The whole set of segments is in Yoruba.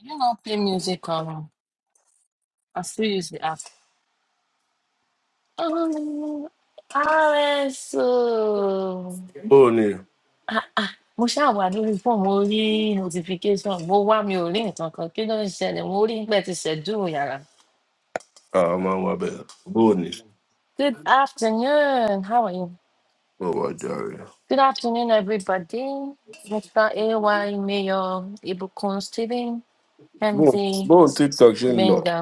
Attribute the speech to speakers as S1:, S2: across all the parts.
S1: You don't know, play music on. I still use the app. Um, RSO.
S2: Boo ni.
S1: Ah, ah. Mo ṣáà wà lórí fóònù, mo rí notification, mo wá mi ò rí nǹkan kan. Kí ló ń ṣẹlẹ̀? Mo rí pé ẹ ti ṣẹ̀dú yàrá.
S2: Ah, man, my bad. Boo ni.
S1: Good afternoon, how are you?
S2: Oh, my God.
S1: Good afternoon, everybody. Mr. A.Y. Mayor, Ibukun Stephen, MD
S2: Boo, boo on TikTok, she in love.
S1: Benga.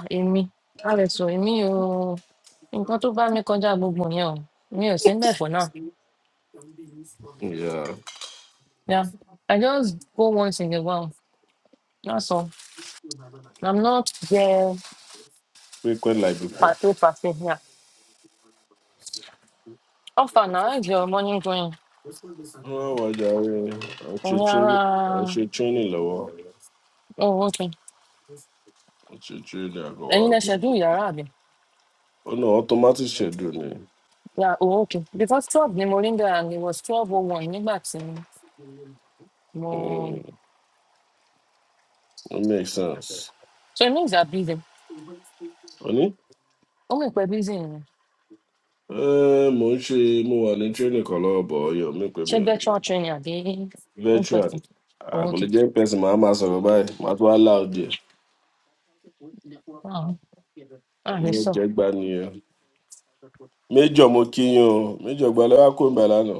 S1: À, èmi rso èmi ò nǹkan tó bá mi kọjá gbogbo yẹn o mi ò sí ń bẹ̀ for now
S2: Yeah.
S1: yeah i just go once in a while that's all i'm not there
S2: Frequent like before.
S1: pàṣẹ pàṣẹ yeah offer na how is your morning going
S2: Oh, my God. I
S1: òun
S2: should
S1: ara
S2: train. I should train in love.
S1: oh okay
S2: I should train. I go
S1: ẹ̀yin
S2: out.
S1: lẹ ṣẹ̀dú yàrá àbí
S2: Oh, no, automatic schedule ni.
S1: yeah oh okay because twelve ni mo rí ń bẹ̀ and it was twelve oh one nígbà tí mo
S2: Hmm. It makes sense.
S1: so it means they're busy
S2: Oni?
S1: ó mọ̀ pé busy nìyẹn
S2: Eh, mo ń ṣe mo wà ní training kan lọ́wọ́ bọ̀ ọyọ mi pé
S1: ṣé
S2: mi ò lè
S1: virtual training àbí in
S2: veteran
S1: person oh
S2: àkọlé
S1: okay
S2: jẹ́ pẹ̀sì màá máa sọ̀rọ̀ báyìí màá tún wá láòdì ẹ̀.
S1: wow a lè
S2: Mo
S1: sọ
S2: jẹ gbá nìyẹn méjọ mo kí yín o méjọ gbà lẹwà kó ń bẹ lánàá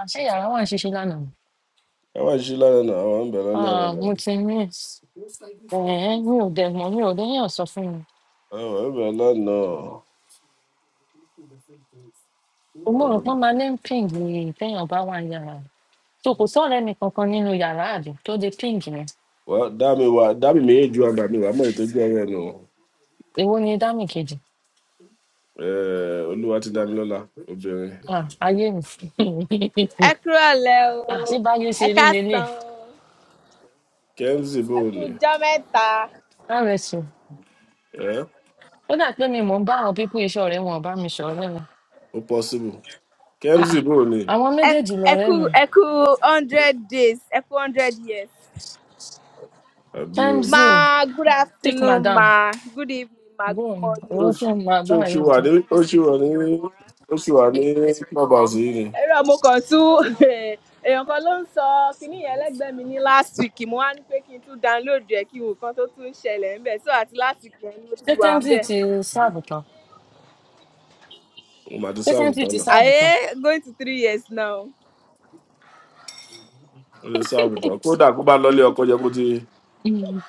S1: àṣé yàrá wà ń ṣiṣẹ lánàá ni.
S2: ẹ wá sí lánàá náà àwọn ń bẹ lálẹ́
S1: Ah,
S2: lánàá
S1: mo ti miss ẹ̀ẹ́ mi ò dẹ̀ mọ̀ mi ò déyàn sọ fún
S2: àwọn ń bẹ lánàá
S1: mi mo rò pé ó máa lé ń píǹgì téèyàn bá wà ní yàrá rẹ̀. so kò sọ̀rọ̀ ẹnì kankan nínú yàrá àbí tó de píǹgì yẹn
S2: wà dámi wà dámi méjì wà bàmí wà mọ̀ ìtọ́jú ọ̀rẹ́ nù
S1: èwo ni dámì kejì
S2: olúwa ti dámi lọ́la obìnrin
S1: Ah, ayé mi
S3: ẹ kúrò lẹ
S1: Ah, ṣé
S3: o
S1: báyé ṣe
S3: ẹ
S1: rí lélẹ̀
S3: káàsán o
S2: kẹ́mzì bò
S3: ẹ kú
S2: ní
S3: ọjọ mẹta
S1: rso
S2: ẹ́
S1: ó dà pé mi mò ń bá àwọn pípọ̀ iṣẹ́ ọ̀rẹ́ wọn bá mi ṣọ̀rẹ́ mi
S2: ó pọ́síbù
S1: Ah,
S2: kẹ́mzì
S1: ah,
S2: bò ní
S1: àwọn
S3: ẹ
S1: méjèèjì
S3: ẹ
S1: lọ̀rẹ́
S3: kú
S1: mi
S3: ẹ kú hundred days ẹ kú hundred years
S2: àbí
S1: mz
S3: máa good
S1: thick
S3: afternoon
S1: madam
S3: máa good evening máa good
S1: bóun owó
S3: morning
S2: o
S1: tí mo máa
S2: ṣé
S1: bá
S2: o ṣì
S1: yẹn
S2: wà
S1: jẹun
S2: ní ó ṣì wà ní ó ṣì wà ní clubhouse yìí ni
S3: ẹrọ mo kàn tún èèyàn kan ló ń sọ kinní yẹn lẹgbẹẹ mi ní last week mo wá ní pé kí n tún download rẹ kí n wò kan tó tún ṣẹlẹ ńbẹ so àti last week yẹn ló
S1: ṣé
S3: ti wà
S1: kẹ́mísì
S3: ńbẹ
S1: ti sáàbù tán
S2: mo mà ti
S1: ṣé
S2: sáàbù
S1: kẹ́mísì
S2: tán
S1: ti sáàbù
S3: àyè
S1: tán
S3: going to three years now
S2: ó lè sáàbù tán kódà kó bá lọlé ọkọ jẹ kó ti
S1: Mm.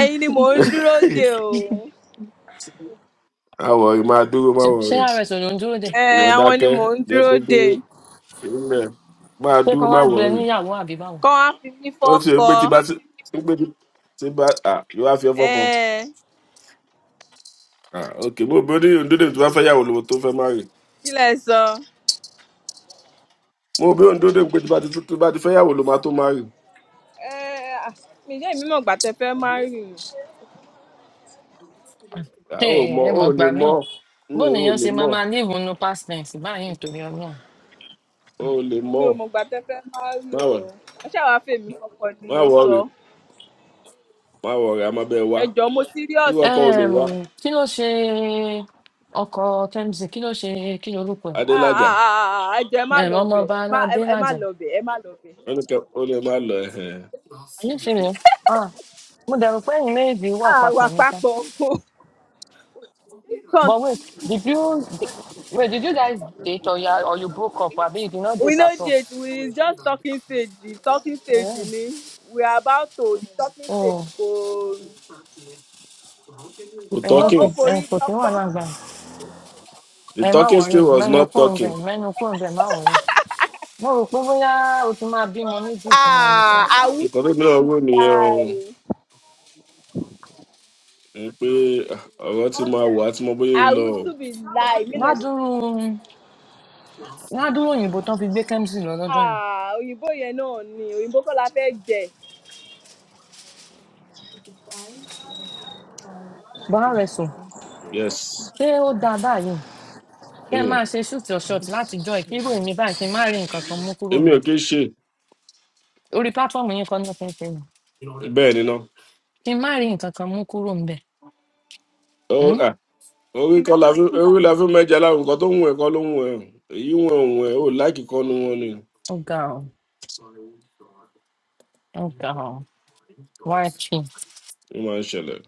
S3: ẹyin ni mò ń dúró de o.
S2: àwọ̀ rẹ̀ máa dúró má
S1: ṣé
S2: wọ̀
S1: ṣé
S2: rẹ̀
S1: rs ò ló ń dúró dè
S3: Ẹ,
S2: ìwọ
S3: àwọn ni
S2: dákẹ́
S3: mò ń
S2: jẹ́
S3: dúró
S2: kó dúró
S3: dè
S2: fílẹ̀ máa
S1: pé
S2: dúró
S1: kán
S2: má
S1: wàá
S2: wọ̀
S1: gbé e
S2: rẹ̀
S1: níyàwó àbí báwo
S3: Kán wá fi mí
S2: ó ti rò
S3: fọ́kọ.
S2: pé tí bá ti ń pé tí tí bá à yóò wá fi ọfọ kan
S3: um
S2: à ok mo bí oní òǹdóde tó bá fẹ́ yàwó lówó tó fẹ́ má rè
S3: Kí lẹ̀ sọ?
S2: mo bí òǹdóde pé tí bá ti tó bá ti fẹ́ yàwó ló máa tó má rè
S3: um ah, Mi ṣé èmi mọ̀gbà tẹ fẹ́ márì o.
S2: à
S1: ẹ
S2: ó mọ
S1: ẹ
S2: ó
S1: mọ̀
S2: lè
S1: gbà míì
S2: mọ
S1: bó
S2: mi ò
S1: nìyẹn
S2: lè
S1: ṣe
S2: mọ
S1: máa máa leave no past tense báyìí nítorí ọlọ́run
S2: ó lè mọ
S3: Èmi ò mọ̀gbà tẹ fẹ́ márì
S2: má
S3: o.
S2: wọ̀
S3: Ẹ ṣáà wá fèmí fọ́kọ ni
S2: má
S3: mo
S2: wọ̀
S3: sọ.
S2: rè má wọ̀ rè a máa bẹ́ẹ̀ wá
S3: Ẹ jọ̀ọ́ mo
S2: irú
S3: serious
S2: ọkọ
S3: o.
S2: ò lò wá
S1: um, kí ló ṣe ọkọ kẹ́mísì kí ló ṣe kí lorúkọ
S3: Ah
S2: Adelaja,
S3: ah ah ah ah, ẹ jọ̀ọ́ ẹ má
S1: ẹ̀ um,
S3: lọ bẹ̀,
S1: ọmọọba
S3: ẹ má ẹ
S1: aládé
S3: ẹ má
S1: làjà
S3: lọ bẹ̀, ẹ má lọ bẹ̀.
S2: ó ní kẹ́ ó lè má lọ ẹ̀hẹ̀n.
S1: nífẹ̀ẹ́ rẹ̀ ah mo dẹ̀rù pé ẹ̀yin méjì wà
S3: À wà
S1: papọ̀ níta
S3: papọ̀ o.
S1: but
S3: Can't-
S1: wait did you wait did you guys date or, ya, or you broke up abi you did not
S3: We
S1: date
S3: no
S1: at all.
S3: date, we is just talking stage, talking stage ni. We are about to the talking stage
S1: Oh.
S3: kò
S2: Kò
S1: ẹ
S3: ó ó
S1: ókè
S2: talking,
S1: ẹ
S3: forí
S1: kò sí
S3: sánpọ́n.
S1: wàhálà gbà yìí
S2: the
S1: ẹ má
S2: talking
S1: wọrí
S2: still was
S1: mẹnu
S2: not
S1: kúrò ńbẹ
S2: talking.
S1: mẹnu kúrò ńbẹ má wọrí mo rò pé bóyá o ti máa bímọ méjì fún wọn ní sá
S3: Ah, I would
S2: Nǹkan tó gbéra
S3: be
S2: owó nìyẹn o,
S3: lie.
S2: Ni pé ah, ọ̀rọ̀ ti máa wà á ti mọ bóyá ń
S3: I
S2: lọ
S3: would
S2: o.
S3: be lie. Mi náà ṣe-
S1: ládùúrú ládùúrú òyìnbó tán fi gbé kẹ́mísì lọ lọ́jọ́ yẹn
S3: Ah, òyìnbó yẹn náà ni. Òyìnbó kọ́ la fẹ́ jẹ.
S1: bárẹsùn
S2: Yes,
S1: ṣé ó dáa báyìí kí ẹ
S2: anyway,
S1: máa ṣe shoot your shot láti jọ ẹ kí irú èmi báyìí kí n má rí nǹkan kan mú kúrò
S2: èmi
S1: ńbẹ
S2: ò kí ń ṣe
S1: orí pátọ́ọ̀mù yín kan náà fi ń ṣe yìí
S2: bẹ́ẹ̀ ni náà.
S1: kí n má rí nǹkan kan mú kúrò ńbẹ
S2: Ó
S1: Hmm?
S2: ah, orí kọ́ la fi orí la fi mẹ́ja láwọn nǹkan tó ń wọ̀ ẹ̀kọ́ ló ń wọ̀ ẹ̀. Èyí wọ̀n ń wọ̀ ẹ̀ ó láìkì kọ́ nu wọn ni.
S1: ó ga ọ ó ga ọ wáyé
S2: Ó máa ń ṣẹlẹ̀.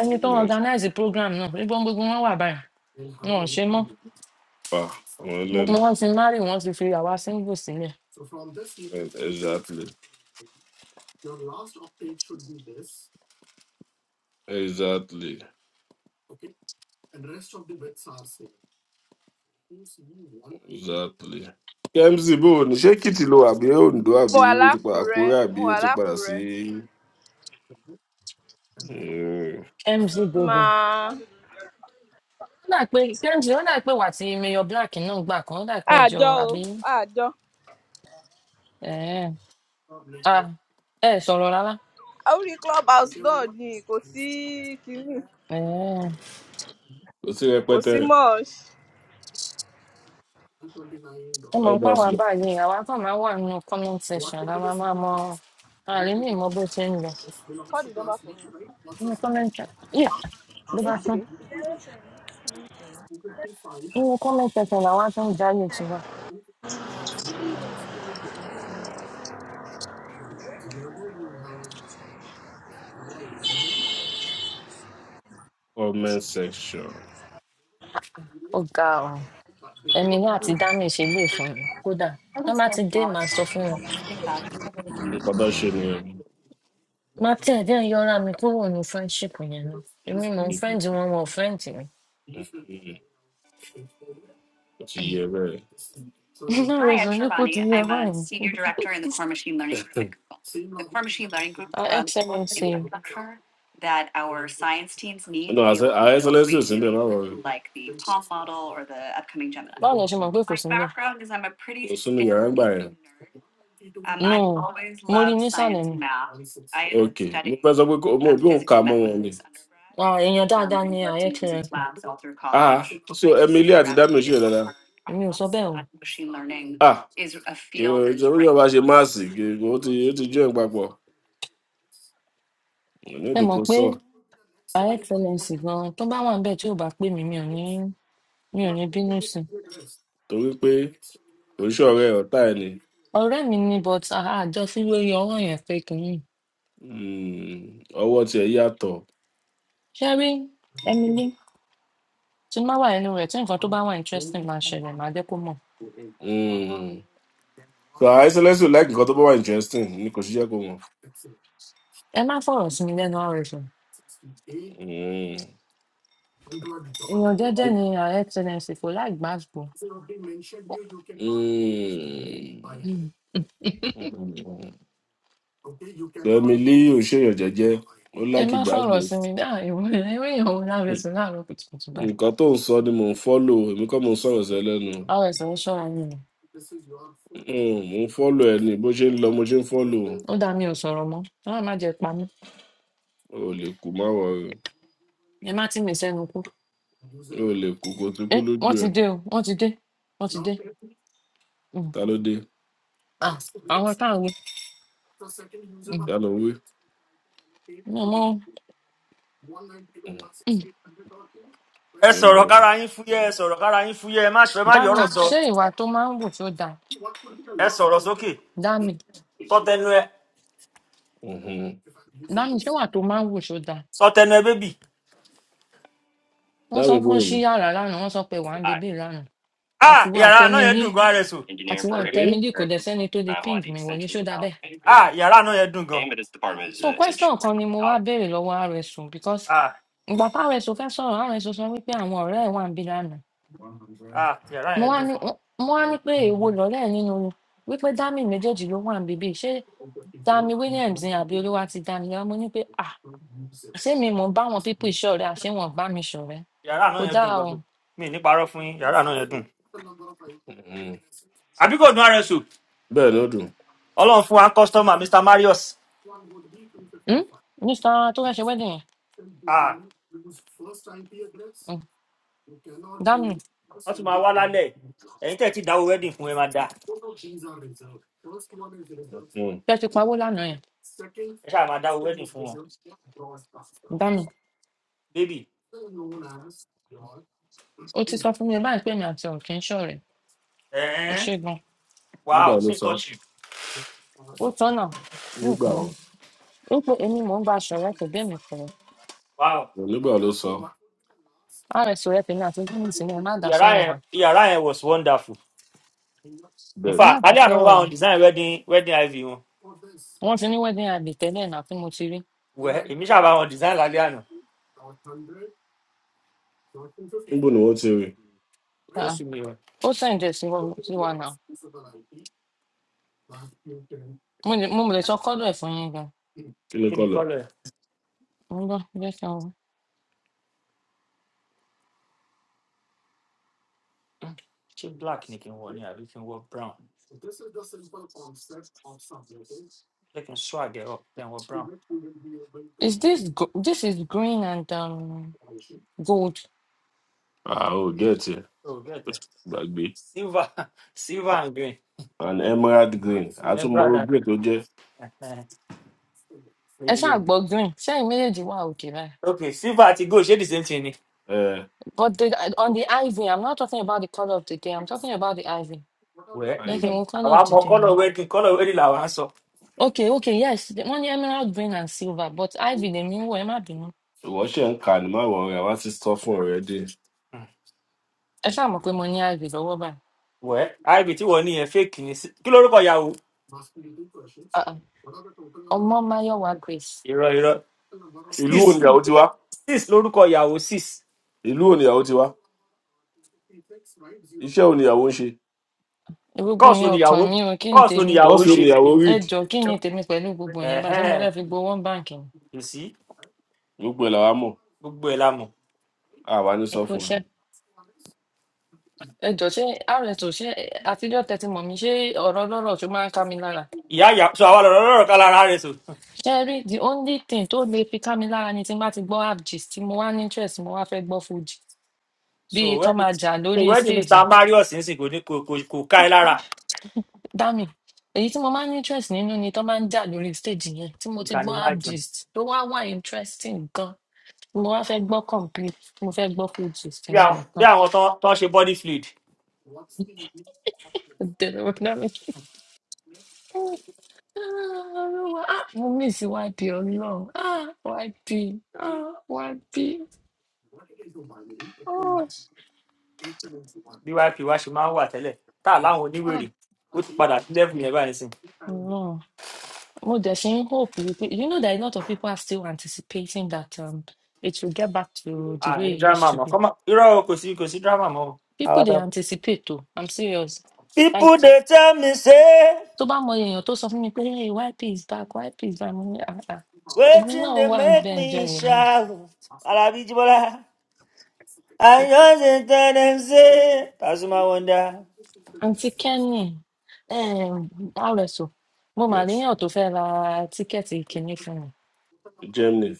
S1: ẹni tó ń
S2: Yes,
S1: organize program náà nígbà gbogbo wọn wà báyìí wọn ò ṣe mọ́
S2: Pa, àwọn ẹlẹ́ni.
S1: gbogbo wọn ti marry wọn ti fi àwa single sílẹ
S2: Exactly, exactly. Exactly. kmc bó o ní ṣé kìtì ló wà bí ondo
S3: Mo
S2: àbí
S3: wà
S2: o ti padà kúrò
S3: lákùrẹ́.
S2: àbí
S3: Mo
S2: o
S3: wà
S2: ti padà sí
S3: lákùrẹ́.
S2: Eh,
S1: mc gbogbo
S3: Màá.
S1: ó dà pé kmc ó dà pé wà tí mayor black náà gbà kan ó dà pé ẹjọ
S3: Àjọ o.
S1: àbí
S3: Àjọ.
S1: ẹ ẹ sọrọ rárá
S3: Orí club house náà ni kò sí kínní.
S1: ẹ
S2: kò sí
S3: Kò
S2: rẹpẹtẹ
S3: sí mọ́ọ̀ṣ.
S1: ẹ mọ
S2: ọba
S1: nípa wa báyìí àwa kan máa wà nínú comment section la máa máa mọ àlè ní ìmọ bó ṣe ń lọ
S3: Call the number for me.
S1: nínú comment section yíyà ló bá
S3: Eight
S1: tán
S3: three.
S1: nínú comment section làwa tó ń jáyè tiwa
S2: comment section
S1: ó ga ọ ẹni náà àti dami ṣe lè fún mi kódà tó bá ti dé màá sọ fún wọn
S2: nǹkan tó ṣe nìyẹn
S1: Máa tiẹ̀ díẹ̀ yọra mi kúrò ní friendship yẹn náà. Èmi mò ń friend wọn, wọn ò friend mi.
S2: Mm, kò ti yẹ bẹ́ẹ̀.
S1: Iná rẹ̀ sùn nípò ti yẹ báyìí.
S2: no I
S1: Ah, XMNC,
S2: said I said let's do wọrí.
S1: báwo lẹ ṣe mọ̀ pé kò sí níbẹ̀?
S2: Mo sún mi yàrá ńgbà yẹn.
S1: No, mo rí i nísàlẹ̀ ni.
S2: Ok. Mo fẹ́ sọ pé kó- mo ò bí òun kà mọ́ wọn ni.
S1: Ah, èèyàn dáadáa ni ààrẹ xmc
S2: Ah, so Emily àti Dami ò ṣe yẹn dáadáa.
S1: èmi ò sọ bẹ́ẹ̀ o.
S2: Ah, ìwọ ìjọba ìjọba ṣe with máàsì gègé ó ti ó ti jó ẹ̀ papọ̀. Ní
S1: ẹ mọ̀
S2: ìdíkò
S1: pé
S2: sọ
S1: ààrẹ xmc gan-an tó bá wà níbẹ̀ tí ò bá pè mí mi ò ní mi ò ní bínú sí i.
S2: torí pé oríṣi ọ̀rẹ́ ẹ̀ ọ̀tá ẹ̀ ni.
S1: ọ̀rẹ́ mi ni but ah, a- àjọ sí lórí ọwọ́ yẹn pé kìíní.
S2: Mm, Ọwọ́ tiẹ̀ yàtọ̀.
S1: ṣé rí Emily tí má wà nínú rẹ̀ tí nǹkan tó bá wà interesting máa ṣẹlẹ̀ máa jẹ́ kó mọ̀.
S2: Hmm. So Isolesi ò láì nǹkan tó bá wà interesting ni kò ṣiṣẹ́ kó mọ̀.
S1: ẹ má fọ̀rọ̀ sí mi lẹ́nu ọ̀rọ̀ sùn
S2: Mm.
S1: èèyàn jẹ́jẹ́ ni ààrẹ tẹnẹsì kò láìgbàgbọ́
S2: Mm. Fẹ́mi lé òṣèyàn jẹ́jẹ́, ó
S1: ẹ
S2: láìkí
S1: má
S2: gbàgbó.
S1: fọ̀rọ̀ sí mi dáhùn ìwọ ìwé èèyàn òun láàrẹ
S2: Hmm.
S1: sùn láàárọ̀ kùtùkùtù báyìí
S2: Nǹkan tó ń sọ ni mò ń fọ́lò, èmi kọ́ mò ń sọ̀rọ̀ sẹ́ lẹ́nu.
S1: ọ̀rọ̀ ẹ̀sìn ń ṣọ́ra yín ni
S2: Mm, Mò ń fọ́lò ẹ ni bó ṣe ń lọ mo ṣe ń fọ́lò.
S1: ó dá mi ò sọ̀rọ̀ mọ́ ọlọ́run má jẹ́ pa mí
S2: O ò lè kú má wọ̀ rẹ̀,
S1: ẹ má tì mí sẹ́nu kú
S2: o ò lè kú kó tún kú
S1: ẹ
S2: lójú
S1: wọ́n ti
S2: ẹ̀.
S1: dé o wọ́n ti dé wọ́n ti dé um,
S2: Ta ló dé?
S1: ah, àwọn táwọn um,
S2: Ta ló ń wí?
S1: mi ò mọ
S2: Mm.
S4: ẹ sọ̀rọ̀
S2: Mm.
S4: kára yín fúyẹ́ ẹ sọ̀rọ̀ kára yín fúyẹ́ ẹ má ṣe ẹ má
S1: dami
S4: yọ̀rọ̀ sọ
S1: ṣé ìwà tó máa ń wù tó dáa
S4: ẹ sọ̀rọ̀ sókè
S1: dami
S4: sọtẹnu ẹ
S2: Mm-hmm.
S1: dami ṣé ìwà tó máa ń wù tó dáa
S4: sọtẹnu ẹ bébì
S1: wọ́n sọ
S2: Dábì
S1: pé wọ́n ṣí
S2: bóòlù.
S1: yàrá lánàá wọ́n sọ pé wà ń bebè lánàá
S4: a
S1: àti wà
S4: yàrá náà
S1: tẹ́mi
S4: yẹn
S1: lé
S4: dùn gan rso
S2: Engineer
S1: àti
S2: for
S1: wá
S2: Mhm.
S1: tẹ́mílì kò dẹ̀ sẹ́ni tó lè ping mi wọlé ṣó dáa bẹ́ẹ̀.
S4: a yàrá náà yẹn dùn gan
S1: so question kan ni mo wá béèrè lọ́wọ́ rso because
S4: a
S1: ìgbà tá rso fẹ́ sọ̀rọ̀ rso sọ wípé àwọn ọ̀rẹ́ ẹ̀ wà ń bí lánàá
S4: a yàrá
S1: mo
S4: yẹn
S1: wá
S4: dùn
S1: ní mo wá ní pé èwo lọ̀rẹ́ ẹ̀ nínú wípé dami méjèèjì ló wà ń bíbí ṣé dami williams ni àbí olúwa ti dami lọ mo ní pé ah ṣé mi mò ń bá wọn pípọ̀ ìṣọ̀rẹ́ àṣé wọn ò bá mi ṣọ̀rẹ́
S4: yàrá náà
S1: kò
S4: yẹn dùn
S1: dáa
S4: gan
S1: o
S4: mi ì ní parọ́ fún yín yàrá náà yẹn dùn
S2: Mhm.
S4: àbí kò dùn rso
S2: Bẹ́ẹ̀ ló dùn.
S4: ọlọ́run fún wa kọ́sítọ́mà mr marius
S1: Hmm? mr tó fẹ́ ṣe wedding yẹn
S4: a
S1: Hmm, dami
S4: wọ́n tún máa wá lálẹ́ ẹ̀yin tẹ̀ ti dáwó wedding fún ẹ máa dá
S2: Mm.
S1: fẹ́ ti pawó lánàá yẹn
S4: ẹ ṣáà máa dáwó wedding fún wọn
S1: dami
S4: bébì
S1: ó ti sọ fún mi báyìí pé mi àti ọ̀kẹ́ ń ṣọ̀rẹ́ ó
S4: ẹ̀ẹ́n
S1: ṣe gan
S4: wow
S2: Nígbà ló
S4: so
S2: sọ.
S4: touch you
S1: ó tọ́nà
S2: Nígbà
S1: nìkan
S2: wo?
S1: ó pé èmi mò ń bá aṣọ rẹ kò bẹ́ẹ̀ mi pẹ̀lú
S4: wow
S2: Nígbà ló sọ.
S1: rs rẹ tèmi àti gómìnà sílẹ̀ ẹ má dá
S4: yàrá
S1: sọ̀rọ̀
S4: yẹn
S1: wà
S4: yàrá yẹn was wonderful in
S2: Bẹ́ẹ̀
S1: ẹ
S2: ni.
S1: má
S4: fact
S1: dá
S4: alẹ́ àná mo
S1: sọ̀rọ̀
S4: bá
S1: wà
S4: wọn design wedding wedding iv wọn
S1: wọ́n ti ní wedding àgbè tẹ́lẹ̀ náà tí mo ti rí
S4: wẹ̀ èmi ṣàbá wọn design lálẹ́ àná
S2: Níbo ni wọ́n ti rí?
S1: Ah
S4: ó
S1: ah,
S4: sú mi o
S1: ó sẹ̀ǹdẹ̀ sí wa sí wa náà mo lè mo lè sọ kọ́dọ̀ ẹ̀ fún yín gan
S2: Kí ni
S4: kí ni
S2: kọ́lẹ̀?
S4: colour ẹ̀
S1: mo ń gbọ́ jẹ́ kí n wò.
S4: ṣé black ni kí n wọ ni àbí kí n wọ brown jẹ́ kí n swag ẹ̀ up kí n wọ brown
S1: is this go this is green and um, gold
S2: Àá ò gẹ̀ẹ́tì ẹ̀.
S4: oh get
S2: Ó ti
S4: it
S2: gbàgbé.
S4: silver silver and green
S2: An emerald green.
S4: then
S2: Àtúmọ̀
S4: brother
S2: green tó jẹ́.
S4: eh,
S1: ẹ ṣáà
S4: eh,
S1: gbọ́ green sẹ́yìn méjèèjì wà òkè rẹ̀
S4: ok silver àti gold ṣé the same thing ni
S2: Ẹ
S1: but the, on the ivory i'm not talking about the colour of the day i'm talking about the ivory
S4: wẹ̀
S1: jẹ́ kí n
S2: ayò.
S1: wo colour
S4: àwa
S1: of the
S4: mọ
S1: day
S4: colour
S1: yẹn
S4: wedding colour wedding làwa ń sọ
S1: okay okay yes The- wọ́n ní emerald green and silver but ivy lèmi ń wọ̀ ẹ má bínú
S2: ìwọ ṣe ń kà ní máwọ̀ rẹ̀ wá ti sọ fún ọ̀rẹ́ dé.
S4: Hmm.
S1: ẹ ṣáà mọ̀ pé mo ní ivy lọ́wọ́ báyìí
S4: wẹ̀ iv tí wọ́n ní yẹn fake ni Sí- kí lórúkọ ìyàwó
S1: Ah, ah. ọmọ máyọ̀wá grace
S4: irọ́ irọ́
S2: ìlú
S4: sis
S2: wo nìyàwó ti wá
S4: sis lórúkọ ìyàwó sis
S2: ìlú wo nìyàwó ti wá iṣẹ́ wo nìyàwó ń ṣe
S1: gbogbo
S4: kóòsù
S1: yẹn ọkàn
S4: oníyàwó
S1: mi ò kí ni
S4: kóòsù
S1: tèmi
S4: oníyàwó
S2: tọ́sí
S4: ń
S2: wo
S4: ṣe
S2: nìyàwó
S1: ẹ
S2: reed
S1: jọ kí ni tèmi pẹ̀lú gbogbo yẹn bá ṣe mo
S4: ẹhẹn
S1: fẹ́ fi gbowó ń báǹkì ni
S4: kò sí
S2: gbogbo ẹ̀ làwa mọ̀
S4: gbogbo ẹ la mọ
S2: àwa ní
S1: ẹ
S2: sọ
S1: kó
S2: fún
S1: ṣe
S2: ẹ
S1: ẹ jọ ṣé rs ò ṣe àtijọ́ tẹ́tí mọ̀ mi ṣé ọ̀rọ̀ lọ́rọ̀ tó máa ń ká mi lára
S4: ìyá ìyá so àwa lọrọ lọrọ ká lára rẹ so
S1: ṣe rí the only thing tó lè fi ká mi lára ni tí n bá ti gbọ́ app gist tí mo wá ní interest mo wá fẹ́ gbọ́ fuji bí
S4: so
S1: kán máa
S4: wedding
S1: jà
S4: so
S1: lórí
S4: wedding
S1: stage
S4: mr marius ń sìn kò ní kò kò kò ká ẹ lára
S1: dami èyí tí mo máa ń ní interest nínú ni tó máa ń jà lórí stage yẹn tí
S4: kò
S1: mo ti
S4: ká ní
S1: gbọ́
S4: máa
S1: app
S4: jù
S1: gist tó wá wà interesting gan tí mo wá fẹ́ gbọ́ complete tí mo fẹ́ gbọ́ full gist
S4: bí
S1: yẹn
S4: àwọn bí
S1: nìkan
S4: àwọn tán tán ṣe body fluid
S1: Ó dẹ̀rọ̀ wá dami Ah, Olúwa, ah, mo miss wádìí ọlọ́run Ah, wádìí Ah, wádìí Oh,
S4: byp wa ṣe máa ń wà tẹlẹ tá a láwọn
S1: ah, ah,
S4: oníwèrè ó ti padà sí level yẹn báyìí sìn
S1: ọlọ́run mo dẹ̀ ṣe ń hope wípé you know that a lot of people are still anticipating that um, it will get back to the way
S4: àní
S1: it
S4: drama
S1: used to
S4: mọ
S1: be
S4: kọ́mọ irọ́ o, kò sí kò sí drama mọ́ o.
S1: people
S4: Àwa
S1: dey
S4: dá-
S1: anticipate o i'm serious Like,
S4: people dey tell me say
S1: tó bá mọ èèyàn tó sọ fún mi pé hey, YP is back YP is back mo ní àà èmi náà
S4: wetin dey
S1: wà ń
S4: make
S1: bẹ́ẹ̀ jọ
S4: me
S1: wò ni
S4: shout alabi jibola I just tell them say, Pasuma wonder.
S1: àǹtí Kenny um, RSO mo mà
S2: yes
S1: léèyàn tó fẹ́ ra tíkẹ́ẹ̀tì kìíní fún mi
S2: germany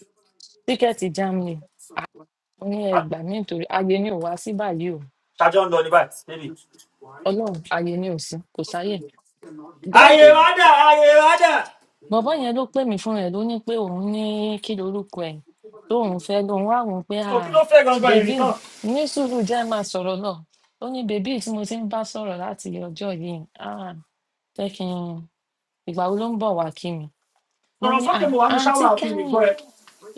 S1: tíkẹ́ẹ̀tì Germany Ah, mo ní ẹgbàá mi nítorí ayé ni ò wá sí báyìí o
S4: ṣàjọ ń lọ ní báyìí bébì.
S1: Ọlọ́run ayé ni ò sí kò sáyè
S4: Ayé wa dà, ayé wa dà.
S1: bọ̀bọ́ yẹn ló pè mí fúnra ẹ̀ ló ní pé òun ní kí lorúkọ ẹ̀ tóun fẹ́ lóun wá wò ó pé à
S4: so kí ló fẹ́ gangan èrè
S1: bèbí
S4: tán
S1: ní sùúrù jẹ́ máa sọ̀rọ̀ náà ó ní bèbí tí mo ti ń bá sọ̀rọ̀ láti ọjọ́ yìí à jẹ́ kí n ìgbà wo ló ń bọ̀ wá kí mi mo
S4: sọ̀rọ̀
S1: ní à
S4: sókè mo wà ní
S1: àǹtí
S4: ṣáwà òfin mi
S1: kẹ́mi
S4: gbọ́ ẹ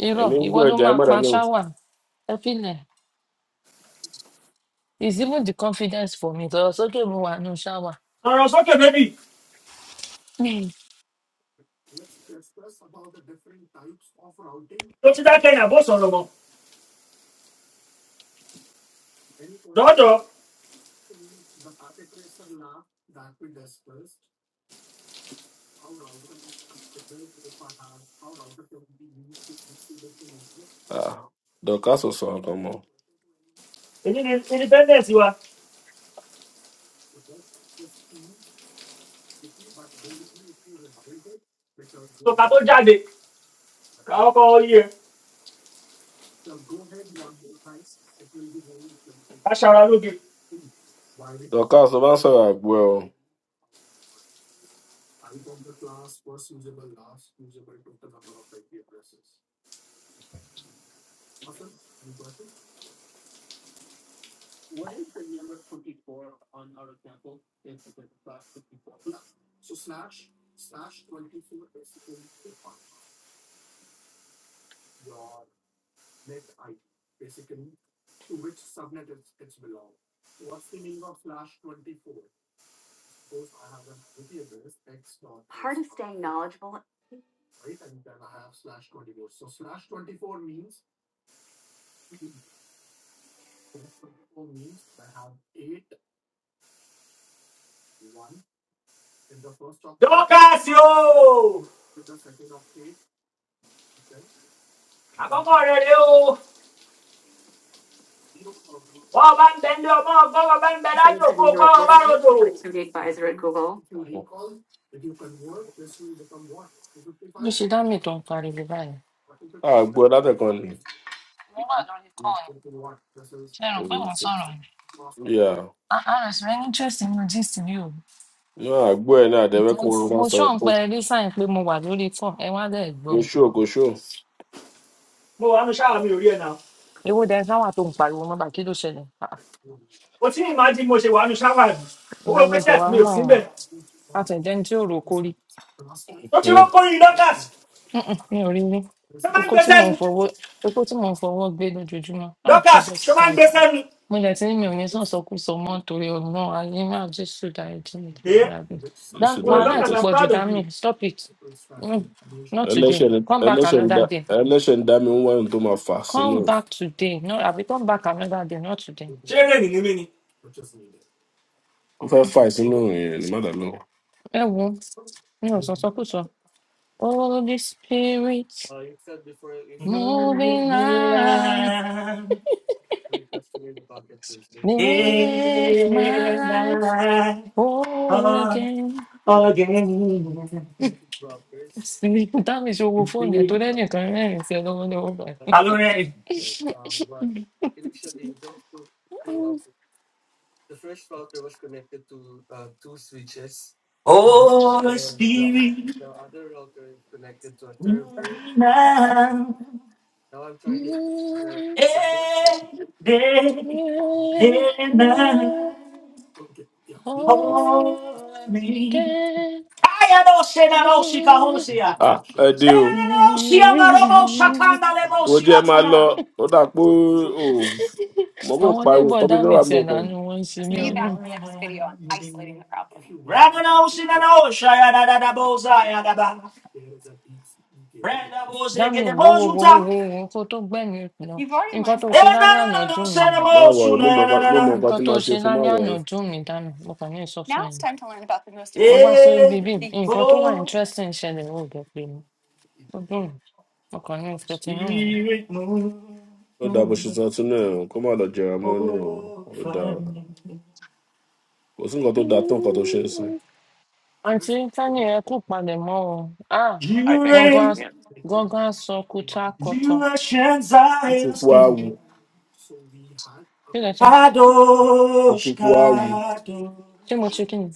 S1: irọ́
S2: ẹ̀mí ń
S1: ìwọ
S2: gbọ́
S1: ló
S2: ẹja ẹ
S1: máa
S2: mọ́ra
S1: pa
S2: náà
S1: ṣáwà ẹ filẹ̀ is even the confidence for me tọ̀rọ̀ sókè mo wà nù ṣáwà
S4: sọ̀rọ̀ sókè bébì tó ti dákẹ́ ìyàbọ̀ sọ̀rọ̀ mọ́ dọ́dọ̀
S2: Ah, dorcas ò sọ̀rọ̀ kan mọ́
S4: èyí ni independence wa tó ká tó jáde ká ọkọ̀ yẹ ká ṣara lóge.
S2: dorcas ló bá ń sọ̀rọ̀ àgbo ẹ̀ o
S4: dọ́kàsì o àkọ́kọ́ rẹ̀ rè o wọ́n bá ń bẹ ní ọmọ ọgbọ́n wọ́n bá ń bẹ lájò kó o gbọ́ wọn bá ròdò.
S1: ló ṣe dá mi tó ń pariwo báyìí
S2: àgbo ẹ̀ látẹ̀kan ni
S1: mo wà lórí kọ́ọ̀nù ṣe rò pé
S2: Mm.
S1: mo ń sọ̀rọ̀
S2: yeah
S1: rs rẹ interest nínú gist mi o
S2: ní àgbo ẹ̀ náà àdẹ́wẹ́ kó wọn
S1: because
S2: bá
S1: mo
S2: sọ̀rọ̀
S1: ṣọ́n
S2: kó
S1: pẹ rí sáyìn pé mo wà lórí phone ẹ wá lẹ́ẹ̀
S2: kó
S1: gbọ́ mi
S2: ṣó kó ṣó
S4: mo wà ní ṣáwà mi ò rí ẹ̀ náà
S1: ewo dẹ sáwà tó ń pariwo mọ́bà kí ló ṣẹlẹ̀ Ah, ah,
S4: mo ti ní ìmájí mo ṣe wà ní ṣáwà ní
S1: ìwọ
S4: owó
S1: ló
S4: pẹ́sẹ̀
S1: bẹ̀ wá
S4: mi ò
S1: mọ́
S4: sí
S1: ọ
S4: bẹ̀.
S1: àtẹ̀jẹ́ ní tí ò rò kórí
S4: tó ti
S2: Hmm.
S4: rọ́kọ́rin dorcas
S1: mi ò rí rí
S4: ṣé máa ń
S1: oko
S4: gbé
S1: tí mò ń
S4: sẹ́nu
S1: fọwọ́ oko tí mò ń fọwọ́ gbé lójoojúmọ́ ah
S4: dorcas
S1: jesus
S4: ṣé máa ń gbé
S1: christ
S4: sẹ́nu.
S1: mo dẹ̀ ti ní mi ò ní sàn sọkúsọ mọ́ torí ọgbọ́n ayé máa jésù dárí jì mí jésù
S4: èyẹ
S1: dárí jì mí. Dá-
S2: Jésù
S4: mo rẹ
S1: wàhálà
S2: dáríjì
S1: ẹ̀
S4: dorcas
S1: ti
S4: i'm
S1: pọ̀
S2: ẹlẹ́ṣẹ̀.
S1: jù
S4: proud
S1: dá
S4: of you.
S1: mi stop it mm, not today
S2: Ẹlẹ́ṣẹ̀ ni-
S1: come back
S2: ẹlẹ́ṣẹ̀ ń
S1: another
S2: dá-
S1: day
S2: ẹlẹ́ṣẹ̀ ń dá mi ń wá ohun tó máa fà sínú
S1: Come
S2: ẹ̀.
S1: back today. No, I'll be come back another day, not today.
S4: ṣé rẹ́ẹ̀nì ní mí ni.
S2: Ó fẹ́ fà sínú òrùn yẹn ní mọ́tà lọ́wọ́.
S1: Ẹ wo, mi ò sọ̀sọkúsọ. Holy Spirit,
S4: mo
S1: moving
S4: nira
S1: on, make my
S4: ìlà
S1: life whole again.
S4: ọ̀gẹ̀rẹ̀ mi.
S1: Dámi ṣe owó fóònù ẹ̀ tó lẹ́nìkan rẹ́rìn-ín sí ẹ lọ́wọ́lọ́wọ́ báyìí.
S4: ta ló rẹ̀. oh spirit. mm, now. day, day and night, holy. I no say, na no si can hold, No
S2: À
S4: no
S2: ẹ dé o,
S4: Let it know, shakanda, lebo,
S2: mo
S4: she a
S2: jẹ́ máa lọ,
S4: tana.
S2: ó dà pé o mọ̀ kó
S1: àwọn
S2: pariwo
S1: neighbor
S2: nǹkan bí
S1: dami
S2: mẹ́wàá
S1: tiẹ
S2: mọ̀ pọ̀.
S1: nánú wọn ń ṣe mí o
S4: And
S1: náà
S4: I'm again. Ramana, she, I know, da, da, da, bo, ya, da, ba. Brenda, bo, ze, get
S1: dami
S4: the bo,
S1: wo wo wo wo wo wo kó tó gbẹmí lọ nǹkan tó
S4: Eh,
S1: ṣe lálẹ
S4: na, na,
S1: àná
S4: na, no
S1: dùn
S4: say,
S1: mí o.
S4: na
S2: Má
S4: mo,
S2: wọ̀
S4: su,
S2: ẹ́, mo mọ̀
S4: na, na,
S2: nǹkan
S4: na,
S2: mo mọ̀
S4: na.
S2: nǹkan
S1: nǹkan
S2: tí
S1: tó
S2: máa ṣe
S1: ṣe
S2: fún má
S1: lálẹ
S2: wọ̀
S1: àná
S2: ẹ́.
S1: dùn mí dami mo kàn ní sọ fún ẹ ni ó wá sórí
S4: Eh,
S1: bíbí nǹkan tó wà
S4: oh.
S1: interesting ṣẹlẹ ó jẹ pé mi ó dùn mí mo kàn ní sọ ti nù mí.
S4: Spirit move
S2: Ó dà bó ṣe sọ tún náà o, kó má lọ jẹrà mọ́ ní o, ó dà
S4: over
S2: o.
S4: me.
S2: Kò sí nǹkan tó da tó nǹkan tó ṣe é sìn.
S1: àǹtí tani ẹ kú palẹ mọ o ah
S4: You
S1: gangan
S4: reign,
S1: as- gangan sọ kutu akọtọ
S4: you reign Zion's
S2: Ìtúkú á wu,
S4: King.
S1: kí lẹ sọ
S4: Kadosh,
S2: ìtúkú á wu.
S1: ṣé mo
S4: Kadosh,
S1: ṣe kí ni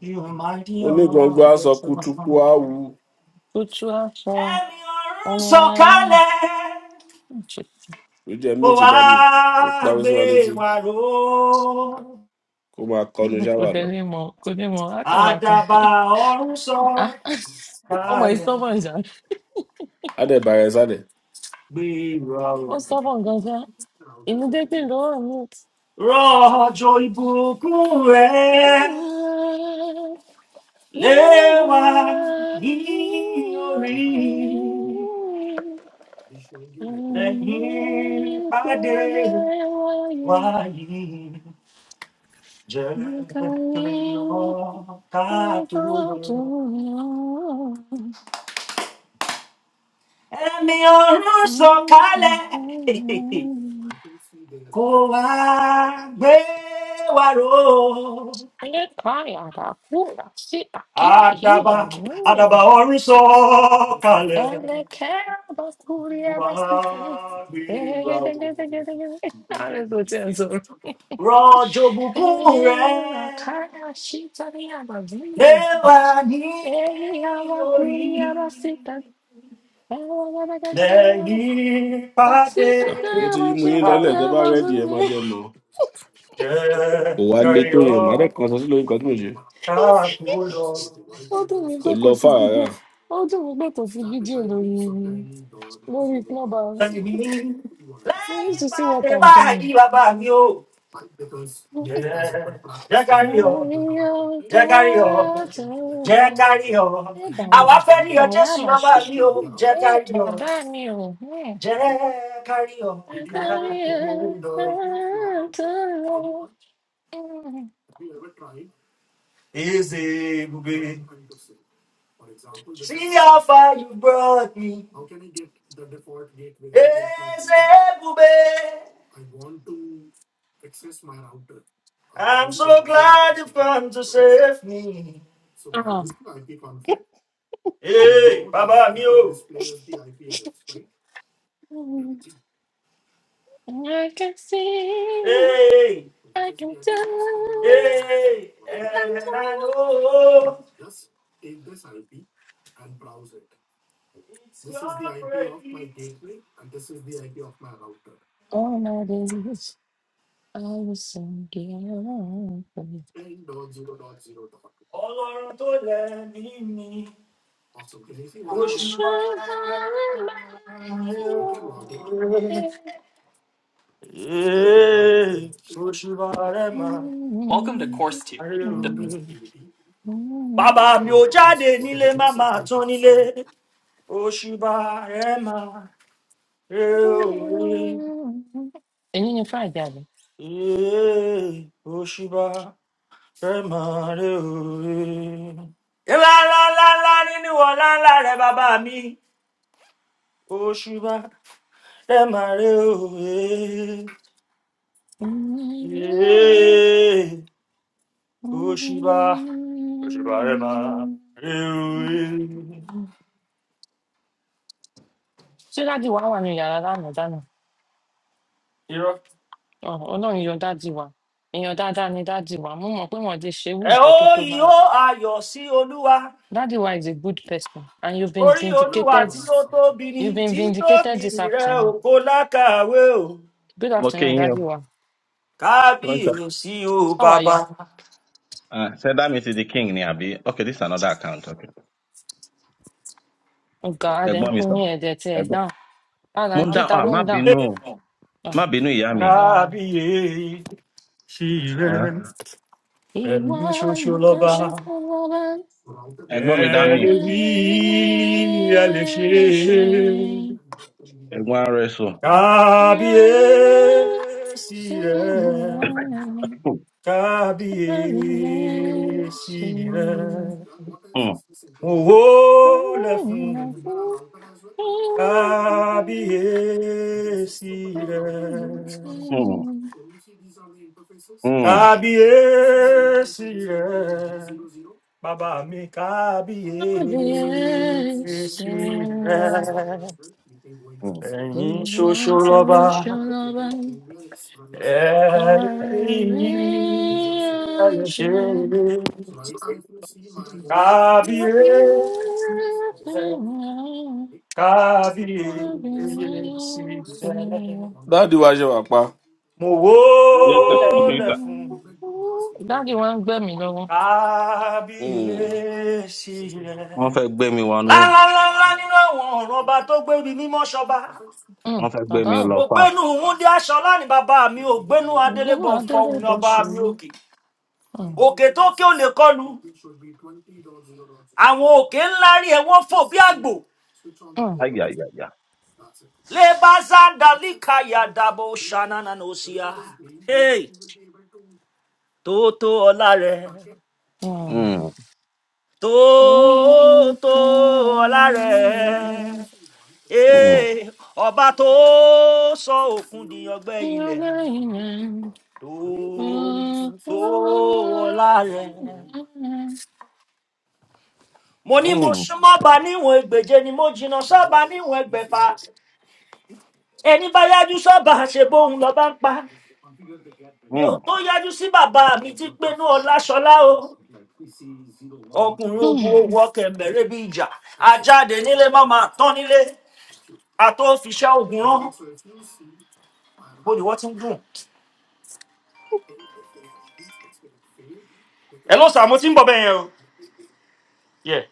S4: you are mighty
S2: onígbọ̀ngbọ̀n
S4: on
S2: á
S4: your
S2: sọ
S4: throne.
S2: kútúkú á wú
S1: kutu akọ
S4: And your
S1: ọmọ ayé.
S4: sokale,
S2: ló jẹ́
S4: oh
S2: mute dànù ó parí sí wa létí
S4: agbe waro,
S2: kó máa kọnu
S1: kò
S2: ṣáwà lọ
S1: tẹ̀lé mọ́ lákọ̀wá kan
S4: adaba
S1: Ah,
S4: orun
S1: ọmọ yìí
S4: sokale,
S1: stubborn jà
S2: ádẹ́bàrẹ̀ sálẹ̀
S1: ó stubborn gan
S4: Rọ̀jò ìbùkún rẹ̀ lé wa ní orí lẹ́yìn ìpàdé wa yìí jẹ́ ìrànlọ́ ká tó lọ. Ẹ̀mí ọ̀run sọ̀kalẹ̀ kó wá gbé wa ró.
S1: Ele cai a da cura, se aqui
S4: Àdàbà
S1: riba, não é?
S4: àdàbà ọ̀run
S1: ó dùn
S4: sọ̀kalẹ̀. wàgbéra o. rọ̀jò bùkún rẹ̀ lé wa ní orí lẹ́yìn pàdé
S2: Ah, mo ti mú yín
S4: wa
S2: lọ́lẹ̀ tẹ́ bá rẹ́dì ẹ máa jẹ́ mọ́
S4: jẹ́
S2: kò wá lé tó yẹn màá
S4: yọ̀yọ̀
S2: dẹ́ kan sọ sí lórí nǹkan tí mo ṣe
S4: káàkó lọ.
S1: mí
S2: kò
S1: pé
S2: lọ
S1: kò sí
S2: fà
S1: fídíò
S2: rárá
S1: ó dùn mí pé kò sí fídíò lórí lórí clubhouse
S4: lẹ́yìn
S1: you need
S4: lẹ́yìn
S1: to see what
S4: pàdé
S1: i'm
S4: báyìí
S1: doing.
S4: bàbá mi ò jẹ́ jẹ́ ká
S1: I
S4: yọ̀.
S1: am
S4: jẹ́ kárí ọ jẹ́
S1: God.
S4: kárí ọ
S1: Ẹ bàrà
S4: àwa
S1: bà sí
S4: fẹ́ rí ọ
S1: ìlàyà
S4: jésù bàbá
S1: àbàṣì
S4: mi o
S1: tàbí
S4: jẹ́
S1: bẹ́ẹ̀
S4: kárí ọ
S1: bàbá mi ò um,
S4: jẹ́ kárí ọ kára
S1: àtàrí
S4: tó
S1: ẹ̀san
S4: lọ.
S1: tó lọ. um,
S4: is ebube see how far you brought me is ebube i'm so glad you have come to save me.
S1: ah,
S4: Hey, bàbá mi o
S1: um, I can see,
S4: hey,
S1: I can tell,
S4: hey,
S1: and I
S4: and
S1: know
S4: I know it's your praise.
S1: all my days I will sing the anthem.
S4: Ọlọ́run tó lẹ́mí mi,
S1: I will
S4: oṣù
S1: shout
S4: máa
S1: my
S4: rẹ̀
S1: life.
S4: òwe. Ee, Oṣù máa rẹ̀ máa
S1: Mm,
S4: rẹ̀
S1: mm,
S4: òwe.
S1: mm.
S4: Bàbá mi ò jáde nílé, má máa tán nílé. Oṣù máa rẹ̀ máa rẹ̀ òwe.
S1: Èyí ni Friday àbí?
S4: Ee, Oṣù máa rẹ̀ máa rẹ̀ òwe. Ńlá ńlá ńlá ńlá nínú ọ̀la ńlá rẹ̀ bàbá mi. Oṣù máa. ẹ máa rẹ òwe ee òṣìbà òṣìbà ẹ máa rẹ òwe.
S1: Ṣé dádì wa wà ní yàrá lánàá dáná?
S4: irọ́
S1: Ọ̀, Ọlọ́run yọ dádì wa. Èèyàn dáadáa ni dádì wa. Mo mọ̀ pé wọ́n ti ṣe irú
S4: ẹ
S1: nǹkan
S4: ó
S1: tó tó báyìí.
S4: ìhó ayọ̀ sí olúwa
S1: Dádì wa is a good person and you've been
S4: orí olúwa
S1: vindicated.
S4: tí ó tóbi ni
S1: You've been vindicated
S4: títóbi
S1: this
S4: rẹ
S1: afternoon.
S4: ògo lákàwé o
S1: Good
S5: Okay,
S1: afternoon,
S5: yeah.
S1: dádì wa.
S4: kábíyèsí o
S1: How are you?
S4: bàbá
S5: Ah, so that means it's the king ni abi. Okay, this is another account. Okay.
S1: Ọ̀gá Adé ń
S5: Ẹ̀gbọ́n mi
S1: pín
S5: sọ.
S1: ní ẹ̀dẹ̀ tí ẹ̀
S5: Ẹ̀gbọ́n.
S1: dáhùn. Padà
S5: Mo
S1: ń
S5: ń dá
S1: kíta
S5: ah
S1: ló
S5: má
S1: ń dà.
S5: bínú má bínú ìyá mi.
S1: Ọ̀gá.
S4: kábíyèsí rẹ
S5: Ah,
S4: ẹ̀mí ṣoṣo
S1: Iwan
S4: lọ́ba
S1: kashafalan
S4: ẹ
S5: Ẹ̀gbọ́n mi dá mi.
S4: lè wí ẹ lè ṣe é
S1: alashay
S5: Ẹ̀gbọ́n ara ẹ̀ sùn.
S4: Kabiyesire, kabiyesire,
S5: Hmm,
S4: owó lẹ fún. Kabiyesire,
S5: hmm, hmm, hmm,
S4: kabiyesire, bàbá mi kabiyesire,
S5: hmm.
S4: ẹ̀yin ṣoṣo lọ́ba. Kábíyèsí
S1: Shalom,
S4: rẹ̀, kábíyèsí rẹ̀,
S1: dáàdi
S2: dáàdi wa ṣe wà pa
S4: mo
S5: Yes, sir. Okay,
S4: wólẹ̀
S5: sir.
S4: fún
S1: wa ń gbẹ̀mí lọ́wọ́
S2: Mm.
S4: kábíyèsí rẹ̀.
S5: Wọ́n fẹ́ gbé mi wọnú.
S4: Lálálálá nínú àwọn ọ̀rọ̀ ọba tó gbébi mímọ́ ṣọba.
S1: um,
S5: Wọ́n fẹ́ gbé
S1: bàbá
S5: mi
S1: ò
S5: lọ fà.
S4: Ògbénu Wúndí Aṣọlá ni bàbá mi, ògbénu
S1: ìgbẹ́nu
S4: Adélébọ̀ fọ̀hùn
S1: adẹ́rẹ́
S4: ni
S1: bọ́
S4: ọba mi
S1: ṣòro
S4: òkè.
S1: um,
S4: Òkè tó ké ò lè kọlu, àwọn òkè ńlá rí ẹ wọ́n fò bí àgbò
S1: um,
S5: Ayàyàyà.
S4: lè bá zandalíkà yàdàbò ṣanana ní òsíà Hey, tóótó ọlá rẹ
S1: um.
S5: Hmm,
S1: Um,
S4: tóótó ọlá rẹ
S1: um,
S5: hmm,
S4: Hey, ọba tó sọ òkun di ọgbẹ ilẹ tóótó ọlá rẹ. mo ní mo
S5: hmm,
S4: súnmọ́ bá níwọ̀n ẹgbẹ̀je ni mo jìnnà sọ́ba níwọ̀n ẹgbẹ̀fà ẹni bá yájú sọ́ba ṣe bóun lọ́ba ń pa mi
S5: hmm.
S4: ò tó yájú sí bàbá mi tí gbénú ọláṣọlá o ọkùnrin ogun owó ọkẹ mẹrẹ bí ìjà ajáde nílé má máa tán nílé àtọ fiṣẹ ogun rán bó ni wọn ti ń dùn. ẹ ló sàmú tí ń bọ̀ bẹ́ẹ̀ yẹn o. Yeah.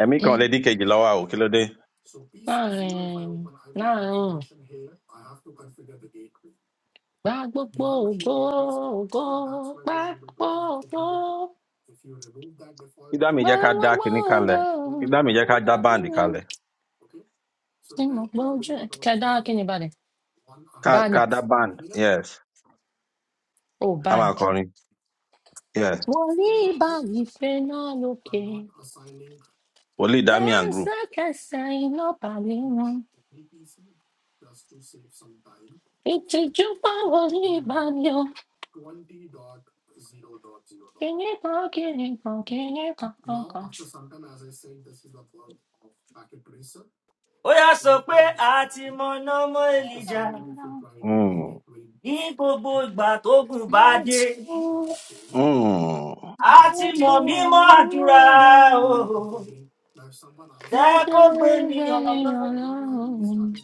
S5: Ẹ̀mí kan
S1: láàrin
S5: lè dín kejì lọ́wọ́ o, kí ló dé?
S1: láàrin Gba gbogbo ògo, ògo, gba gbogbo,
S5: Ìdá mi
S1: gba
S5: jẹ́ ká dá
S1: gbogbo
S5: kinní kalẹ̀.
S1: ògo.
S5: Ìdá mi jẹ́ ká dá
S1: Ọlọ́run
S5: báǹdì
S1: mi
S5: kalẹ̀.
S1: tí mo gbójú ẹ̀. Kẹ̀dá kí kini balẹ̀?
S5: Ká
S1: Báni,
S5: ká dá báǹdì. Yes.
S1: ò
S5: Ká máa
S1: báńdì.
S5: kọrin. Yeah.
S1: Wọ́n rí báyìí fẹ́ náà lókè.
S5: Only Damian group.
S1: Lẹ́sẹ̀kẹsẹ̀ iná balẹ̀ wọn. Ìtìjú báwo ní ìbàdí o? bandi won ri bayii fe naa loke lesekese ina bale won itiju bawo ni ibadi o kini kan, kini. kan, kìnní kan kan kan.
S4: ó yà sọ pé a ti mọ̀nà mọ́ èlìjà
S1: Ọlọ́run náà,
S5: Mm.
S4: ní gbogbo ìgbà tógun
S1: mo
S4: bá dé
S1: jí, mo
S5: Mm.
S4: a ti
S1: jí,
S4: mọ̀ mímọ́
S1: mo
S4: àdúrà
S1: rí
S4: o jẹ́
S1: You
S4: kó gbé
S1: don't
S4: mi
S1: let
S4: ọ̀nà
S1: me
S4: mi.
S1: alone.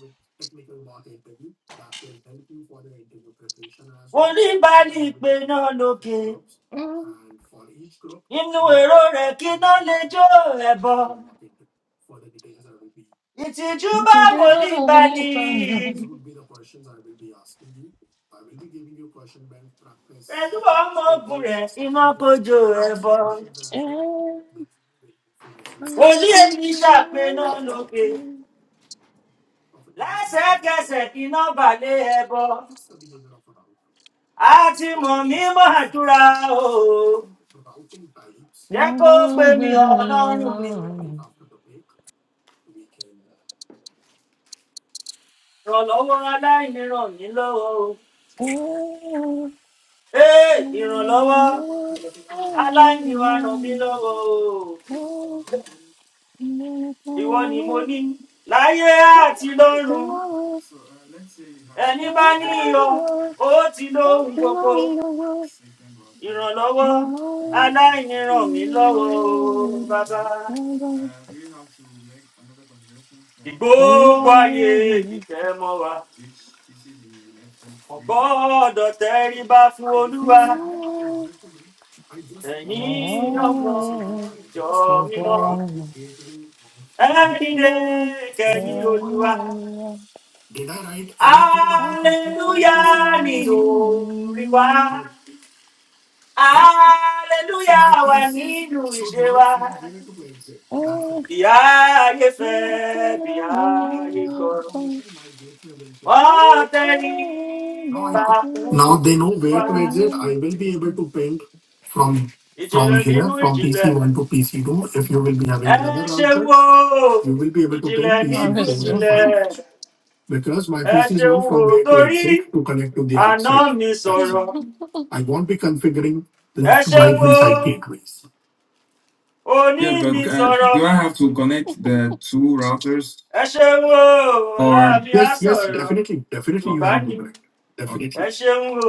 S4: oníbàálì pé náà lókè
S1: Mm,
S4: inú èrò rẹ̀ kí iná lè jó ẹ̀bọ ìtìjú
S1: What
S4: bá
S1: you do, I
S4: wòlíì
S1: don't need
S4: balì
S1: fun. I'll do it.
S4: pẹ̀lú ọmọ ogun rẹ̀ iná kó jó ẹ̀bọ wòlíì èyí ṣàpèná lókè lẹ́sẹ̀kẹsẹ̀ iná balẹ̀ ẹ̀bọ àti mọ̀ mímọ́ àdúrà o jẹ́
S1: You
S4: kó pè
S1: don't
S4: mí
S1: let me
S4: ọlọ́run mi
S1: alone.
S4: ìrànlọ́wọ́ aláìní ràn mí lọ́wọ́ o
S1: Mm,
S4: ee ìrànlọ́wọ́ aláìní wa ràn mí lọ́wọ́ o ìwọ ni mo ní láyé àti lọ́run ẹni bá ní iyọ ó ti lóhun gbogbo ìrànlọ́wọ́ aláìní ràn mí lọ́wọ́ o, bàbá.
S1: Mm.
S4: ìgbógun ayé ìfẹ́ mọ́ wa kò gbọ́dọ̀ tẹríba fún olúwa ẹ̀yin ọmọ ìjọ mímọ́ ẹ dìde kẹ̀yìn olúwa hallelujah ni orí wa. Aleluya wà nínú ìṣe wa. Ìyá ayé fẹ́, bí ayé kọ̀. Wọ́n tẹ̀lé bá fún wa. Ìjìnlẹ̀ nínú ìjìnlẹ̀, ẹ ṣe wo. Ìjìnlẹ̀ nínú
S1: Olha só.
S4: ìjìnlẹ̀, ẹ ṣe wo. Torí àná mi sọ̀rọ̀, ẹ ṣe wo. Òní mi sọ̀rọ̀. ẹ ṣeun o ọlá mi á sọ̀rọ̀ tùǹbà ni ẹ ṣeun o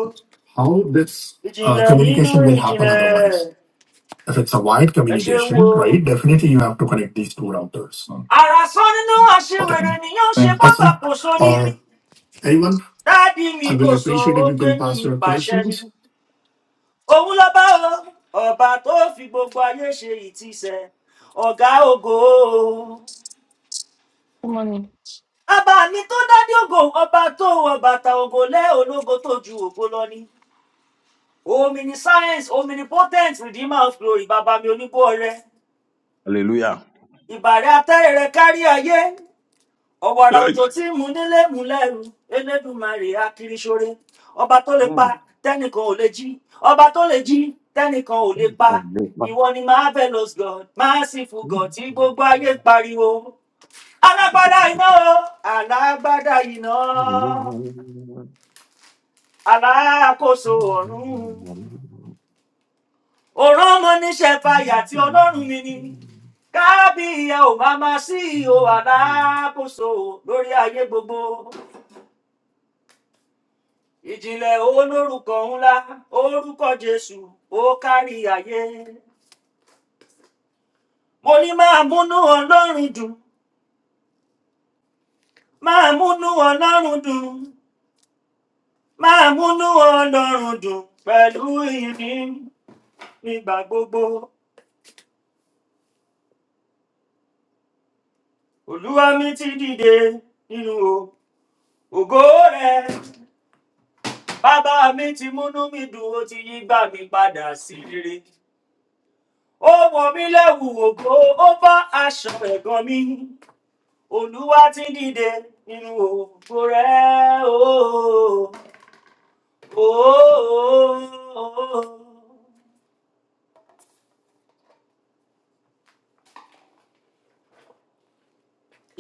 S4: ìjìnlẹ̀ nínú ìjìnlẹ̀ ẹ ṣeun o. àrà sọ nínú àṣewèrè nìyẹn ṣe bábà kò so ni dáàdi mi kò so ó gbénu mi pàṣẹ ni òun ló bá o ọba tó fi gbogbo ayé ṣe ìtìsẹ ọgá ògo
S1: Como ni
S4: ọba mi tó dádé ògo ọba tó wọ bàtà ògo lẹ ológo tó ju ògo lọ ni Omniscience, omnipotent, redeemer of glory, bàbá mi onígbó rẹ.
S5: Hallelujah.
S4: Ìbàrẹ̀ atẹ́rẹ̀ rẹ kárí ayé. Ọ̀wàrà
S5: Hey.
S4: òjò tí mú nílé mú lẹ́rù. Elédùmarè akiriṣore. Ọba tó lè pa,
S5: Mm.
S4: tẹ́nìkan ò lè jí. Ọba tó lè jí, tẹ́nìkan ò lè pa.
S5: Oh, yes, man.
S4: Ìwọ ni marvelous God, merciful God tí gbogbo ayé ń pariwo. Alágbádá iná o, alágbádá iná, alákòóso ọ̀run. ọ̀rọ̀ ọmọ níṣẹ́ fàyà tí ọlọ́run mi ni kábíyà ò máa máa sí ihò aláàkóso lórí ayé gbogbo ìjìnlẹ̀ owó lórúkọ ńlá orúkọ jésù ó kárí ayé mo ní máa múnú ọlọ́run dùn máa múnú ọlọ́run dùn máa múnú ọlọ́run dùn pẹ̀lú ìyìn nígbà gbogbo olúwa mi ti dìde nínú o ògo rẹ bàbá mi ti múnú mi dùn ó ti yí gbà mí padà sí rere ó wọ mí lẹ́wù ògo ó bá aṣọ ẹ̀gàn mi olúwa ti dìde nínú ògo rẹ̀ ooo ooo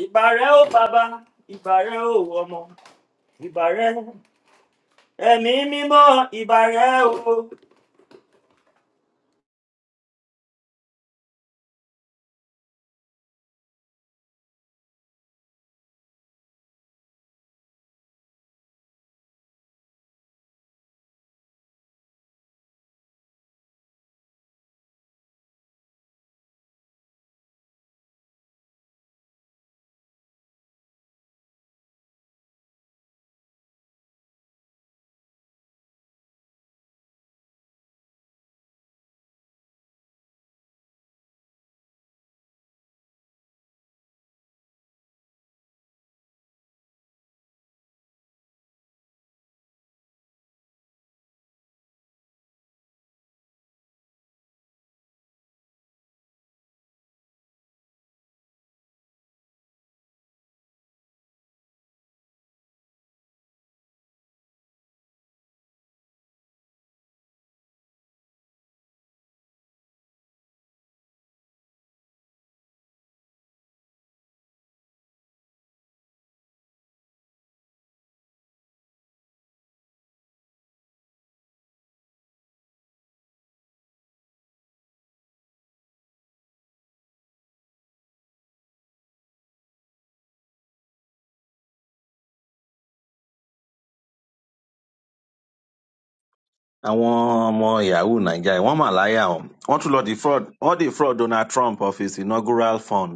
S4: ìbàrẹ̀ ó bàbá ìbàrẹ̀ ó ọmọ ìbàrẹ̀ ẹ̀mí mímọ́ ìbàrẹ̀ o
S5: àwọn ọmọ yahoo naija wọn mà láyà o wọn tún lọ defraud wọn defraud donald trump of his inaugural fund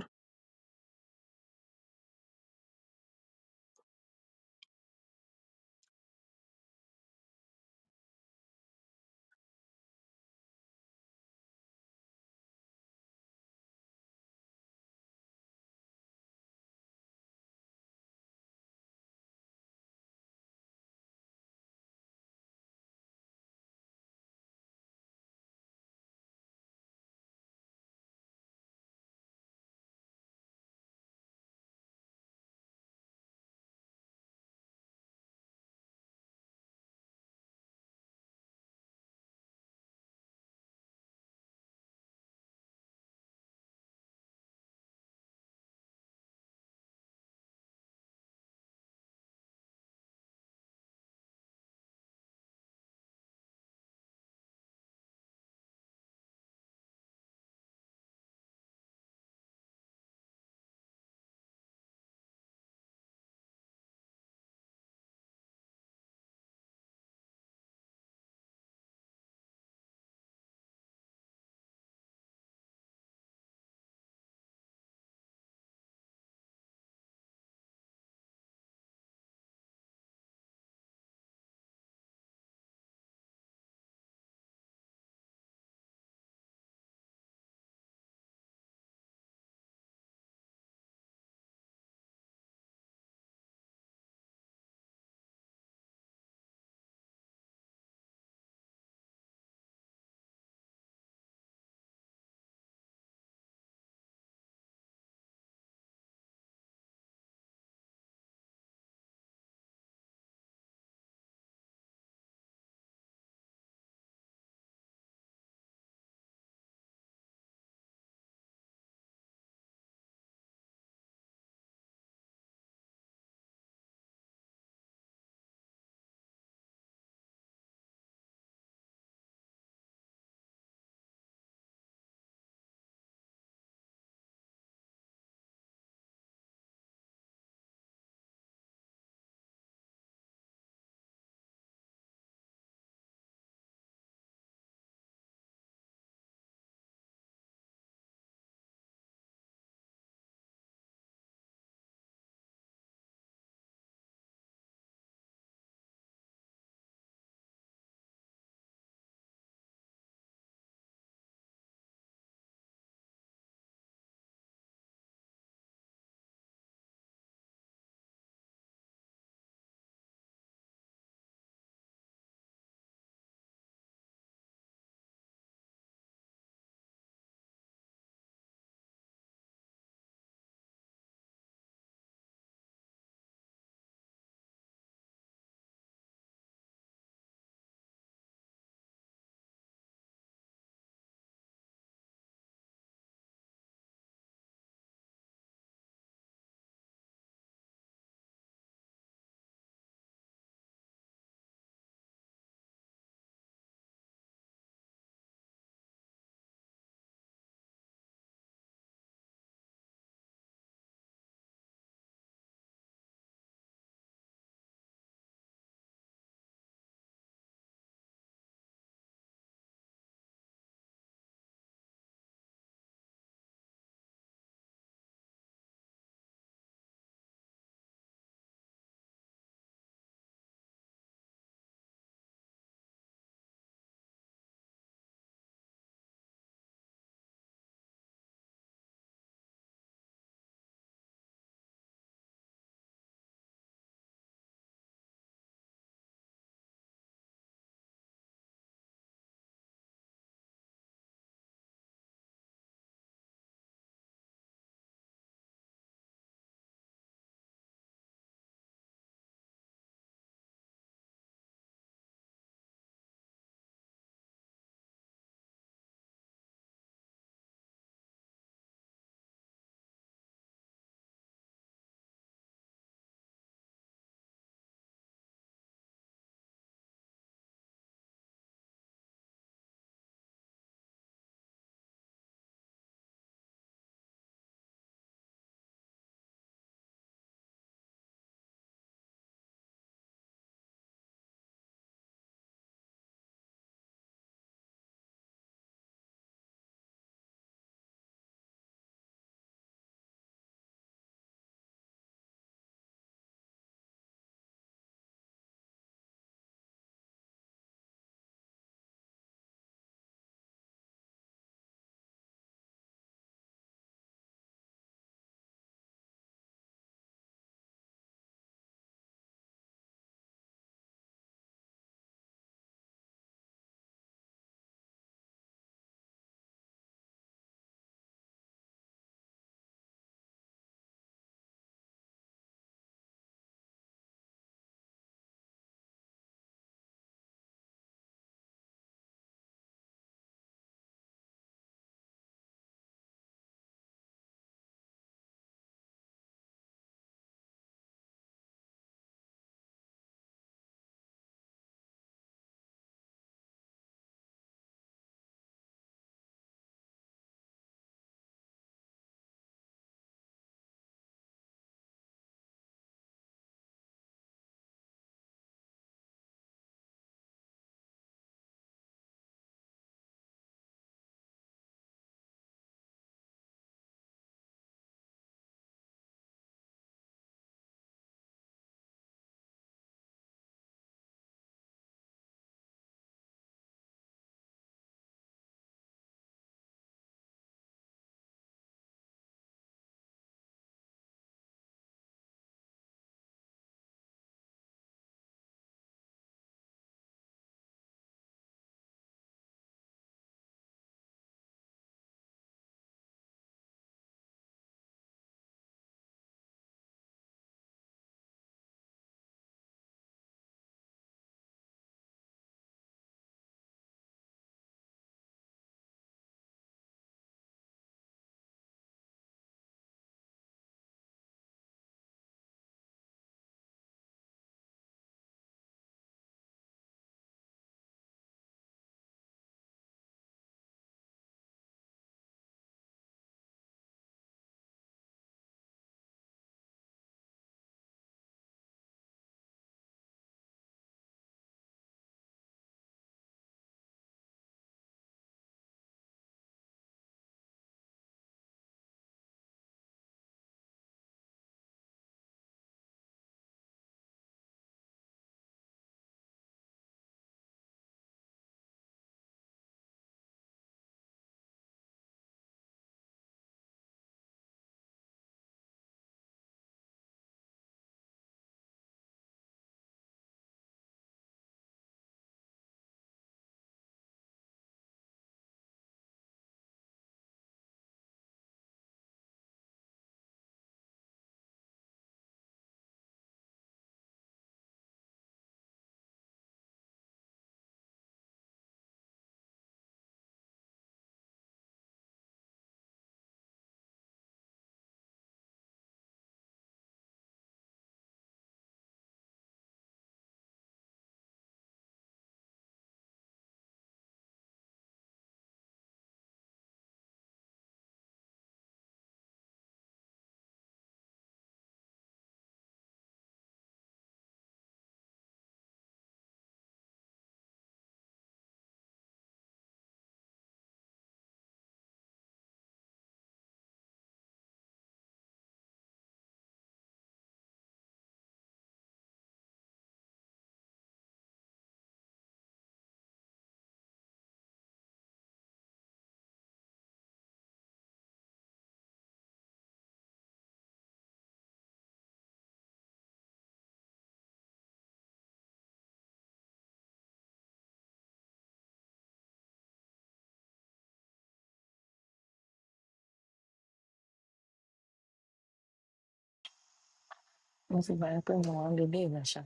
S1: mo ti gbàgbé pé mo wà ń lo ilé ìrẹsà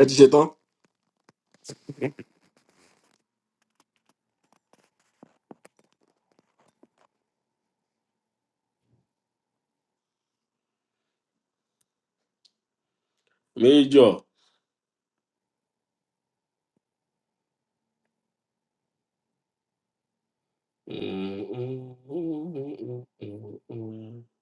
S2: ẹ ti ṣe tán méjọ kí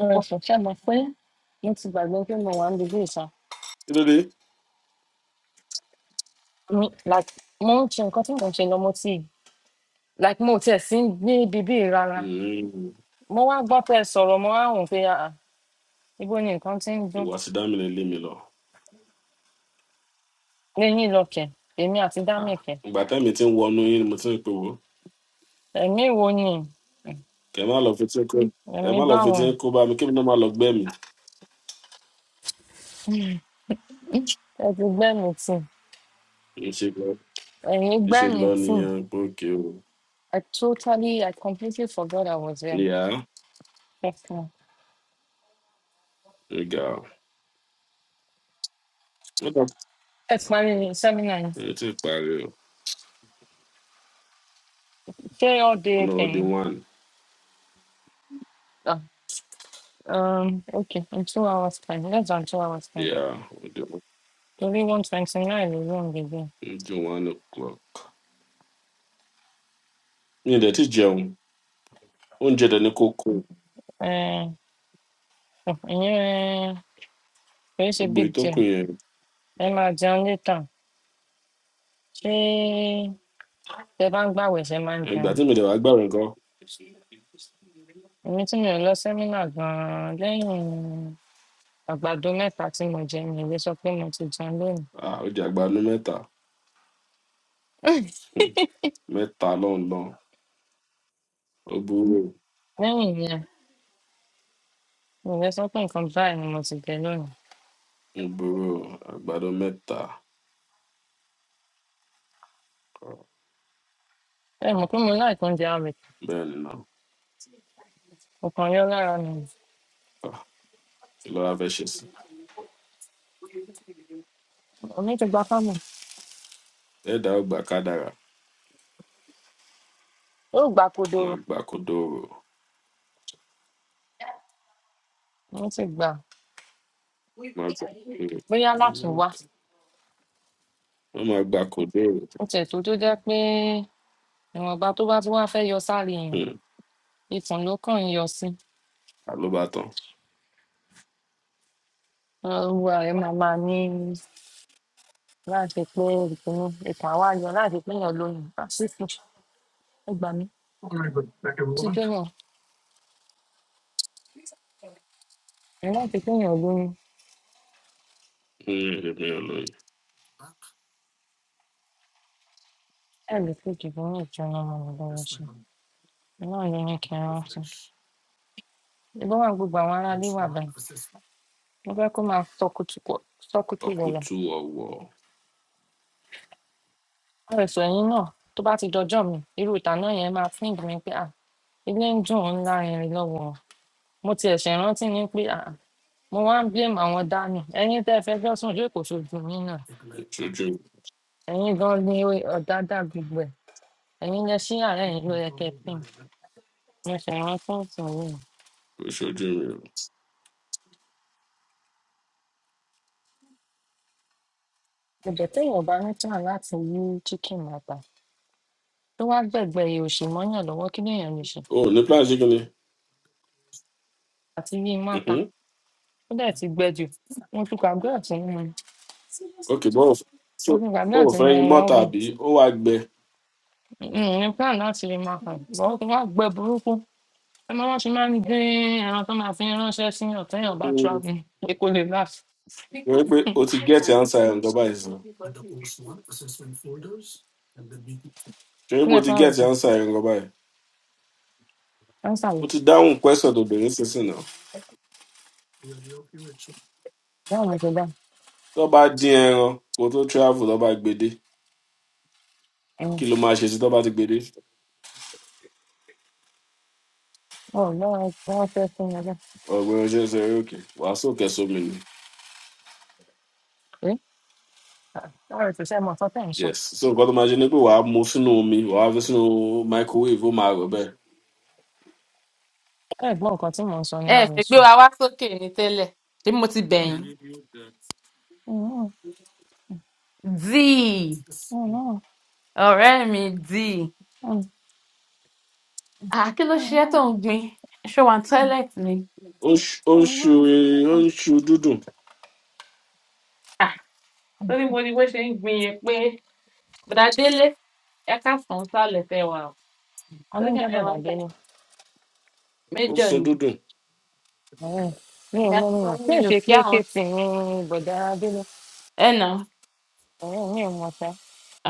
S1: ọ̀rọ̀ ẹ̀fọ́ ṣá mọ̀ pé mo ti gbàgbé pé mo wà ń lo ilé ìsà
S2: ló dé
S1: mi like mo ń ṣe nǹkan tí mò ń ṣe lọ mo ti like mo ò tiẹ̀ sí ní bíbí rárá mo wá gbọ́ pé ẹ sọ̀rọ̀ mo wá rò pé ah ah, ibo ni nǹkan ti ń dún
S2: ìwà sí dámìlẹ̀ lé mi lọ
S1: lẹ́yìn lọ́kẹ̀ èmi àti
S2: Ah,
S1: dámẹ̀kẹ̀
S2: ìgbà tẹ́mi ti ń wọnú yín ni mo ti ń pè wò
S1: ẹ̀mí wo ni
S2: kẹ́ ẹ má lọ fi tí ń kó ẹ
S1: ẹ̀mí
S2: má lọ fi
S1: báwo
S2: tí ń kó bá mi kí mi náà má lọ gbẹ́ mi.
S1: ẹ ti gbẹ́ mi tì
S2: ìṣe lọ
S1: ẹ̀yìn gbẹ́
S2: ìṣe
S1: mi
S2: lọ
S1: tì
S2: nìyẹn gbòógì o
S1: I totally I completely forgot I was there
S2: ìyá
S1: ẹ̀fọn
S2: ìgà o wọ́n tọ́
S1: ẹ̀fọn mi sẹ́mínà yẹn
S2: ẹ ti parí o
S1: ṣé all day
S2: ọ̀nà ó di
S1: kẹ̀yìn
S2: one
S1: ah um, okay in two hours time less than two hours time
S2: ìyá ó di one
S1: torí one twenty nine ló ń
S2: ó di one o'clock. mi ò dẹ̀ ti jẹun oúnjẹ dẹ̀ ni kò kó
S1: gbẹgbẹ. Ọ̀ ìyẹn kò í ṣe
S2: gbogbo
S1: big deal.
S2: ìtókùn yẹn
S1: Ẹ máa jẹun létà. Ṣé tẹ bá ń gbàwẹ̀ ṣe máa ń
S2: ìgbà
S1: jẹun?
S2: tí mi dẹ̀ wá gbàrẹ̀ nǹkan
S1: Èmi tí mi ò lọ sẹ́mínà gan-an lẹ́yìn àgbàdo mẹ́ta tí mo jẹ mi ò lè sọ pé mo ti jẹun lónìí.
S2: ah, ó di àgbàdo mẹ́ta Hmm, mẹ́ta lọ́nlọ́n ó burú o.
S1: lẹ́yìn ìyẹn mi ò lè sọ pé nǹkan báyìí ni mo ti jẹ lónìí.
S2: ó burú o, àgbàdo mẹ́ta.
S1: Ẹ mọ̀ pé mo láì tó ń jẹ àwẹ̀.
S2: bẹ́ẹ̀ ni náà
S1: Mo kàn yọ lára mi. ni.
S2: Ah, kí ló wá fẹ́ ṣe sí i
S1: Èmi ti gba fámù.
S2: bẹ́ẹ̀ dá ògbà kádàrà
S1: Ó gbà
S2: wọn á
S1: kodoro.
S2: gbà kó dòrò
S1: Mo ti gbà. á.
S2: wọn á gbà kó dòrò
S1: Bóyá látùn wá.
S2: wọn máa gbà kó dòrò
S1: Ó tiẹ̀ tó tó jẹ́ pé ìwọ̀nba tó bá tún wá fẹ́ yọ sára èèyàn.
S2: Hmm,
S1: Ikùn ló kàn ń yọ sí.
S2: àlóbátan
S1: Olúwa rẹ̀ máa máa ní láti pé ìpinnu ìtàn àwa yọ láti pé èèyàn lóyún pásítì ẹ gbà mí ó ti jóná ẹ láti pé èèyàn lóyún
S2: Hmm, èmi ò lóyún
S1: ẹ lè fi ìdìbò ní ìjọba ọmọ mi lọ́wọ́ sí i náà ló ní kí n rántí. ìbọn wà gbogbo àwọn ará ilé wà báyìí mo fẹ́ kó máa sọkútù wọ̀lọ̀
S2: ọkùtù ọwọ
S1: àrẹ̀sọ ẹ̀yìn náà tó bá ti dọjọ́ mi irú ìtàn náà yẹn máa fún ìgbìmọ̀ pé à ilé ń dùn ún ńlá irin lọ́wọ́ wọn. mo ti ẹ̀ṣẹ̀ rántí ni pé à mo wá ń blame àwọn dání ẹ̀yin tẹ́ ẹ fẹjọ́ sùn yóò kò ṣojú yín náà
S2: ìṣojú
S1: ẹ̀yin gan ni o- ọ̀dádá gbogbo ẹ̀ ẹ̀yin lẹ ṣí yàrá ẹ̀yin ló yẹ kẹ́ ẹ pín in. mo ṣe rántí ìtàn yìí
S2: ìṣojú mi
S1: ìbẹ̀ téèyàn bá ní tàn láti yí chicken mata tó wá gbẹ̀gbẹ́ ihò òsì mọ́yàn lọ́wọ́ kí lèèyàn lè ṣe
S2: o O ò ní plan ṣé kí ni
S1: àti yí mata
S2: Mhm.
S1: ó dẹ̀ ti gbẹ jù mo ti gbàgbé ọ̀tún mu
S2: ok bó o so
S1: mo ti gbàgbé
S2: o ò
S1: ọ̀tún
S2: fẹ́
S1: mu
S2: yín mọ́
S1: ọ̀rọ̀ ọ̀gùn
S2: tàbí ó wá gbẹ
S1: N ò ní plan láti rí mata lọ́wọ́ kí wọ́n gbẹ burúkú ẹ máa wọ́n ṣe máa ń gbé ẹran tó máa fi ránṣẹ́ sí yàn téèyàn bá
S2: Hmm,
S1: travel pé kó lè láàfin.
S2: ṣe wí pé o ti gẹ́ẹ̀tì ansa ẹ̀ ń gọba ìsìn ṣe wí pé
S1: Ilé
S2: o ti
S1: fún àwọn
S2: gẹ́ẹ̀tì
S1: ẹ̀sìn,
S2: ansa ẹ̀ ń gọba ẹ̀
S1: wọ́n ń
S2: o
S1: sàlẹ̀,
S2: ti dáhùn question tó bẹ̀rẹ̀ sísìn náà.
S1: báwo ni ṣe bá?
S2: tó bá dín ẹran kó tó travel tó bá gbede kí ló máa ṣe sí tó bá ti gbede
S1: ọlọ́run wọ́n fẹ́ fún mi lọ
S2: ọgbọn ṣe ń sọ eré òkè wàá sókè sómi ni
S1: pé láàrin kò sẹ́ mọ ọ̀tọ́ tẹ̀ ń sọ
S2: yes so nǹkan tó máa ṣe ni pé wàá mu sínú omi wàá fi sínú microwave ó máa rọ bẹ́ẹ̀
S1: ẹ gbọ́ nǹkan tí mò ń sọ
S6: ẹ
S1: yẹn àwọn
S6: fẹ́ gbé
S1: èso.
S6: wa wá sókè ní tẹ́lẹ̀ ṣé mo ti bẹ̀yìn. díì ọ̀rẹ́ mi díì Ah, kí ló ṣe é tó ń gbin ṣé wà ní tọ́ílẹ̀tì ni.
S2: ó ń ṣu ó ń ṣu ó ń ṣu dúdùn
S6: Ah, torí mo ní bó ṣe ń gbin yẹn pé bùdá délé ẹ ká sàn án sálẹ̀ fẹ́ wa o torí ká
S1: alóúnjẹ
S6: ẹ̀rọ
S1: bọ̀dà
S6: ọjà
S1: délé
S2: ó ń
S6: méjọ
S2: sun
S6: ni
S2: dúdùn
S1: ọ̀rẹ́ mi ò
S6: ìgbà
S1: mọ
S6: tí
S1: nìyẹn mi ò
S6: wọ́n ní mi ò
S1: ṣe
S6: kí
S1: pé
S6: àwọn
S1: kéèsì ní bọ̀dà délé
S6: ẹ̀ nà
S1: ọ̀rẹ́ mi ò mọ ṣá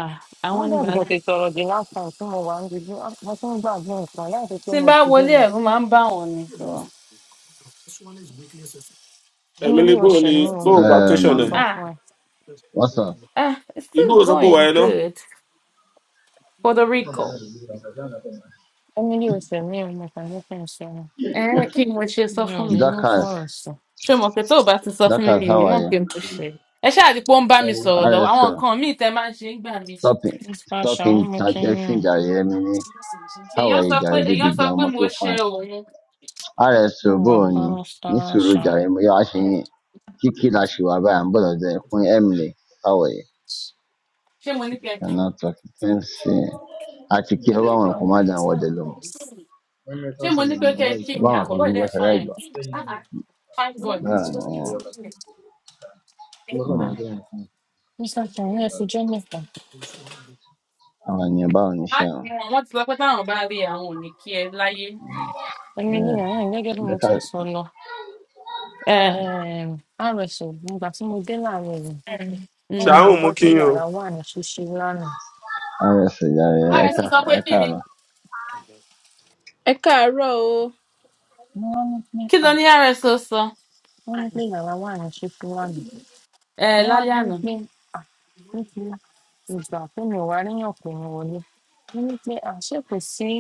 S6: Ah, àwọn
S1: wọ́n
S6: ní
S1: dàbí kò
S6: bàálà.
S1: ṣe sọ̀rọ̀ jù last time tí mo wà ń dìbò mo tún gbàgbé nǹkan láti pé
S6: tí n
S1: mo
S6: bá
S1: ti dé
S6: wọlé
S1: mọ
S6: ẹ̀rú máa ń bá wọn ni.
S2: ẹ̀mí ni
S1: emily
S2: bó
S1: ò
S2: ni
S1: ṣẹ̀mí o
S2: bó
S1: mo jẹ́ kí n
S2: vacation
S1: kàn
S2: ẹ̀
S1: sọ
S7: Um,
S6: Ah,
S1: fún ẹ
S7: what's up?
S6: ah, it's
S2: ìlú
S6: still
S2: ò sọ pé
S6: going
S2: wàá iná
S6: good. Puerto Rico
S1: emily ò ṣẹ̀mí o mo kàn ní kí n ṣe ni.
S6: ẹ kí ni mo ṣe sọ
S1: mi ò
S6: fún mi
S1: rí ní
S7: Dakas,
S1: fọ́ọ̀sì
S6: ṣé mo pé tó o bá ti sọ fún mi
S7: Dakas,
S6: mi
S7: how are
S6: náà
S7: you?
S6: pé mo ṣe ẹ ṣáà rí i pé ó ń bá mi sọ̀rọ̀ lọ àwọn
S7: RSL,
S6: nǹkan míì tẹ́ máa ń ṣe ń gbà mí
S7: stopping,
S1: mr ṣàún
S7: stopping,
S1: mo kẹ́yìn
S7: Jackson,
S1: ẹ̀
S7: Jare, Mini. How
S6: èèyàn
S7: are
S6: sọ
S7: you,
S6: pé
S7: Jare,
S6: èèyàn
S7: baby
S6: sọ
S7: girl?
S6: pé
S7: I'm
S6: mo
S7: so
S6: ṣe
S7: fine.
S6: òun
S1: mo
S7: RSL,
S1: wà pa
S7: Boni,
S1: mr
S7: Nisuru,
S1: ṣàún
S7: Jare, Mo, Yo, Ashin, Kiki, Lashiwa, Bayan, Bola, Zay, Queen Emily, how are you?
S6: ṣé mo ní kẹ́ kí mi
S7: Cannot talk. Thanks. Àti kí ọba wọn kò má dàn wọdẹ lọ mọ.
S6: ṣé mo ní pé kẹ́ kí
S7: Ọba
S6: mi
S7: wọn kò
S6: àkọ́kọ́
S7: gbogbo
S6: ìdẹ́
S7: ẹsẹ̀ láì
S6: fine
S7: gbà.
S6: Ah ah, fine boy
S7: Báwo ni ẹ?
S1: mr ṣàún ẹ fi jẹ́ nìkan
S7: Àwọn ènìyàn báwo ni
S6: Á-
S7: iṣẹ́
S6: wọn wọn ti sọ pé táwọn bá rí àwọn ò ní kí ẹ láyé.
S1: ẹ̀mí ní ẹ̀rẹ́ gẹ́gẹ́ bí mo ti
S7: wọn?
S1: ń sọ lọ
S6: ẹ
S1: um, rso ìgbà tí mo dé láàárọ̀ yìí
S6: mm.
S1: rso
S2: ṣàrùn
S1: sọ
S2: mú
S1: pé
S2: kí n o
S1: yàrá wà ní ṣíṣí lánàá
S7: Honestly, I, I kind
S6: rso
S7: of,
S6: sọ pé
S7: I
S6: kí ni
S7: kind of,
S3: Ẹ káàárọ̀ o.
S1: mo wá ní pé
S6: kí ló
S1: à
S6: ní rso sọ
S1: wọ́n ní pé yàrá wà ní ṣíṣí lánàá
S6: ẹ
S1: mo wá ní
S6: lálẹ́ àná
S1: pé à nítorí ìgbà tó mi ò wá ríyàn pé mi wọlé mo ní pé à ṣé kò sí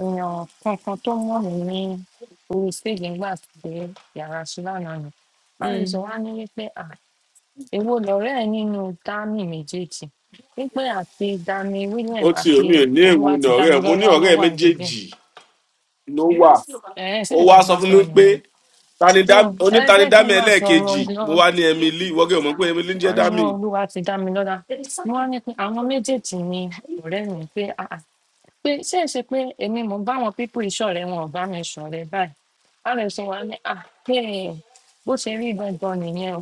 S1: èèyàn kankan tó mọ̀ mí ní orí stage nígbà tí yàrá sí lánàá ni
S6: Mm.
S1: fáyọsọ wá ní wípé à èwo lọ̀rẹ́ ẹ nínú dami méjèèjì wípé àti dami william
S2: ó ti
S1: àti
S2: omi ò ní èwo
S1: olúwa
S2: ni
S1: ti
S2: ọ̀rẹ́
S1: dami
S2: ẹ̀ mo ní
S1: lọ́lá ló
S2: ọ̀rẹ́ ẹ̀
S1: wà níbẹ̀
S2: méjèèjì ló wà
S1: ẹ ṣe
S2: ó
S1: nǹkan
S2: wá
S1: tí
S2: sọ
S1: wọ́n
S2: fún
S1: sọ
S2: mi
S1: nìyẹn
S2: pé
S1: so
S2: tanidá-
S1: ẹ jẹ́ kí n
S2: onítanidámi
S1: máa sọ̀rọ̀ lọ
S2: ẹlẹ́ẹ̀kejì mo wá ní emily wọ́gẹ́ ò mọ̀ pé emily ń jẹ́
S1: wọ́n ní
S2: dámì
S1: olúwa ti dá mi lọ́lá wọ́n ní pé àwọn méjèèjì ni ọ̀rẹ́ mi pé pé ṣé ẹ ṣe pé èmi mò ń bá àwọn pípò ìṣọ̀rẹ́ wọn ò bá mi ṣọ̀rẹ́ báyìí rs wa ní à hey, bó ṣe rí gangan nìyẹn o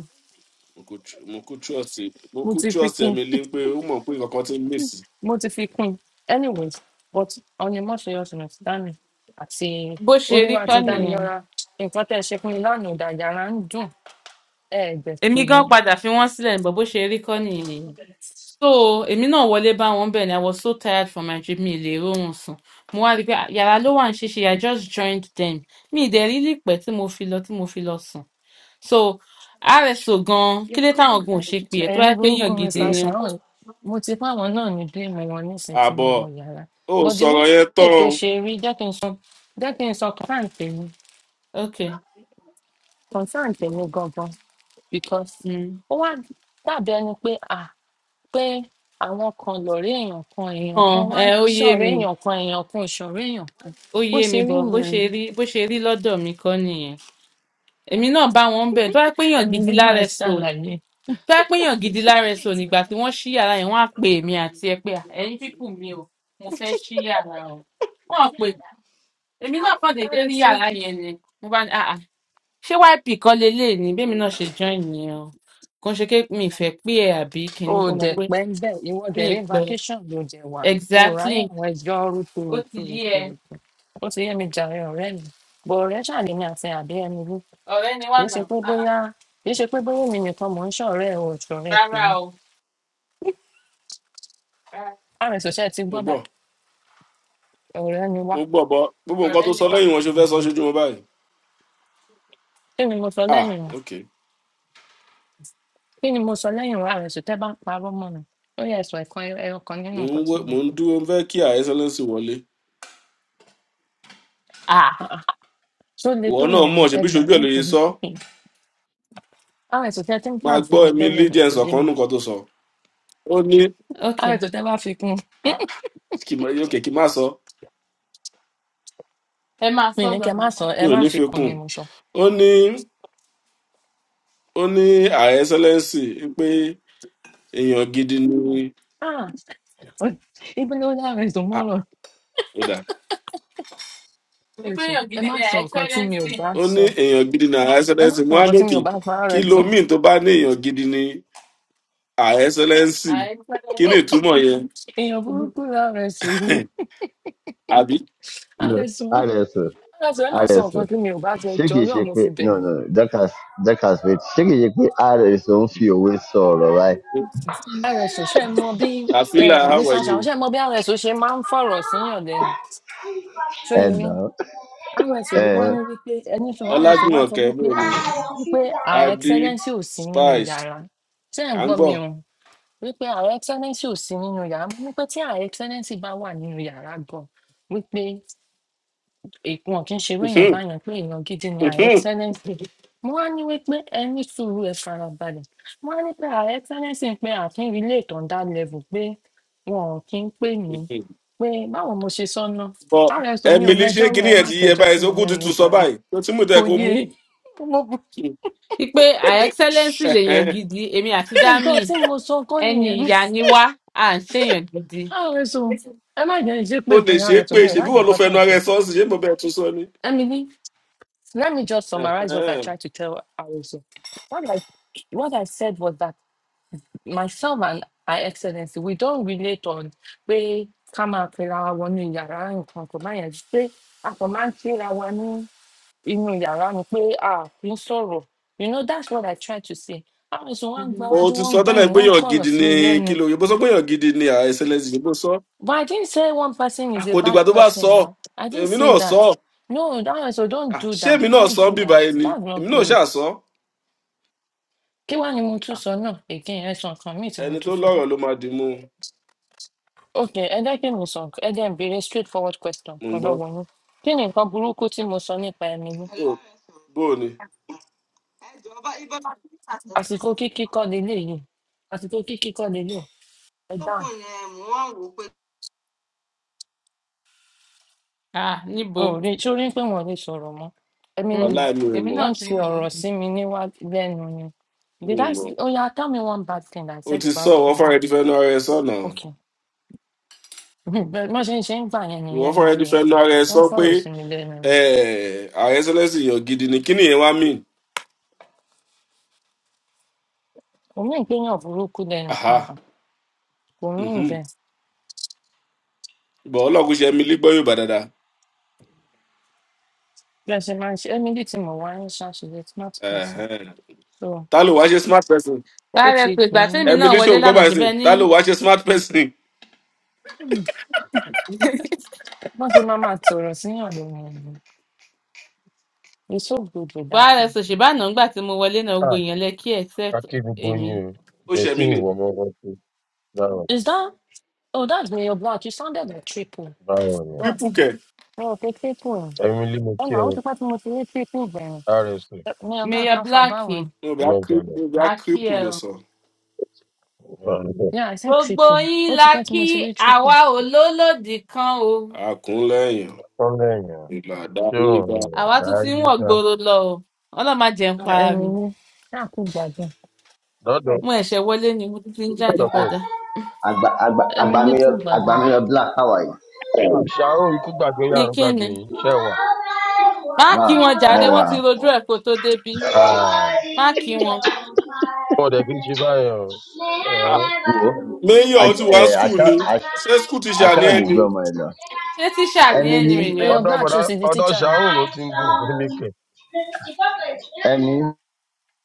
S2: mo kú tr- mo kú trust mo
S1: mo
S2: kú
S1: ti fi
S2: trust
S1: kún
S2: emily pé ó mọ̀ pé nǹkan kan ti ń mèsì
S1: mo ti fi kún anyways but ọ̀nì mọ́ṣẹ́ ọ̀sìn dání àti
S6: bó ṣe rí
S1: olúwa
S6: kọ́
S1: ti dání
S6: nìyẹn
S1: yọra nǹkan tẹ́ ẹ ṣe fún mi lánàá ìdàjà ara ń dùn ẹ̀ẹ́dẹ̀ pè
S6: èmi
S1: mí
S6: gan padà fi wọn sílẹ nígbà bó ṣe rí kọ nìyẹn so èmi náà wọlé bá wọn bẹẹ ni i was so tired from my trip mi ì lè rórun sùn mo wá rí i pé "Ah, yàrá ló wà ń ṣíṣe i just joined them mi ì dẹ̀ rí lípẹ́ tí mo fi lọ tí mo fi lọ sùn so rso gan kí ló táwọn gan ò ṣe pè ẹ́ tó bá
S1: ẹ̀rín
S6: yẹ pé
S1: burúkú
S6: èèyàn gidi
S1: mr
S6: ni wọ́n.
S1: sharon mo ti fáwọn náà ní bí mo wọn nísìn tí mo
S2: àbọ̀
S1: wọ yàrá
S2: ó
S1: but the way
S2: sọ̀rọ̀ yẹn tán
S1: tó
S2: o.
S1: ṣe rí jẹ́ kí n sọ jẹ́ kí n sọ kàn fáǹpẹ̀
S6: ok
S1: concern tèmi gangan because
S6: mm.
S1: ó wá dàbí ẹni pé ah pé àwọn kan lọ̀rẹ́ èèyàn kan èèyàn kan
S6: um,
S1: wá
S6: ẹ
S1: ń
S6: ó yé
S1: ṣọ̀rẹ́
S6: mi
S1: èèyàn kan èèyàn kan ò ṣọ̀rẹ́ èèyàn kan
S6: ó
S1: bó
S6: yé mi
S1: ṣe
S6: bọ
S1: rí
S6: bó
S1: nìyẹn
S6: ṣe rí bó ṣe rí lọ́dọ̀ mi kọ́ nìyẹn èmi náà bá wọn bẹ̀ tó bá yẹ pé èèyàn
S1: ẹnu
S6: gidi
S1: yìí máa
S6: lárso
S1: ṣàlàyé
S6: tó bá péyàn gidi lára ẹsẹ ò nígbà tí wọn ṣí yàrá yẹn wọn á pe èmi àti ẹ pé "Ah, ẹyin pípù mi o mo fẹ ṣí yàrá o wọn ò pè èmi náà kàn déédéé
S1: Ẹ
S6: rí
S1: tú.
S6: yàrá yẹn ni mo bá ní àà ṣé yp kọ lélẹ ni bẹẹmi náà ṣe join yẹn o kò ń ṣe pé mi ìfẹ pé ẹ àbí
S1: o
S6: kìnní
S1: ò
S6: ó mọ
S1: dẹ̀
S6: pé
S1: pẹ́ ń bẹ̀ ìwọ
S6: mi
S1: dẹ̀
S6: ì
S1: rí
S6: pẹ
S1: vacation ló jẹ wà o ò
S6: exactly
S1: ráyè àwọn ẹjọ́
S6: ó ti yí ẹ
S1: rúturùturùturùtù ó ti yé mi jàre ọ̀rẹ́ mi bọ̀ ọ̀rẹ́ ṣàlẹ́yìn àti àbí ẹni rú
S6: ọrẹ ni wà
S1: kì í ṣe
S6: náà
S1: pé
S6: Ah,
S1: bóyá kì í ṣe pé bóyá mi nìkan mò ń ṣọ̀rẹ́ ẹ̀ o ò ṣọ̀rẹ́
S6: rárá
S1: tèmi
S6: o rárá,
S1: rs ò ṣe ti
S2: mo
S1: gbọ́
S2: gbọ́
S1: báyìí ọ̀rẹ́ ni wá
S2: mo gbọ́ bọ́ gbogbo nǹkan
S6: ọrẹ
S2: tó
S6: ni
S2: sọ
S6: wà.
S2: lẹ́yìn wọn ṣe fẹ́ sọ ṣojú mo báyìí
S1: kí ni mo sọ
S2: ah
S1: lẹ́yìn wa
S2: ok
S1: kí ni mo sọ lẹ́yìn wa àrẹ̀sù tẹ́ bá ń parọ́ mọ́ mi ó yẹ ẹ̀sùn ẹ̀kan ẹyọ kan nínú
S2: mo
S1: nǹkan
S2: ń
S1: tí
S2: wé-
S1: mo
S2: mo ń
S1: fún un.
S2: dúró mo fẹ́ kí àìsẹ́lẹ́sì wọlé
S6: ah
S1: Ah ah, ṣó le
S2: ìwọ
S1: tó
S2: náà
S1: yẹn ni
S2: mọ̀ ṣe
S1: ẹ
S2: bí
S1: gbà
S2: ṣojú
S1: mí
S2: ẹ̀ ló yẹ
S1: nítorí
S2: sọ
S1: fún àrẹ̀sù tẹ́ tí ń
S2: máa
S1: plan fún
S2: gbọ́
S1: mi tẹ́lẹ̀
S2: emily
S1: ni
S2: jẹ́
S1: kò yé
S2: nsọ̀kan
S1: mi
S2: nù nǹkan tó sọ ó ní
S6: ok
S1: àrẹ̀sù tẹ́ bá fi kún
S2: ah, kì í má- ok kì í má sọ
S6: ẹ máa
S1: mi
S6: sọ
S1: ní
S6: lọ
S1: kẹ́ má
S6: nípa
S1: sọ ẹ
S2: mi ò
S1: má
S2: ní
S1: fi
S2: fi
S1: kún ni
S2: kún
S1: mo sọ.
S2: ó ní ó ní ààrẹ ẹsẹlẹǹsì pé èèyàn gidi ni
S1: Ah, ibi ló dá àrẹ̀sù
S2: Ah,
S1: mọ́rọ̀
S2: ó dà
S6: wípé
S1: àrẹ̀sù
S6: èèyàn
S1: ẹ
S6: gidi
S1: má
S6: ni
S1: sọ nǹkan tí mi ò
S6: àìtọ́lẹ́sì
S1: bá
S2: ó ní
S1: sọ
S2: èèyàn gidi ni ààrẹ
S1: ẹ má
S2: ẹsẹlẹǹsì
S1: sọ
S2: mo á
S1: nǹkan
S2: ní
S1: tí mi
S2: kí
S1: ò bá sọ
S2: kí
S1: àrẹ̀sù
S2: ló míì tó bá ní èèyàn gidi ni ààrẹ ẹsẹlẹǹsì kí ni
S6: àìtọ́lẹ́sì.
S2: ìtumọ̀ yẹn
S1: èèyàn burúkú ni àrẹ̀sù yìí
S2: àbí
S7: no,
S1: àrẹ̀sù
S7: honestly,
S1: àrẹ̀sù ẹ má sọ nǹkan
S7: honestly,
S1: tí mi ò bá sọ jọ
S7: shiki
S1: ọlọ́run mo fi
S7: shiki,
S1: bẹ̀
S7: no,
S1: yín
S7: no, that has, that has been, shiki shiki, honestly, don't feel with sorrow, right?
S1: rso ṣe mọ bí
S2: tàfílà
S1: um, mr
S2: àwẹ̀yẹ
S1: shaun ṣe mọ bí rso ṣe máa ń fọrọ síyàn lẹnu ṣóyẹ
S7: And
S1: yín
S7: now,
S1: rso ló
S7: eh,
S1: wá
S7: no. Eh.
S1: ní wípé ẹni sọ rso wá sọ
S2: ọlájúmọ̀kẹ́
S1: wípé à
S2: mòmí
S1: wípé our
S2: adé
S1: excellency ò sí nínú
S2: spice
S1: yàrá tí ẹ ń
S2: à ń
S1: gbọ́
S2: gbọ́
S1: mi o wípé our excellency ò sí nínú yàrá mo ní pé tí our excellency bá wà nínú yàrá gan wípé ìwọn kì í ṣerú èèyàn báyẹn pé èèyàn gidi ni ààrẹ tẹ́lẹ̀sì mo wá ní wípé ẹ ní sùúrù ẹ farabalẹ̀ mo wá ní pé ààrẹ tẹ́lẹ̀sì ń pé ààfin ilé ìtàndá lẹ́vù pé wọn ò kí ń pè mí pé báwo mo ṣe sọnà
S2: bọ
S1: rs omi ò
S2: emily ṣé
S1: mẹjọ rò
S2: kinní
S1: ẹ
S2: yẹn
S1: má
S2: ti yẹ
S1: kẹjọ
S2: báyìí
S1: sí mi
S2: sókú
S1: lẹ́nu
S2: tuntun sọ
S1: jàre
S2: báyìí tó tí mú tẹ
S1: kò
S2: kó
S1: yé
S2: mú
S1: e. mo bu
S6: wípé her excellence lèèyàn
S2: Ẹ̀hẹ́n.
S6: gidi èmi àti
S1: nǹkan
S6: dami
S1: tí mo sọ kọ́
S6: ẹni
S1: nìyẹn
S6: ìyá ni wá à ń ṣèyàn gidi
S1: rs o ẹ má jẹ́ ìṣépè
S2: o lè
S1: fún
S2: ṣe
S1: yàrá
S2: é
S1: rs
S2: pé
S1: omi ò
S2: ṣèbí
S1: láì jẹ́
S2: wọn ló
S1: kọ́tẹ́
S2: fẹnu ara
S1: ìṣe
S2: ẹ sọ ọ sì ṣe é mo bẹ tún sọ ni.
S1: emily Let me just summarize what I
S2: Ẹ̀hẹ́n.
S1: tried to tell Aruso. What I what I said was that myself and I excellency, we don't relate on pé ká máa pera wa wọnú yàrá nǹkan kò má yẹn pé a kò máa ń kíra wa ní inú yàrá ni pé a kì sọ̀rọ̀. You know that's what I tried to say. Aruso wọ́n ń
S2: o
S6: Mhm.
S1: gbáwájú
S2: ti
S1: wọ́n
S2: sọ
S1: ń
S2: tẹ́lẹ̀
S1: gbẹ̀yìn
S2: pé
S1: wọ́n ń
S2: yàn
S1: kọ̀rọ̀
S2: gidi
S1: sí
S2: ni
S1: mi
S2: kí
S1: lẹ́nu.
S2: ló yìnbó sọ pé yàn gidi ni àà sls yìnbó sọ
S1: But I didn't say one person
S2: a
S1: is a
S2: kò dìgbà
S1: bad
S2: tó bá sọ
S1: person
S2: ọ́.
S1: now. I didn't
S2: èmi
S1: say
S2: náà sọ
S1: that.
S2: ọ́.
S1: No, that so don't
S2: À,
S1: do
S2: ṣé
S1: that.
S2: èmi náà sọ
S1: Don't do
S2: bí
S1: that.
S2: báyìí ni
S1: That's not
S2: èmi náà
S1: good.
S2: ṣáà sọ ọ́.
S1: Kí wá ni mo tún sọ náà? Again, ẹ sọ nǹkan míì tí mo
S2: ẹni tó
S1: tún sọ.
S2: lọ́rọ̀ ló máa dì mú un. mò
S1: Okay, ẹ jẹ́ kí mi sọ, nǹkan- ẹ jẹ́ n béèrè straightforward question
S2: ń
S1: kan
S2: gbọ́.
S1: lọ́wọ́ yín. Kí ni nǹkan burúkú tí mo sọ nípa ẹnu yín?
S2: Bó- bó o ni
S1: Àsìkò kíkí kọ́ leléyìí. Àsìkò kíkí kọ́ leléyìí. Ẹ dáhùn.
S6: Ah, níbo
S1: O ò rí sórí pé wọn ò lè sọ̀rọ̀ mọ́. Ẹ̀mi ni
S6: Mm.
S2: wàhálà mi ò
S6: èmi
S2: mọ̀
S6: náà
S1: wọ́n
S6: ti rí
S1: ti ọ̀rọ̀
S6: i.
S1: sí mi níwá lẹ́nu ni.
S2: mi
S1: Did
S2: ò
S1: I
S2: mọ̀.
S1: s- Oya, tell me one bad thing I
S2: o
S1: said
S2: ti sọ
S1: about
S2: wọ́n
S1: ẹ̀mí yìí.
S2: fọ́nrẹ́ ti fẹnu ara ẹ sọ náà
S1: Okay. Bẹ́ẹ̀ mo ṣe ń ṣe ń gbà yẹn
S2: wọ́n
S1: nìyẹn
S2: fọ́nrẹ́
S1: níbi
S2: ti
S1: ẹ̀.
S2: fẹnu ara ẹ sọ
S1: Wọ́n
S2: pé
S1: fọ̀rọ̀ sí mi lẹ́nu ni.
S2: ààrẹ sẹlẹ̀sì yàn gidi ni kí nìyẹn wá mí
S1: Òmí ìpéyàn burúkú lẹ́nu kan
S2: Aha.
S1: náà. kò rọrùn
S2: Mhm.
S1: bẹ́ẹ̀
S2: But ọlọ́run kò ṣe Emily gbọ́ Yorùbá dáadáa.
S1: bí a ṣe máa ń ṣe emily tí mo wá ń ṣàṣeyẹ smart person
S2: Ẹ̀hẹ́n.
S1: so
S2: Ta ló wá ṣe smart person?
S1: ó
S6: báàrẹ
S1: ti
S6: pé
S1: kì í
S6: ìgbà tèmi náà
S2: Emily
S6: wọlé
S2: ṣòun gbọ́
S6: lánàá
S2: báyìí
S6: ṣe
S2: sìn.
S6: bẹ́ẹ̀ ní
S2: Ta ló wá ṣe smart person?
S1: wọ́n ti máa máa tọ̀rọ̀ síyàn lóhun ọ̀hún he's so good with that
S6: báàrẹ
S1: one.
S6: sọ ṣe báàná ńgbà tí mo wọlé náà
S8: À,
S6: gbogbo èèyàn lẹ́kí
S8: a
S6: except
S8: kí gbogbo
S6: èmi.
S8: yín o.
S2: Ó ṣe mí
S8: Bẹ̀símì
S2: nì.
S8: ìwọ ọmọ ọwọ́ tó báwọn
S1: is that oh that's mayor black you sounded like triple
S8: báwọn ni.
S1: but
S2: Kírípù kẹ̀.
S1: mi ò pe triple
S8: Emily mo kí
S1: ọ̀nà ó
S8: ọ
S1: ti pẹ́ tí mo ti rí triple bẹ̀rẹ̀
S8: RSA
S1: mayor black
S6: mayor
S1: káfa
S6: black
S1: báwo ni
S2: Níbi á kírípù
S8: ìlọ́sẹ̀lẹ̀.
S2: níbi á kírípù ló
S6: akiel
S2: sọ.
S8: Ọ̀rẹ́
S1: yeah i said
S6: gbogbo
S1: triple
S6: yín
S1: ó ti
S6: la
S1: pẹ́ tí
S6: kí
S1: mo ti rí triple
S6: àwa ò lólòdì kan o
S2: Àkúnlẹ̀yìn.
S8: èèyàn
S2: Ìlà
S8: ṣé
S2: àdáyé
S8: òun
S2: bá.
S8: rẹ̀
S6: àwa tún ti ń
S8: dáyé
S6: wọ̀
S8: dá.
S6: gbòòrò lọ o ọlọ́run má jẹ́ ń
S1: Ah,
S6: para
S1: ẹ̀mí
S6: mi
S1: ni náà kú gbàgbọ́
S8: Lọ́dọ̀
S6: mo ẹ̀ṣẹ̀ wọlé ni mo tún ti ń jáde
S8: lọ́dọ̀ bò
S6: padà
S8: ní.
S7: Agba, Agba,
S1: ẹ̀mí ni kú
S7: Agbamio,
S1: gbàgbọ́
S7: Agbamio Black, how are you?
S8: Ṣàrùn ikú gbàgbé yín,
S6: ní
S8: àrùn
S6: kíni
S8: gbàgbé yín, iṣẹ́ wà.
S6: má kí
S7: Wow,
S6: wọn jàre
S7: oh
S6: wọn ti rojú
S7: wow.
S6: ẹ̀ kó tó débí
S8: Ah,
S7: Whoa.
S6: má kí wọn
S8: Mo dẹ̀ kí n ṣe báyẹn o.
S2: Ah,
S8: Ẹ̀,
S2: Mayor
S7: I,
S2: ó ti wá
S7: uh, I
S2: school
S7: saw
S2: ni.
S7: I,
S2: Ṣé school ti ṣe
S7: I
S2: àní
S7: saw the
S2: ẹni?
S7: grandmother.
S6: ṣé tíṣà ni ẹ́ ni
S7: Emily.
S6: rèé
S1: mayor
S8: Ọ̀dọ́
S1: black ṣó
S8: bọ̀dá
S1: ti di
S8: ọ̀dọ́
S1: teacher ni
S8: Ṣàrùn ló ti ń dùn fún mi kẹ̀.
S7: Emily.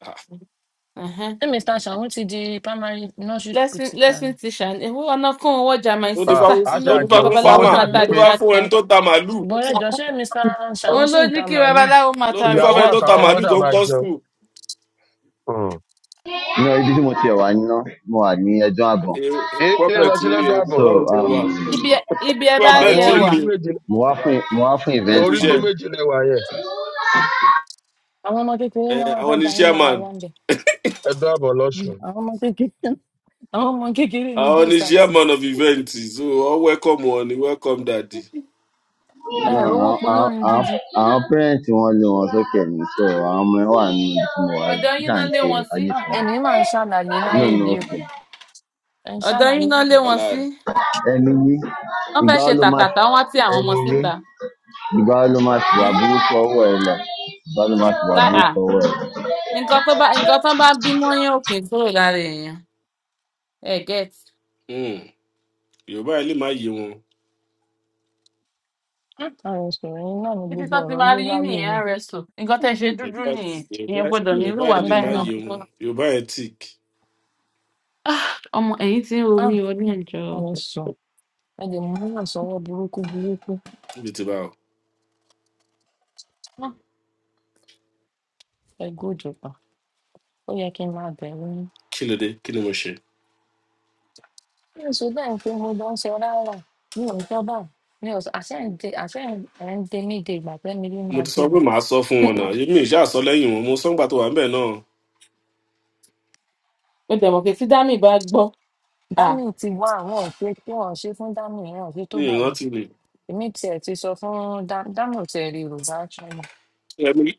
S2: Ah,
S1: ṣé mr shaun ti di primary nursery school
S6: lesson
S1: teacher ni.
S6: lesson tíṣà ni owó ọ̀nà kún owó ọjà my
S2: Ló
S8: À,
S2: dífá
S6: sister
S2: fún
S8: á
S6: ń ló
S2: ló
S6: mú kí
S2: dífá
S8: ṣàjẹun
S2: fún
S8: kówó
S6: babaláwo
S2: farmer.
S6: máa
S8: ṣàti
S6: ta
S1: Ìyẹn.
S2: Ló
S8: pé
S2: dífá
S6: recharge
S2: fún ẹni
S6: card
S2: tó ta màálù.
S1: Bọ̀dá jọ̀ọ́ ṣé Mr. Ṣàun
S6: òun
S1: ṣì
S6: ló
S1: ń
S6: ní
S1: ta
S6: kí
S1: màálù?
S6: babaláwo máa
S2: Ló
S6: ta
S2: dífá
S8: ìyàwó
S2: fún ẹni tó
S6: recharge
S2: ta
S8: àtàwọn ọmọ
S6: card
S2: màálù
S8: ṣà
S2: tó ń
S8: máa
S2: kọ́
S8: jẹun.
S2: school.
S8: Hmm.
S7: No, ibi not mo ti wà ní mo wà ní ẹjọ́ àgbọ̀n.
S8: Kí ló
S2: Problem
S8: lọ
S2: ti
S8: sí
S2: ní
S8: lọ́dọ̀
S2: ẹ̀
S8: àbọ̀?
S7: So
S2: Báwo ṣe
S7: um,
S2: wà?
S6: ibi ẹ ibi ẹ bá
S2: Problem
S6: rí
S8: àwọn
S6: ẹ
S2: ti
S6: wà
S2: ní.
S8: orígbó méje
S7: mo wá fún mo events, fún event
S8: orígbó
S2: Ekushe,
S8: méje lẹwà yẹn
S1: Àwọn ọmọ kékeré náà
S2: eh,
S1: wá
S2: àwọn
S1: fẹ́
S2: ni
S1: da yín lára
S2: chairman,
S1: yá ń bẹ̀.
S8: ẹdọ àbọ
S1: Hmm,
S8: lọsùn
S1: Àwọn ọmọ kékeré àwọn ọmọ kékeré ni
S2: àwọn ni
S1: guest
S2: chairman
S1: artist.
S2: of event, so all welcome one, welcome daddy.
S1: Ẹ
S7: No,
S1: ẹ̀ rówó
S7: àwọn àwọn
S1: polórin
S7: àwọn
S1: gidi.
S7: àwọn parents wọn lé wọn sókè ni so I'm ẹ wà nínú ibi tí mo wà yìí
S6: ọ̀dọ̀
S7: wọ́n
S6: yín
S7: ṣà
S6: náà
S7: ń
S6: lé
S7: ṣe
S6: wọn sí
S1: Ah, Ẹnì máa ń ṣàlàyé
S7: No,
S1: láyé
S7: no,
S1: yìí o.
S7: okay.
S1: Ẹ ń
S6: ọ̀dọ̀
S1: ṣàlàyé
S6: yín náà lé
S1: ọ̀rọ̀
S6: wọn sí
S2: Ọ̀la
S7: Emily,
S6: wọ́n
S7: ìgbà
S6: fẹ́
S7: wo
S6: ṣe
S7: ló máa
S6: tàtàtà wọn á tì àwọn ọmọ
S7: Emily,
S6: síta
S7: ìgbà wo ló máa fìwà burúkú ọwọ́ ẹ lọ? Ìgbà wo ló máa fìwà burúkú ọwọ́ ẹ lọ?
S6: nǹkan tó bá nǹkan tó bá bí mọ́yán òkè kúrò lára èèyàn ẹ gẹ́t
S2: hmm, Yorùbá yẹn lè má yé wọn.
S1: Ah, àròsọ yín náà ni
S6: títí tó
S1: gbogbo
S6: ti
S1: ọ̀rọ̀
S6: máa
S1: yé
S6: rí yín
S1: láyé yìí.
S6: nìyẹn rẹ̀sò nǹkan tẹ́ ẹ ṣe dúdú
S2: Yorùbá
S6: nìyẹn ìyẹn
S2: Yorùbá
S6: gbọ́dọ̀
S1: Hmm,
S2: Yorùbá
S6: nírúwà
S2: yẹn
S1: Mo
S2: lè
S6: báyìí
S2: má
S6: náà
S1: dáràn.
S2: yé
S6: kó tó
S2: wọn. Yorùbá yẹn tic
S6: Ah, ọmọ ẹ̀yìn tí ń ro
S1: Ah,
S6: mí o ní ìjọ
S1: Àròsọ. Ẹ lè mú ìrànṣọwọ́ burúkú burúkú.
S2: níbi tí báwo.
S1: Ah, Ẹ gòjò pa. Ó yẹ kí n máa bẹ̀rù
S2: Kí ló dé? Kí ni mo ṣe?
S1: ní oṣù tẹ̀ ń fi mo lọ ń sọ rárá mi ò sọ báyìí mi ò sọ àṣẹ ń de àṣẹ ẹ̀ ń de mí de ìgbà tẹ́mi rí
S2: Mo
S1: máa
S2: ti
S1: dé
S2: sọ pé
S1: ni
S2: màá sọ fún wọn náà. Èmi ìṣe àsọ lẹ́yìn wọn. Mo sọ́ngbà tó wà ń bẹ̀ náà.
S6: ó dẹ̀ mọ̀ pé tí dami bá gbọ́ ah
S1: dámì ti wá àwọn òṣè tí wọn ṣe fún dámì yẹn òṣè tó
S2: Ní
S1: bà yẹn
S2: ìrántí mi.
S1: èmi tiẹ̀ ti sọ fún Dá- dámì ò tiẹ̀ rí yorùbá ṣọmọ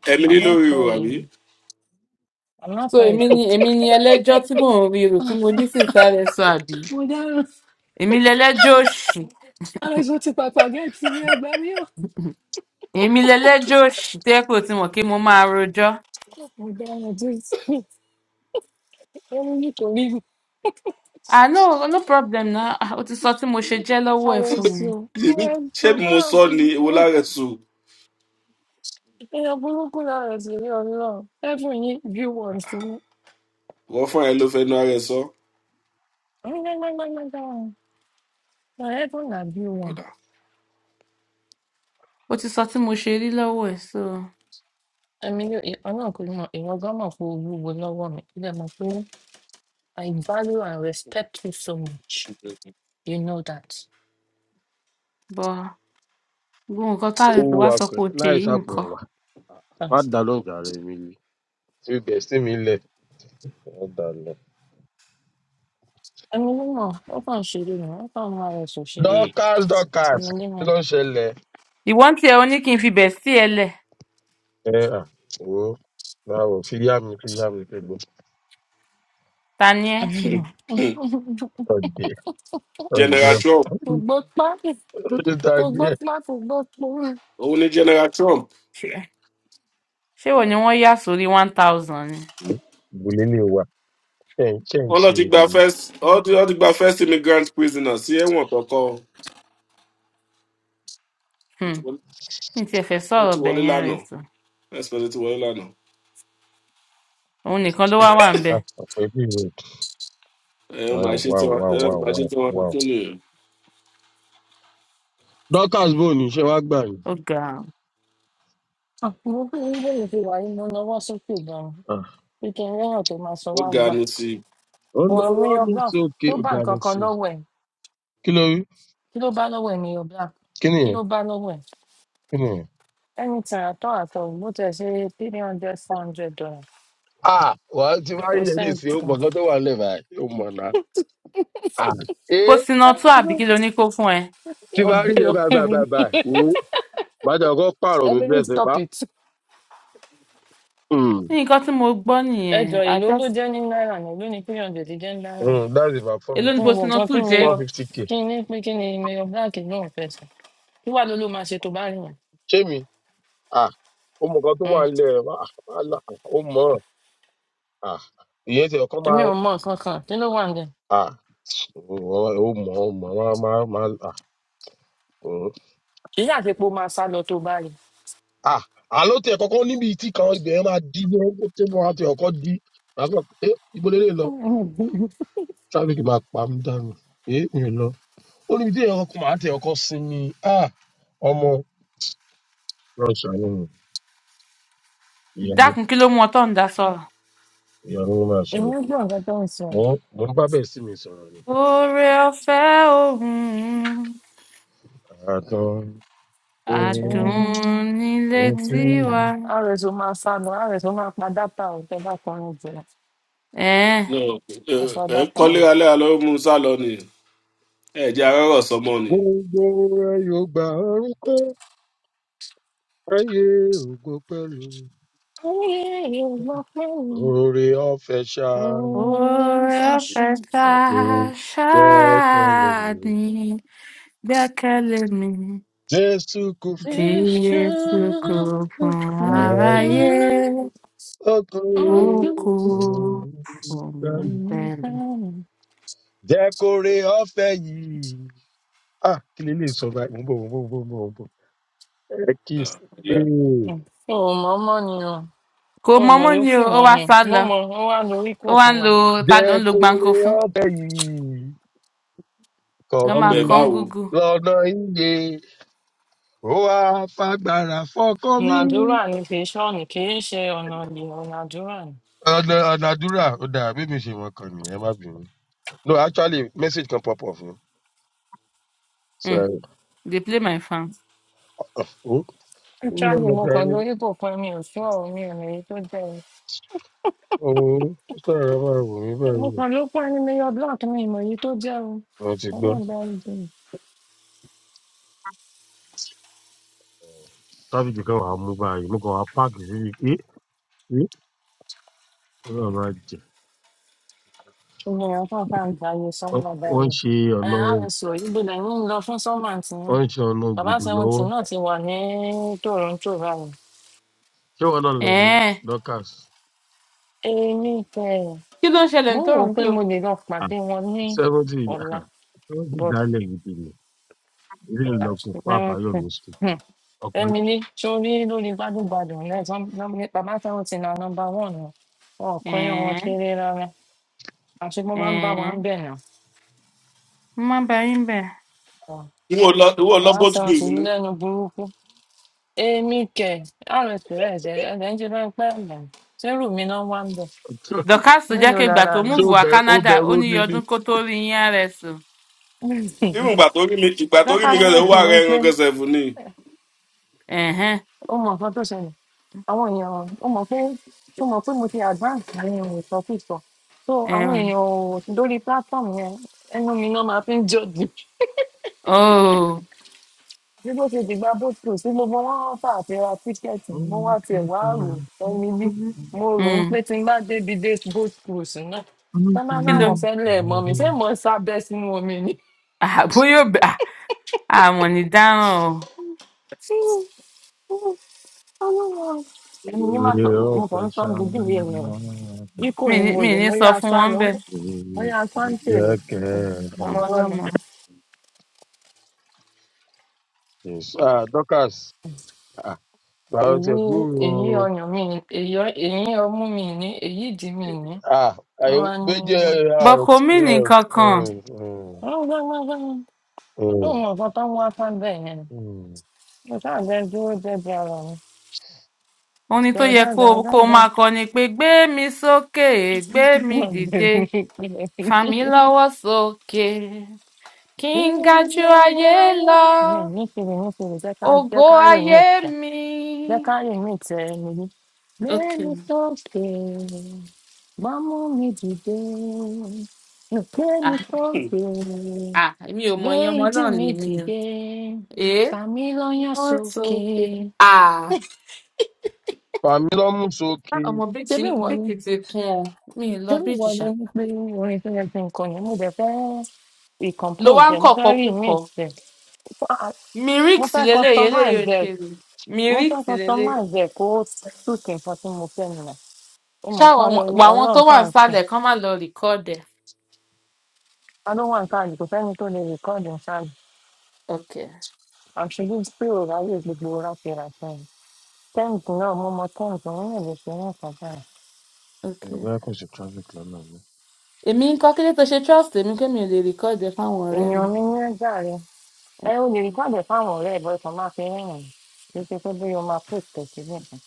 S2: Ẹ̀mí
S1: àwọn
S2: lórí
S1: sọ
S2: o,
S1: èyí
S2: àbí?
S1: àwọn
S6: so
S1: sọ
S6: èmi
S1: èkó.
S6: ni èmi ni ẹlẹ́jọ́ tí mò ń rí rò tí mo ní sì ń sáré sọ àbí
S1: mo dáràn
S6: èmi lẹlẹ́jọ́ òṣì
S1: aláìsàn ti pàpà gẹ́ẹ̀tì ní ẹgbẹ́ mi ò.
S6: èmi lẹlẹ́jọ́ òṣì tó yẹ pé o ti mọ̀ pé mo máa rojọ́
S1: mo dáràn tí ó ń nítorí
S6: ah no no problem na ah, o ti sọ tí mo ṣe jẹ́ lọ́wọ́ ẹ̀ fún mi
S1: aláìsàn
S2: Èmi ṣé
S1: aláìsàn
S2: mo sọ
S1: aláìsàn
S2: ni
S1: ti kú.
S2: ewo lára ẹ̀ tù?
S1: èèyàn burúkú lára ẹ̀sìn ní ọlọ́run ẹ̀fún yín bí wọ́n
S2: wọ́n fún ẹ ló fẹnu ara ẹ sọ.
S1: Ẹ dùn dàbí wọn.
S2: ọ̀dà
S6: o ti sọ tí mo ṣe rí lọ́wọ́ ẹ̀ so
S1: Ẹ̀mi ni ọ̀nà kò mọ̀, ìwọ gan mọ̀ pé o wúwo lọ́wọ́ mi. Ilé mọ̀ pé I value and respect you so much. You know that.
S6: bọ̀ gbogbo nǹkan tá
S8: ó
S6: a lè tó wá
S8: wúwa
S6: sọ
S8: pẹ
S6: pé o ṣe
S8: láì
S6: yìí
S8: sàpò
S6: nǹkan
S8: ẹwà má
S1: Thanks.
S8: dá lóhùn jàre mi lè tí ó bẹ sí mi lẹ má dá lọ.
S1: Ẹ̀mi ni mọ̀, ó kàn ṣeré ni, ó kàn máa rẹ̀ sọ ṣeré ni.
S2: Mm.
S8: dorcas dorcas
S1: Ẹ̀mi
S8: kí
S1: ni mọ̀.
S8: ló ń ṣẹlẹ.
S6: ìwọ́n tiẹ̀ o ní kí n fi bẹ̀ sí ẹ lẹ̀
S8: ẹ à wò ó báwo fi yá mi fi yá mi pé gbogbo
S6: ta ni ẹ́
S1: Ẹ̀mi mọ̀.
S8: ọdẹ ọdẹ
S2: general trump
S8: ó
S1: Gbogbo pa,
S8: ti ta gbé
S1: gbogbo
S8: ẹ.
S1: pa, gbogbo po.
S2: òun ni general trump
S6: ṣé ṣé wò ni wọ́n yà sórí one thousand ni
S8: ìgbòlè lè wà ṣẹ́ǹṣẹ́ǹ ṣe ń
S2: wọn lọ
S8: ṣe
S2: ti
S8: rè
S2: gba
S8: ni
S2: first wọn ti wọn ti gba first immigrant prisoner sí ẹwọn kọkọ ó ti
S6: Hmm,
S2: wọlé
S6: mi tiẹ̀ fẹ́
S2: ó
S6: sọ̀rọ̀
S2: ti wọlé
S6: bẹ̀yẹn rẹ̀
S2: lánàá
S6: sọ
S2: first person ti wọlé lánàá
S6: òun nìkan ló wá wà ń bẹ
S8: àpò ẹbí rẹ.
S2: ẹ ọ máa
S8: wow
S2: ṣe tí
S8: wow
S2: wọn
S8: wow
S2: ẹ ọ
S8: wow
S2: máa ṣe
S8: wow.
S2: tí wọn
S8: wow.
S2: tún nìyẹn
S8: dorcas bò ní ṣe wá gbà yín.
S6: ó ga ọ.
S1: Mo fi ń bèrè fi wà yìí, mo nawọ́ sókè gan-an. Bí kí n lẹ́yìn tó máa sọ
S2: ó
S1: wá
S2: ga
S1: gbà.
S2: ni sí
S8: ó
S1: Ọ̀rọ̀ mi
S8: lọ́wọ́
S1: yọ
S8: mi
S1: bá
S8: sókè
S1: tó bá nǹkan
S8: ọ̀dàlẹ̀
S1: kan
S8: sí i
S1: lọ́wọ́ ẹ̀.
S8: kí ló rí
S1: kí ló bá lọ́wọ́ ẹ̀ ní your black
S8: kí
S1: kí ló
S8: nìyẹn
S1: bá lọ́wọ́ ẹ̀
S8: kí nìyẹn.
S1: anything at all at all bó tiẹ̀ ṣe three hundred four hundred dollars
S8: ah wà á ti máa
S1: kò
S8: rí yẹn
S1: send it
S8: nísìnyí ó
S1: to
S8: mọ̀
S1: me.
S8: nǹkan tó wà nílẹ̀ báyìí ó mọ̀ náà. ah ẹ
S6: postinato àbí kí ló ní kó fún ẹ
S8: ti máa rí
S1: ọ̀bẹ
S8: yẹn báyìí
S1: ọ̀bẹ
S8: báyìí
S1: mi
S8: báyìí báyìí wò ó màá jẹ́ ọkọ́ pààrọ̀ mi
S1: emily
S8: bẹ́ẹ̀ sẹ́
S1: stop
S8: pa.
S1: it
S8: Mm,
S6: ní nǹkan tí mo gbọ́ nìyẹn
S1: ẹjọ ìlú ló
S6: àjọs
S1: jẹ́ ní náírà náà ló ní three hundred jẹ́ ní náírà
S8: mm,
S1: náà
S8: that's about four
S6: èló ni
S1: kí
S8: fifty
S1: n wọ̀ kan
S6: postinato
S1: kí n mi
S6: jẹ́
S8: four
S1: yọ
S8: fifty k
S1: kí n ní pé kí ni mi yọ black náà fẹ́ sọ kí wàá ló ló máa ṣe tó bá rí yẹn
S8: ṣé mi ah ó mọ̀ nǹkan tó wà
S1: Mm.
S8: nílẹ̀ ah wàhálà, ó mọ̀ ah ìyẹn ti ọkọ́
S1: èmi
S8: máa
S1: ò mọ nǹkan kan kí ló wà ń dẹ
S8: ah ó mọ̀ ó mọ̀ máa máa máa ah
S1: kì í yà pé kó máa sá lọ tó bá rí
S8: Ah, àló tiẹ̀ kọ́kọ́ níbi tí kan ibẹ̀ yẹn máa dí bí wọ́n tí wọ́n á ti ọkọ́ dí. Màá kàn pé, "Eh, ibo lélẹ̀ lọ? Traffic máa pa mí dànù. Eh, mi ò lọ. Ó níbi tí èèyàn kọ́kọ́ máa tẹ ọkọ́ sinmi. Ah, ọmọ. Lọ ṣàánú mi. Ìyanu
S6: dákun kí ló mú ọ tó ń dá sọ̀rọ̀.
S8: ìyanu ló máa
S1: èmi
S8: sọ̀rọ̀.
S1: ń gbọ́ nǹkan tó ń sọ
S8: Mo mo ń bá bẹ̀ sí mi sọ̀rọ̀ ni.
S6: oore ọ̀fẹ́ òun
S8: Àtàn orin
S6: àdùn
S1: yàtọ̀
S6: nílé
S1: mo
S8: wọn tí
S1: ní
S6: tiwa.
S1: "Ah, rs ó máa sá lọ rs ó máa pa dátà ò tẹ bá kọrin jù lọ
S6: Ẹ̀ẹ́n,
S2: i náà ẹ
S1: ẹ sọ
S2: ẹ ń
S1: dátà
S2: kọ́
S1: ò.
S2: léraléra ló mú un sá lọ ni ẹ jẹ́ arọ́rọ̀ sọmọ ni.
S8: gbogbo rẹ̀ yóò gba orúkọ ayé ògo pẹ̀lú.
S1: ayé ìwọ pé
S8: Oore ọ̀fẹ́ ṣáà
S1: òwe ń
S2: Yeah,
S1: fẹsẹ̀
S2: it's fine.
S8: kò gbẹ́kẹ̀lé.
S6: Orafẹ́fàṣàní gbẹ́kẹ̀lé mi,
S8: Jesu kufu
S6: Jésù kò fún aráyé, ó kò fún mi fẹ́lẹ̀.
S8: jẹ́ kó re ọ̀fẹ́ yìí. Ah, kí lè lè sọ báyìí? Mo ń bọ̀, mo ń bọ̀, mo ń bọ̀, mo ń bọ̀. Ẹ kì í
S2: Ah,
S8: sí.
S2: ọ̀lẹ.
S1: o ò mọ ọmọ ni o
S6: Kò
S1: o ò mọ
S6: mọ́mọ́ ni
S1: yòókù
S6: o, ó
S1: mọ
S6: wá
S1: ni
S6: sá
S1: mo
S6: lọ,
S1: mọ ó wá lórí kò
S6: ó wá
S1: fún
S6: ń
S1: wa
S6: lo ta ló
S8: Jẹ́
S6: ń lo
S8: kó
S6: gbáǹkó
S8: re
S6: fún,
S8: ọ̀fẹ́ yìí. Kọ̀
S6: lọ́
S8: mí
S6: máa
S2: ọbẹ̀
S6: kọ́ ń
S2: báwo
S6: gúgú.
S8: lọ́nà iye. Ó wá fagbára fọkàn
S1: ọ̀nà
S8: mi.
S1: àdúrà ni kì í ṣọ́ọ̀nì kì í ṣe ọ̀nà ìyè ọ̀nà àdúrà ni.
S8: Ọ̀nà ọ̀nà àdúrà ó dáa bí mi ṣe mọ̀ kàn ní ẹ má bínú. No, actually message kan pop up ni.
S6: Hmm,
S8: Sorry.
S6: They play my fans.
S8: Oh, ń lọ
S1: Charlie,
S8: mọ̀
S1: mo kàn
S8: sáré.
S1: lórí kò fún ẹ mi ò fún ọ̀rọ̀ mi ò lè tó jẹ́
S8: Ooo, ó sára máa wò mí
S1: mo
S8: báyìí.
S1: kàn ló pẹ́ ní mayor black ní ìmọ̀ èyí tó jẹ́ o
S8: Mo ti gbọ́.
S1: ọlọ́run bá rí
S8: Tábìlì kan wà á mú báyìí, mo kàn wá páàkì sí i. Ẹ ẹ́ Ọlọ́run máa jẹ.
S1: i gbogbo èèyàn kan fà ń gbààyè
S8: Ọ-
S1: sọ́mọ́
S8: Ó ń
S1: báyìí
S8: ṣe
S1: ẹ
S8: ọ̀nà
S1: àwọn sì òyìn gbọdọ̀ ń lọ fún sọ́mọ́ àǹtí
S8: ó
S1: yín
S8: ń ṣe ọ̀nà
S1: bàbá
S8: gbùdù
S1: seventy
S8: lọ́wọ́.
S1: náà ti wà ní toronto báyìí
S8: Ṣé wọn náà lọ ní
S6: Ẹ̀ẹ́n,
S8: Dorcas?
S1: èmi tẹ
S6: kí ló ń ṣẹlẹ̀ ní
S1: mo wò
S6: tòrùn
S1: ó pé
S6: pé o?
S1: mo lè lọ pàdé wọn ní
S8: Seventy
S1: ọ̀la
S8: seventy
S1: but
S8: dálẹ̀ gidi ni. Ilé ìlọ́kùn fún
S1: àtúntẹ̀
S8: Àbáyọ̀mí ṣe. Ọkùnrin
S1: emily sórí lórí gbádùgbàdùn lẹ́sán bàbá seventy na number one wọn ò kọyán wọn
S6: Ẹ̀ẹ́n,
S1: kéré rárá àṣùgbọ́n máa ń bá wa
S6: ẹ̀ẹ́n,
S1: ń bẹ̀ náà
S6: mo máa ń bá yín bẹ̀.
S2: ìwọ lọ ìwọ lọ
S1: Màá
S2: boat
S1: sọ
S2: cruise
S1: òṣèlú
S2: ni.
S1: lẹ́nu burúkú. Èmi kẹ̀, RSP ẹ̀dẹ̀ ẹ̀dẹ̀ ń ṣe bá ń pẹ́ ẹ̀mọ̀. Sẹ́rù mi náà wá ń bọ̀.
S6: dorcas tó jẹ́
S1: Mélòó
S6: pé ìgbà
S1: lára
S6: tó
S1: mi?
S8: ṣé
S6: múùfù
S8: ó
S6: wá
S8: bẹ̀rù ó
S6: canada
S8: bẹ̀rù
S6: ó ní
S8: omi
S6: iye
S8: ni?
S6: ọdún kó tóó rí yín rs o
S2: Even ìgbà tó rí mi ìgbà tó rí mi
S6: dorcas
S1: Wọ́n
S2: gẹ́sẹ̀ ó wà
S1: lẹ́sìn mi
S2: rẹ
S1: pé
S2: ẹran gẹ́sẹ̀ fún ni.
S1: eh,
S6: ẹ̀hẹ́n,
S1: ó mọ nǹkan tó ṣẹlẹ̀. Àwọn èèyàn ó mọ̀ pé ó mọ̀ pé mo ti advance ní ohun ìsọkúsọ. So àwọn
S6: ẹ̀hẹ́n.
S1: èèyàn ò lórí platform yẹn ẹnu mi náà máa fi ń judge.
S6: óò
S1: ní bó ṣe dìgbà bó tó sí gbogbo wọn fà àti ra tíkẹ́ẹ̀tì mo wá tiẹ̀ wá rò ẹni bí mo rò ó
S6: um,
S1: pé tí n bá débi dé boat cruise náà tá bá
S6: kí ló
S1: láwọn fẹ́ lẹ̀ mọ́ mi ṣé mo ń sábẹ́ sínú omi ni.
S6: àbó yóò bẹ àmọ̀ ní dáràn o
S1: ẹni ní má sọ mo
S8: Ọ̀pẹ̀
S1: kàn ń sọ ní gbogbo ìwé mi rẹ̀
S8: ṣá.
S1: ikọ̀
S6: mi
S1: ni
S6: ní
S1: mo
S6: mi
S1: lò
S6: ní
S1: mo
S6: sọ
S1: yá
S6: fún
S1: sá
S6: wọn
S1: ni
S6: bẹ́ẹ̀
S1: mo yá sá ń tèrè
S8: Ǹjẹ́ kẹ́ ẹ mọ̀?
S1: ọmọlọ́mọ
S6: ọmọdọ́mọ.
S8: Yes. Ah, Dorcas, ah, gbà ó ti
S1: èyí
S8: gbúrò.
S1: èyí
S8: o.
S1: ọyàn mi ni èyí ọmú mi ni èyí ìdí mi ni
S8: Ah, ayé méjì
S1: wọ́n
S8: ẹ̀rọ
S6: bọ́kọ mi nìkan kan
S1: wá ní. Ó mọ nǹkan tó ń wá sábẹ̀ yẹn. Mo ṣáà jẹ́ dúró jẹ́jẹ́ ara mi.
S6: orin tó yẹ kó o- kó o
S1: Dàdàdàdàdà.
S6: máa kọ ni pé gbé mi sókè gbé mi
S1: Mo
S6: dìde
S1: bèrè pé
S6: fà mí lọ́wọ́ sókè kí n ga ju
S1: ìrìnàjò
S6: ayé
S1: ayé.
S6: lọ
S1: Mi ò ní kiri ní kiri jẹ́ ká jẹ́
S6: ògo
S1: ká rìn ní
S6: ayé
S1: ìtẹ́. Jẹ́
S6: mi
S1: ká rìn ní ìtẹ́ ẹni yìí. Mẹ́ni
S6: Okay.
S1: sókè, gbámú mi dìde. Mẹ́ni
S6: Ah,
S1: sókè,
S6: ah, èmi ò mọ
S1: gbé
S6: iye ọmọ
S1: ìdí
S6: ọlọ́run
S1: mi
S6: lè ní o.
S1: dìde.
S6: Èé.
S1: Fàmí lọ́yàn
S6: Wọ́n so
S1: sókè.
S6: pé. Ah,
S8: Pàmí lọ́mú sókè.
S6: ọmọ
S1: Ṣé
S6: bíjì
S1: bí wọ́n ni?
S6: bíkì ti kún ọ. Mi ì lọ
S1: ṣé ìwọ
S6: bíjì ṣá.
S1: ló ní pé orin tó yẹ kí n kọ yẹn mo dẹ̀ fẹ́
S6: Ló wá
S1: recompose
S6: ń
S1: ẹ̀ mo fẹ́
S6: kọ̀kọ́ kúkọ.
S1: remix ẹ̀ Ah, mo
S6: Mìíríkì sí
S1: fẹ́
S6: leléyìí eléyìí
S1: customize
S6: ò ń
S1: ẹ̀
S6: ṣe rè.
S1: mo
S6: Mìíríkì
S1: fẹ́
S6: sí leléyìí.
S1: customize ẹ̀ kó suit nǹkan tí mo fẹ́ nìyẹn ó
S6: Ṣá
S1: mọ̀ pọ́n
S6: wà wọn tó
S1: ọlọ́run tá
S6: wà
S1: à ń sìn
S6: nísàlẹ̀ kán má lọ rìkọ́ọ̀dù ẹ̀.
S1: ta ló wà nǹkan àdìgbò fẹ́ni tó lè record ṣáàjì
S6: Okay.
S1: àṣírí pé ò ráyè gbogbo ráfẹ́ra sẹ́yìn tẹ́ǹtì náà mo mọ tẹ́ǹtì òun náà lè ṣe náà kan báyìí
S6: Okay.
S8: Bàbá kò sí traffic lọ́nà mi.
S6: Èmi ń kọ́ kílé tó ṣe trust èmi pé mi ò lè rìkọ́ọ̀dù ẹ̀ fáwọn ọ̀rẹ́ mi.
S1: èèyàn mi ní ẹgbà rẹ ẹ ò lè record ẹ̀ fáwọn ọ̀rẹ́ ẹ̀ bọ́ ẹ̀ kàn máa fi rẹ́rìn-ín kì í ṣe pé bóyá o máa post ẹ̀ síbẹ̀ kan.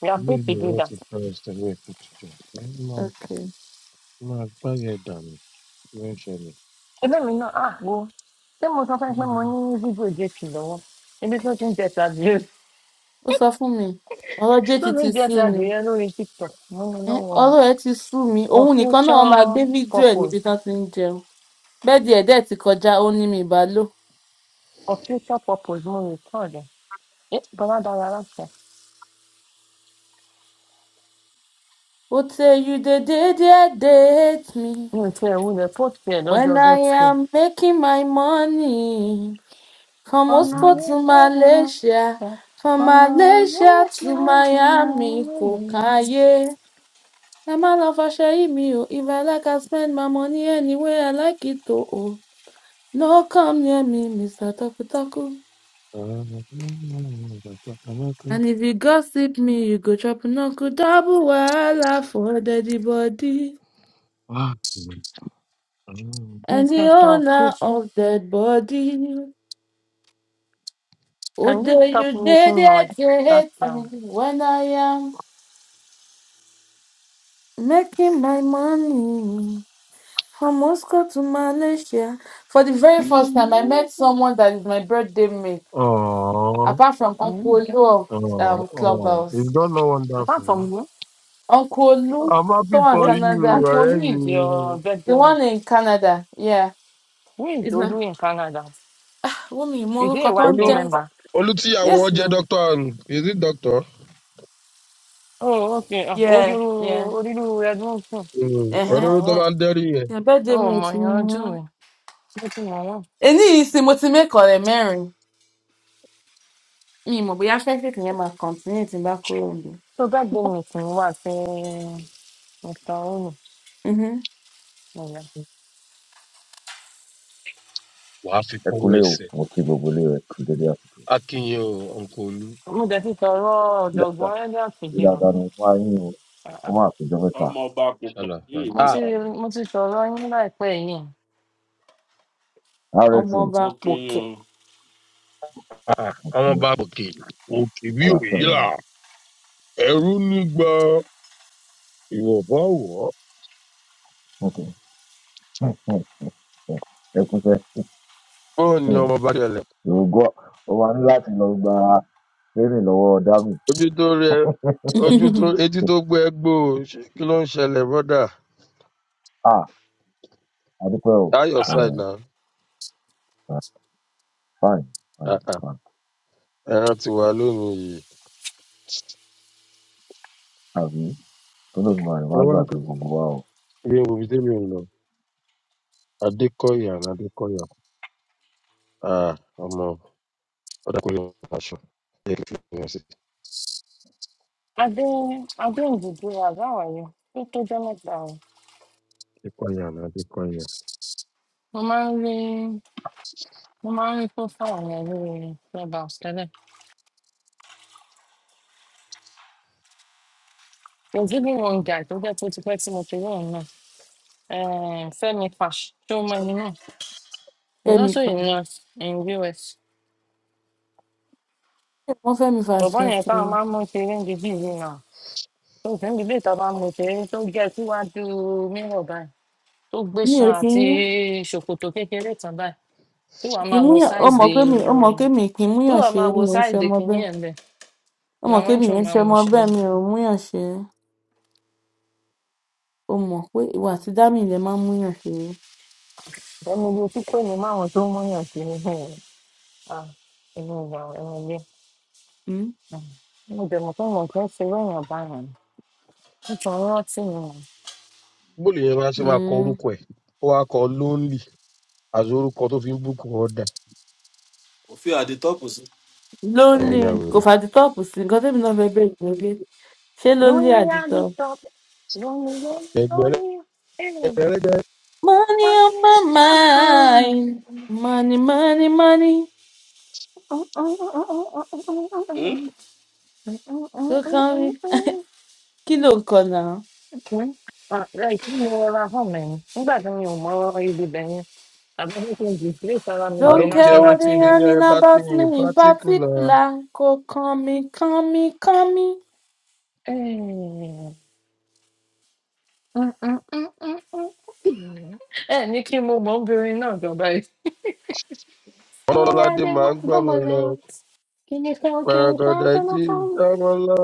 S1: we are
S8: Ilé
S1: free to
S8: ìlú
S1: do
S8: ẹ̀rọ
S1: that
S8: ti pẹ́rẹ́ sẹ́lẹ̀ kó tó jẹ. Ẹ máa
S6: Okay.
S8: máa gbáyẹ̀ dànù bí ó ń ṣẹlẹ̀.
S1: ẹgbẹ́ mi náà ah go. ṣé mo sọ fún money is mo ní fídíò jẹ́sì lọ́wọ́ ebi tó ti ń jẹ ti adìyẹ
S6: Ó sọ fún mi. Ọ̀rọ̀
S1: tó ti
S6: JTT
S1: ń jẹ
S6: sí
S1: ti
S6: mi.
S1: adìyẹ lórí tiktok mú mi
S6: Ẹn,
S1: lọ́wọ́
S6: ọ̀rọ̀ ẹ̀ ti sú mi.
S1: for
S6: Òun nìkan náà wọ́n
S1: future
S6: máa gbé fídíò ẹ̀ níbi
S1: purpose
S6: tán ti ń jẹun. Bẹ́ẹ̀dì ẹ̀ dẹ̀ ti kọjá, ó ní mi ìbá lò.
S1: for future purpose mo record ẹ̀ ẹ bàbá dára láṣẹ
S6: Ó tẹ you dey dey there dey hate me
S1: mi ò tiẹ̀ wulẹ̀ post ẹ̀
S6: when
S1: lọ́jọ́
S6: I
S1: birthday.
S6: am making my money. From
S1: ọmọ
S6: Moscow
S1: yẹn
S6: to
S1: ṣẹ́yìn
S6: Malaysia,
S1: ọ̀ṣẹ́
S6: from
S1: ọmọ yẹn
S6: Malaysia to
S1: ṣẹ́yìn
S6: Miami, kò
S1: ọ̀ṣẹ́.
S6: káyé. Ẹ má lọ fọṣẹ yìí mi o, if I like I spend my money anywhere I like it o. o. No come near me, Mr. Tọkutọku. And if you gossip me, you go chop knuckle double wahala for dead body. And the
S1: mr
S6: owner
S1: taofik
S6: of dead body. Oh,
S1: can you
S6: there
S1: stop
S6: you dead
S1: making noise
S6: get
S1: that's all.
S6: when I am making my money from Moscow to Malaysia. For the very first time, I met someone that is my birthday mate,
S8: Ọ̀ọ́.
S6: apart from
S1: Mm.
S6: Uncle Lou of
S8: Oh,
S6: um,
S8: oh, is
S6: Clubhouse.
S8: God not
S1: Apart from
S8: wonderful?
S1: you.
S6: Uncle Lou,
S8: I'm
S6: the
S8: happy
S6: one in
S1: Eh,
S8: for
S6: Canada,
S8: you,
S1: Uncle, who is your
S8: Remy.
S6: the
S1: bedroom?
S6: one in Canada, yeah.
S1: Who is Odu in Canada?
S6: Wúmi mú
S1: Is he
S6: orúkọ
S1: a
S6: tó ń
S1: YP
S8: olú
S6: jẹ́
S1: member?
S8: olú tíyàwó
S6: Yes
S8: wọn jẹ
S6: now.
S8: dókítà ni èsì dókítà
S1: Oh, okay. Uh, Odu,
S6: Yeah, yeah.
S1: Odu, Edmonton.
S8: Mm.
S1: No,
S6: Uh-huh.
S1: my
S8: olóró tó
S1: one.
S8: máa ń dẹrí yẹn.
S6: Your birthday
S1: Oh,
S6: mate
S1: my
S6: ni
S1: God,
S6: wọ́n.
S1: Jewel. Nothing, my one.
S6: Èní yìí sì mo ti mẹ́kọ̀ọ́ rẹ̀ mẹ́rin. Mi ì mọ̀ bóyá friendship yẹn máa continue tí n bá kúrò níbi.
S1: So that day, Miss Nwase, Mr. Onu.
S6: Mhm.
S1: Mama.
S8: wàá fi
S9: Ẹ
S8: kówó
S9: kúlé o,
S8: ẹsẹ
S9: mo kí gbogbo ilé rẹ̀ kú dédé àsìkò.
S8: akínyìn o ọkọ olú
S1: Mo dẹ̀ ti sọ̀rọ̀ ọ̀jọ̀gbọ́n
S9: dáadáa,
S1: Elliot Ije o.
S9: dáadáa ni mo máa yín o,
S1: Ah,
S9: ó
S1: ah.
S9: máa péjọ mẹ́ta.
S2: ọmọ ọba kò pẹ̀ ní
S8: ṣàlàfà
S1: Mo
S2: ìlú
S1: ti
S2: náà
S1: mo ti sọ̀rọ̀ yín láìpẹ́ yìí.
S9: RSU
S6: Ọmọọba
S2: mo kí
S6: pòkè.
S2: yín o.
S8: à ọmọ
S9: ni
S8: bá òkè òkè bí
S9: àlàáfíà
S8: òyì
S9: rẹ̀
S8: là
S9: wà.
S8: ẹrú nígbà ìwọ̀bọ̀ wọ̀ ọ́.
S9: Ok. Ẹ kúṣẹ́,
S8: bọ́ọ̀ ni ọmọ bá ṣẹlẹ̀
S9: ògo ó máa ní láti lọ gba training lọ́wọ́ Dami.
S8: ojú tó rí ẹ ojú tó etí tó gbé ẹ gbó o. Ṣé- kí ló ń ṣẹlẹ̀ brọ́dà
S9: À Adúpẹ́ o,
S8: táyọ̀
S1: Ah, ah.
S8: side
S9: Eh, fine, fine,
S8: náà
S9: fine.
S8: ẹran ti wà lónìí yìí
S9: Àbí tó lóògùn àrùn
S8: ẹ
S9: máa
S8: wá
S9: gbàgbé gbogbo wa o.
S8: gbé wo ibi tẹmí ò lọ adékọyà ní adékọyà Ah, ọmọ ọdàkùnrin wọn aṣọ yẹ kí n fi hàn sí
S1: Adé Adé Njìdí Àbáwáyé tó tó jẹ́ mẹ́ta o.
S8: adékọyà ní adékọyà.
S1: Mo máa ń rí Mo máa ń rí profile wọn lórí Clubhouse tẹ́lẹ̀. There's even one guy tó jẹ́ pé ó ti pẹ́ tí mo ti rí òun náà. Eh, Fẹ́mi Fash tó mọ ẹni náà. He's
S6: Fẹ́mi
S1: also
S6: fa.
S1: a nurse in US.
S6: Wọ́n Fẹ́mi fa
S1: Bọ̀bọ́
S6: ṣan
S1: yẹn
S6: sí
S1: táwọn
S6: mi.
S1: máa ń mú kiri ń di bíi yìí náà. Tó sì ń di bíi táwọn máa ń mú kiri tó gẹ síwájú mírọ̀ báyìí. Tó gbé
S6: Mi
S1: ṣan
S6: ò kí ń
S1: àti ṣòkòtò kékeré tán báyìí. Tí wàá
S6: kí ń
S1: máa wo
S6: múyàn ó
S1: size
S6: mọ̀
S1: the
S6: pé mi ó mọ̀ pé mi kì í
S1: tí
S6: múyàn
S1: wàá máa
S6: ṣeré
S1: wo
S6: mi ò ń
S1: size
S6: ṣe
S1: the
S6: ọmọ
S1: kìíní
S6: bẹ́ẹ̀.
S1: ẹ̀ ń bẹ̀.
S6: Ó
S1: Ni
S6: mọ̀ pé
S1: àwọn
S6: mi
S1: intro
S6: ò ń
S1: máa
S6: ṣe
S1: ń mú
S6: ọmọ
S1: ṣeré.
S6: bẹ́ẹ̀ mi ò múyàn ṣeré. Ó mọ̀ pé ìwà àti Dámì lè máa ń múyàn ṣeré.
S1: Ẹnu ibi tí kò ní máwọn tó mú yàn kiri. Ah, ìlú ìgbà ẹ̀wọ̀n ilé.
S6: Hmm?
S1: Mo bẹ̀rù pé mo kì í ṣe irú èèyàn báyìí. Nítorí ọtí mi mọ̀.
S8: bóòlù yẹn máa ṣe máa kọ
S6: Hmm.
S8: orúkọ ẹ ó wáá kọ lónlì àti orúkọ tó fi ń búkù ọdà.
S2: kò fi àdé tọ́pù sí.
S8: àwọn
S6: lólè
S8: ẹ̀yà
S6: kò
S8: wèrè.
S6: fàdítọ́pù sí nǹkan tẹ́mi náà fẹ́ bẹ̀rẹ̀ lórí ṣé lólè
S1: Lóní
S6: àdìtọ́.
S1: àdìtọ́, lóní lóní
S8: ẹgbẹrẹ
S1: lóní. Ẹ̀yìn
S8: ẹgbẹrẹgbẹ
S6: money on
S1: lóní
S6: my
S1: màmá.
S6: mind money money money
S2: Hmm?
S6: ló kàn mí kí ló ń kọ náà.
S1: Kìí. Láì kí mo rọra hàn mí nígbà tí mi ò mọ ibi bẹ̀ yẹn. Tàbí pé kí n dìgbé sára mi
S8: i
S1: lórí
S6: don't
S8: don't
S6: care
S8: care
S1: national
S6: what
S8: wetin
S6: they
S1: tv.
S8: dey
S6: yarning
S8: yẹn bá
S6: about
S8: pín
S6: me
S8: in
S6: in
S8: particular
S6: particular kò kàn mí kàn mí kàn mí.
S1: ẹ ní kí mo mọ obìnrin náà gan báyìí. ọlọ́rẹ́
S8: ọlọ́ládé
S1: adé
S8: máa
S1: wọn
S8: ń gbọ́mọ
S1: gbọ́mọ
S8: lọ
S1: náà kìíní kan kìíní kan
S8: pàrọ̀gọ̀dà
S1: kìíní
S8: jí
S1: kan.
S8: ìjọmọ lọ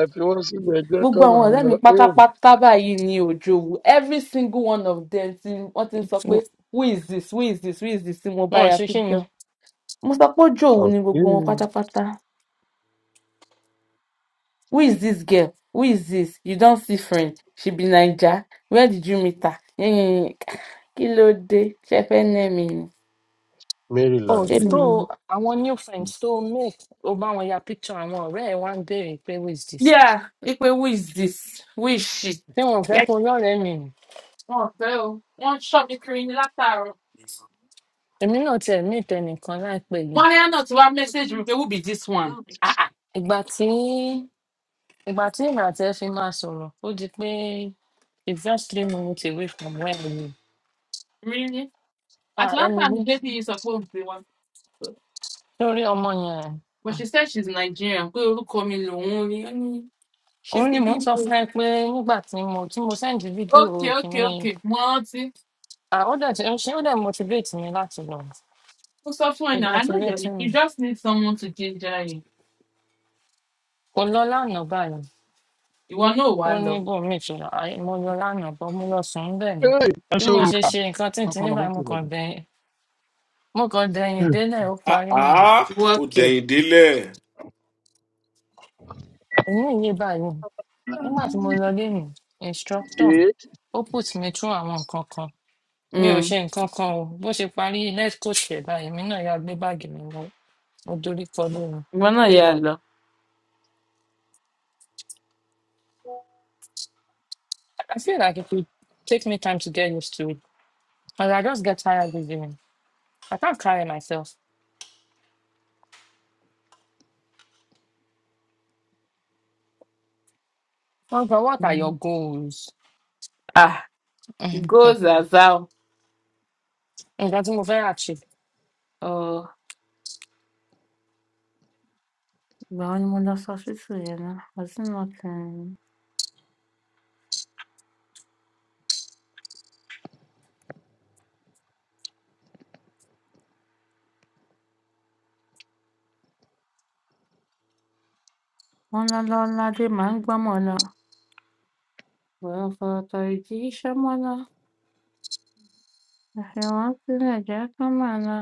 S8: ẹ fi wọ́n sílẹ̀ jẹ́
S6: gbogbo
S8: kọ́
S6: àwọn
S8: máa
S6: ọ̀rẹ́
S8: lọ.
S6: mi
S8: Eh,
S6: pátápátá báyìí ni òjò wù every single one of them tí wọ́n ti ń sọ pé who is this who is this who is this tí mo bá
S1: wọn ò
S6: ya
S1: ṣe kí ni.
S6: picture. mo sọ pé òjò wù ni gbogbo wọn
S8: ọ̀kí.
S6: pátápátá Who is dis girl? Who is dis? You don see friend? She be Naija? Where did you meet her? Yẹ́nyẹ́nyẹ́. Kí ló dé? Ṣé ẹ fẹ́ nẹ́ mi ni?
S1: oh
S8: maryland
S6: Ṣé mi
S1: so
S8: lélẹyìí
S6: ni?
S1: àwọn new friends tó o make o bá wọn ya picture àwọn ọ̀rẹ́ ẹ̀ wá ń béèrè pé who is this.
S6: Yeah, wípé who is this? Who is she?
S1: tí wọn ò fẹ́
S6: Yes.
S1: kó lọ́rẹ̀ẹ́ mi nì.
S6: Wọ́n fẹ́ o, wọ́n ń ṣọ́ mi kiri ní látàárọ̀.
S1: èmi náà tiẹ̀ mí ìtẹnìkan láìpẹ́ yìí.
S6: Mọ́ríà náà ti wá mẹ́sẹ̀gì mi pé who be this one? Ah ah.
S1: ìgbà tí ìgbà tí èmi àti ẹ fi máa sọ̀rọ̀ ó di pé it's just three minutes away from where I live.
S6: Really?
S1: ah
S6: Atlanta
S1: ẹni
S6: ni
S1: wí
S6: lady yìí sọ pé òun ti wá.
S1: lórí ọmọ
S6: But
S1: yẹn
S6: she said she's Nigerian, pé orúkọ mi lòun rí. Ó ní she's
S1: òun ni
S6: the
S1: mò ń sọ
S6: people.
S1: fún ẹ pé nígbà tí mo tí mo sẹ́ndì fídíò
S6: Okay, okay,
S1: kìíní
S6: okay. Mo rántí.
S1: à, ó dẹ̀ ti ó ṣe ó dẹ̀ motivate mi láti lọ
S6: mo sọ fún ẹ
S1: it
S6: náà i know that
S1: motivate mi
S6: you just need someone to ginger you
S1: kò lọ lánàá báyìí
S6: ìwọ náà ò wá
S1: ó ní
S6: lọ
S1: bòmíì tó lọ àì mo lọ lánàá bọ́ mo lọ sùn bẹ́ẹ̀ ni
S8: Hey, ẹ
S1: bí
S8: ṣe o
S1: mo
S6: Ah,
S1: ṣe
S8: Ah,
S1: ṣe nǹkan tí n ti ní
S8: kọ́kọ́rọ́
S1: báyìí
S8: mọ́tò
S1: mo
S8: mi
S1: kàn
S8: gan.
S1: dẹ̀yìn mo kàn
S8: ṣé
S1: dẹ̀yìn délẹ̀ ó
S2: Ah,
S1: parí nìyẹn
S2: ah,
S6: ìwọ
S2: ó
S6: kẹ
S2: dẹ̀yìn délẹ̀
S1: èmi yé báyìí nígbà tí mo lọ léyìn instructor
S8: jẹ́
S1: ó put mi through àwọn nǹkan kan mi ò
S6: Mm,
S1: ṣe nǹkan kan o bó ṣe parí let's go ṣe báyìí èmi náà yà gbé báàgì mi lọ I'll do it for me.
S6: ìwọ náà yà
S1: Straight
S6: á
S1: up.
S6: lọ
S1: I I feel like it it take me time to get used to it, and I just get tired with it. I can't carry myself. Oh, but what are
S6: Mm.
S1: your goals?
S6: ah go zazao
S1: Nǹkan tí mo fẹ́ rà ṣe.
S6: Oh, ìgbà wo ni mo lọ sọ ṣíṣù yẹn náà? Ọtí mo kàn án. Wọ́n lọ́lọ́ ládé máa ń gbọ́mọ̀ lọ. Ọ̀rọ̀ fọ̀rọ̀tọ̀ ìjì iṣẹ́ mọ́ lọ. Àfihàn sílẹ̀ jẹ́ kán máa lọ.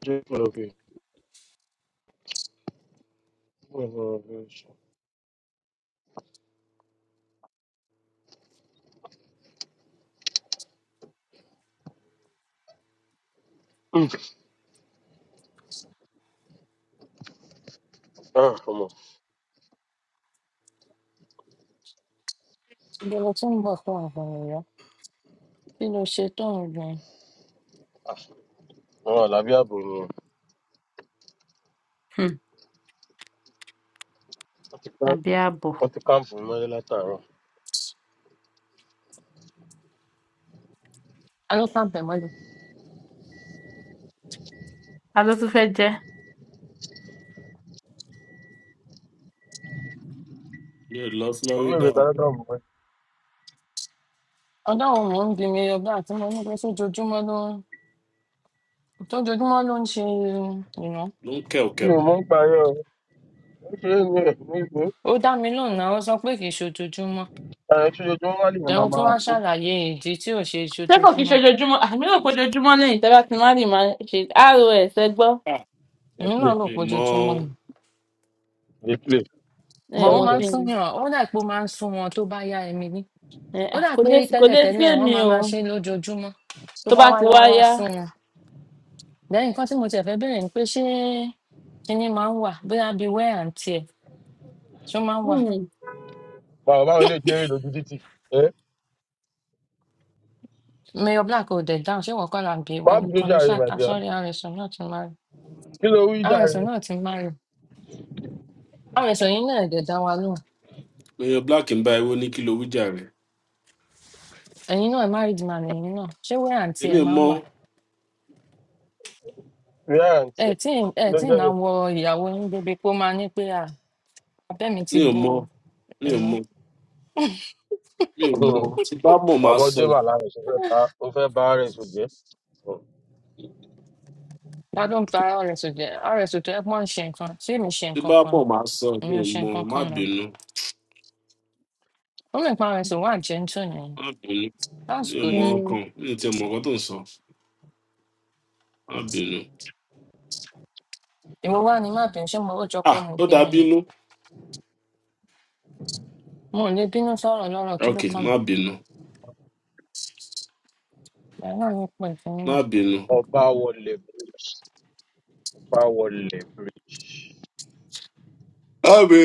S8: kí n lọ fi wọ́n lọ fi ṣe. Hmm, ah, ọmọ
S1: Ìbẹ̀rẹ̀ tó ń bọ̀ fún àwọn ọ̀rẹ́. Kí ló ṣe tó ń gbìn?
S8: ah, àwọn àlàbí ààbò ni
S6: Hmm,
S8: wọ́n ti ká
S6: Àbí ààbọ̀.
S8: wọ́n ti káàmpù mi mọ́lẹ̀ látàárọ̀
S1: Alókàn tẹ̀mọ́lẹ̀.
S6: Ta ló tún fẹ́ jẹ́?
S2: mi ò lọ
S8: omi
S2: florida
S8: ìwé
S2: o.
S8: tààrà kan mọ́ ẹ.
S1: Ọ̀dọ́ òun mò ń bi mi ọgbà tí mo ní pé sójoojúmọ́ ló ń tójoojúmọ́ ló ń ṣe ìná.
S2: ló ń kẹ̀wọ̀
S8: mi ò
S2: kẹ̀wọ̀.
S8: mọ̀ ń pa yẹn o ó ṣe é ní ẹ̀ ní ìgbó
S1: Ó dá mi lóhùn náà, ó sọ pé kì í ṣojoojúmọ́.
S8: ẹ̀ ṣojoojúmọ́ wá lè yẹn máa
S1: Tẹ̀hún tún
S8: máa
S1: wá
S8: kó.
S1: ṣàlàyé ìdí tí ò ṣe
S6: ṣé kò kí ṣe
S1: ṣojoojúmọ́.
S6: ojoojúmọ àmì ò kó ojoojúmọ lẹyìn tẹ bá ti má lè máa ṣe ros ẹ gbọ
S2: Ah,
S8: lè
S1: Èmi náà
S8: play
S1: rò
S2: mi
S1: pé
S2: ò mọ
S1: ojoojúmọ́ ni.
S8: lè play
S6: ẹ
S1: bọ̀ ó
S6: mọ
S1: máa ń
S8: gbọ́dọ̀
S6: sí ni
S1: súnyàn ó dà pé ó máa ń sún wọn tó bá yá Emily
S6: Ẹ
S1: ó
S6: à
S1: dà
S6: kò
S1: pé
S6: dé kò dé sí
S1: tẹ́lẹ̀tẹ́lẹ̀ wọ́n
S6: èmi
S1: máa
S6: o
S1: máa ṣe é lójoojúmọ́ tó
S6: tó
S1: bá
S6: bá
S1: wá
S6: ti
S1: yá
S6: wá
S1: wá
S6: yá
S1: sún wọn lẹ́yìn nǹkan tí mo tiẹ̀ fẹ́ bẹ̀rẹ̀ ni pé ṣé kinní máa ń wà bóyá bíi wear and tear ṣó máa ń wà
S6: hmm,
S8: báwo báwo lè jẹ́ èrè lójú títì ẹ́
S1: mayor black ò dẹ̀ dáhùn ṣé ìwọ kọ́ là ń bí ìwọ
S8: má bínú
S1: nìkan ló
S8: jàre
S1: ṣáà
S8: màdìá
S1: sọ́rí àrẹ̀sọ̀ náà ti máa rí
S8: kí ló wí jàre
S1: àrẹ̀sọ̀ náà ti máa rí àrẹ̀sọ̀ yín náà dẹ̀ dá wa lóhùn
S2: oyan black ń bá ewé ní kí ló wíjà rẹ̀
S1: ẹ̀yin náà married man ẹ̀yin náà ṣé wear and tear
S2: èmi ò
S1: máa ń
S2: mọ
S1: wà
S8: rí àǹtí
S1: ẹ̀
S8: ẹ̀
S1: tí
S8: kí
S1: ẹ̀
S8: ló
S1: tí ì
S8: jẹ́
S1: náà
S8: bẹ́ẹ̀.
S1: wọ ìyàwó yín débi pé ó máa ní pé à abẹ́ mi ti
S2: mi ò
S1: bò
S2: mọ
S1: ó
S2: mi
S1: you
S2: ò
S1: know.
S2: mọ mi ò mọ
S8: Hmm,
S2: tí bá mọ̀ máa sọ
S8: ọmọdé wà lára ẹ̀ ṣe fẹ́ bá ó fẹ́ bá ara ẹ̀ sùn jẹ́
S1: gbádùn para ọ̀rẹ́sì jẹ́ ọ̀rẹ́sì tó yẹ pọ́n ṣe nǹkan tí èmi ṣe
S2: tí
S1: nǹkan
S2: bá
S1: kan
S2: mọ̀
S1: ni
S2: máa sọ mi
S1: èmi
S2: ò
S1: ò ṣe
S2: mọ
S1: nǹkan
S2: má
S1: kan náà
S2: bínú
S1: ó lè pa ọ̀rẹ́sì wà gentle ni
S2: má bínú
S1: that's
S2: mi ò
S1: good
S2: mọ
S6: hmm,
S2: ọkàn mi ò tiẹ̀ mọ̀ ọ̀kan tó ń sọ má bínú.
S1: èmi wá ní má bínú ṣé mo ó jọ pé
S2: Ah,
S1: mo
S2: ó
S1: bínú
S2: dá
S1: ni
S2: bínú.
S1: mo ò lè bínú sọ̀rọ̀ lọ́rọ̀ kí ló
S2: Ok,
S1: kàn mí
S2: má bínú.
S1: ìyá náà ló pọ̀ ìfún
S2: Má
S1: nílẹ̀
S2: bínú.
S8: Ọbáwọlé bridge Ọbáwọlé bridge
S2: Àbí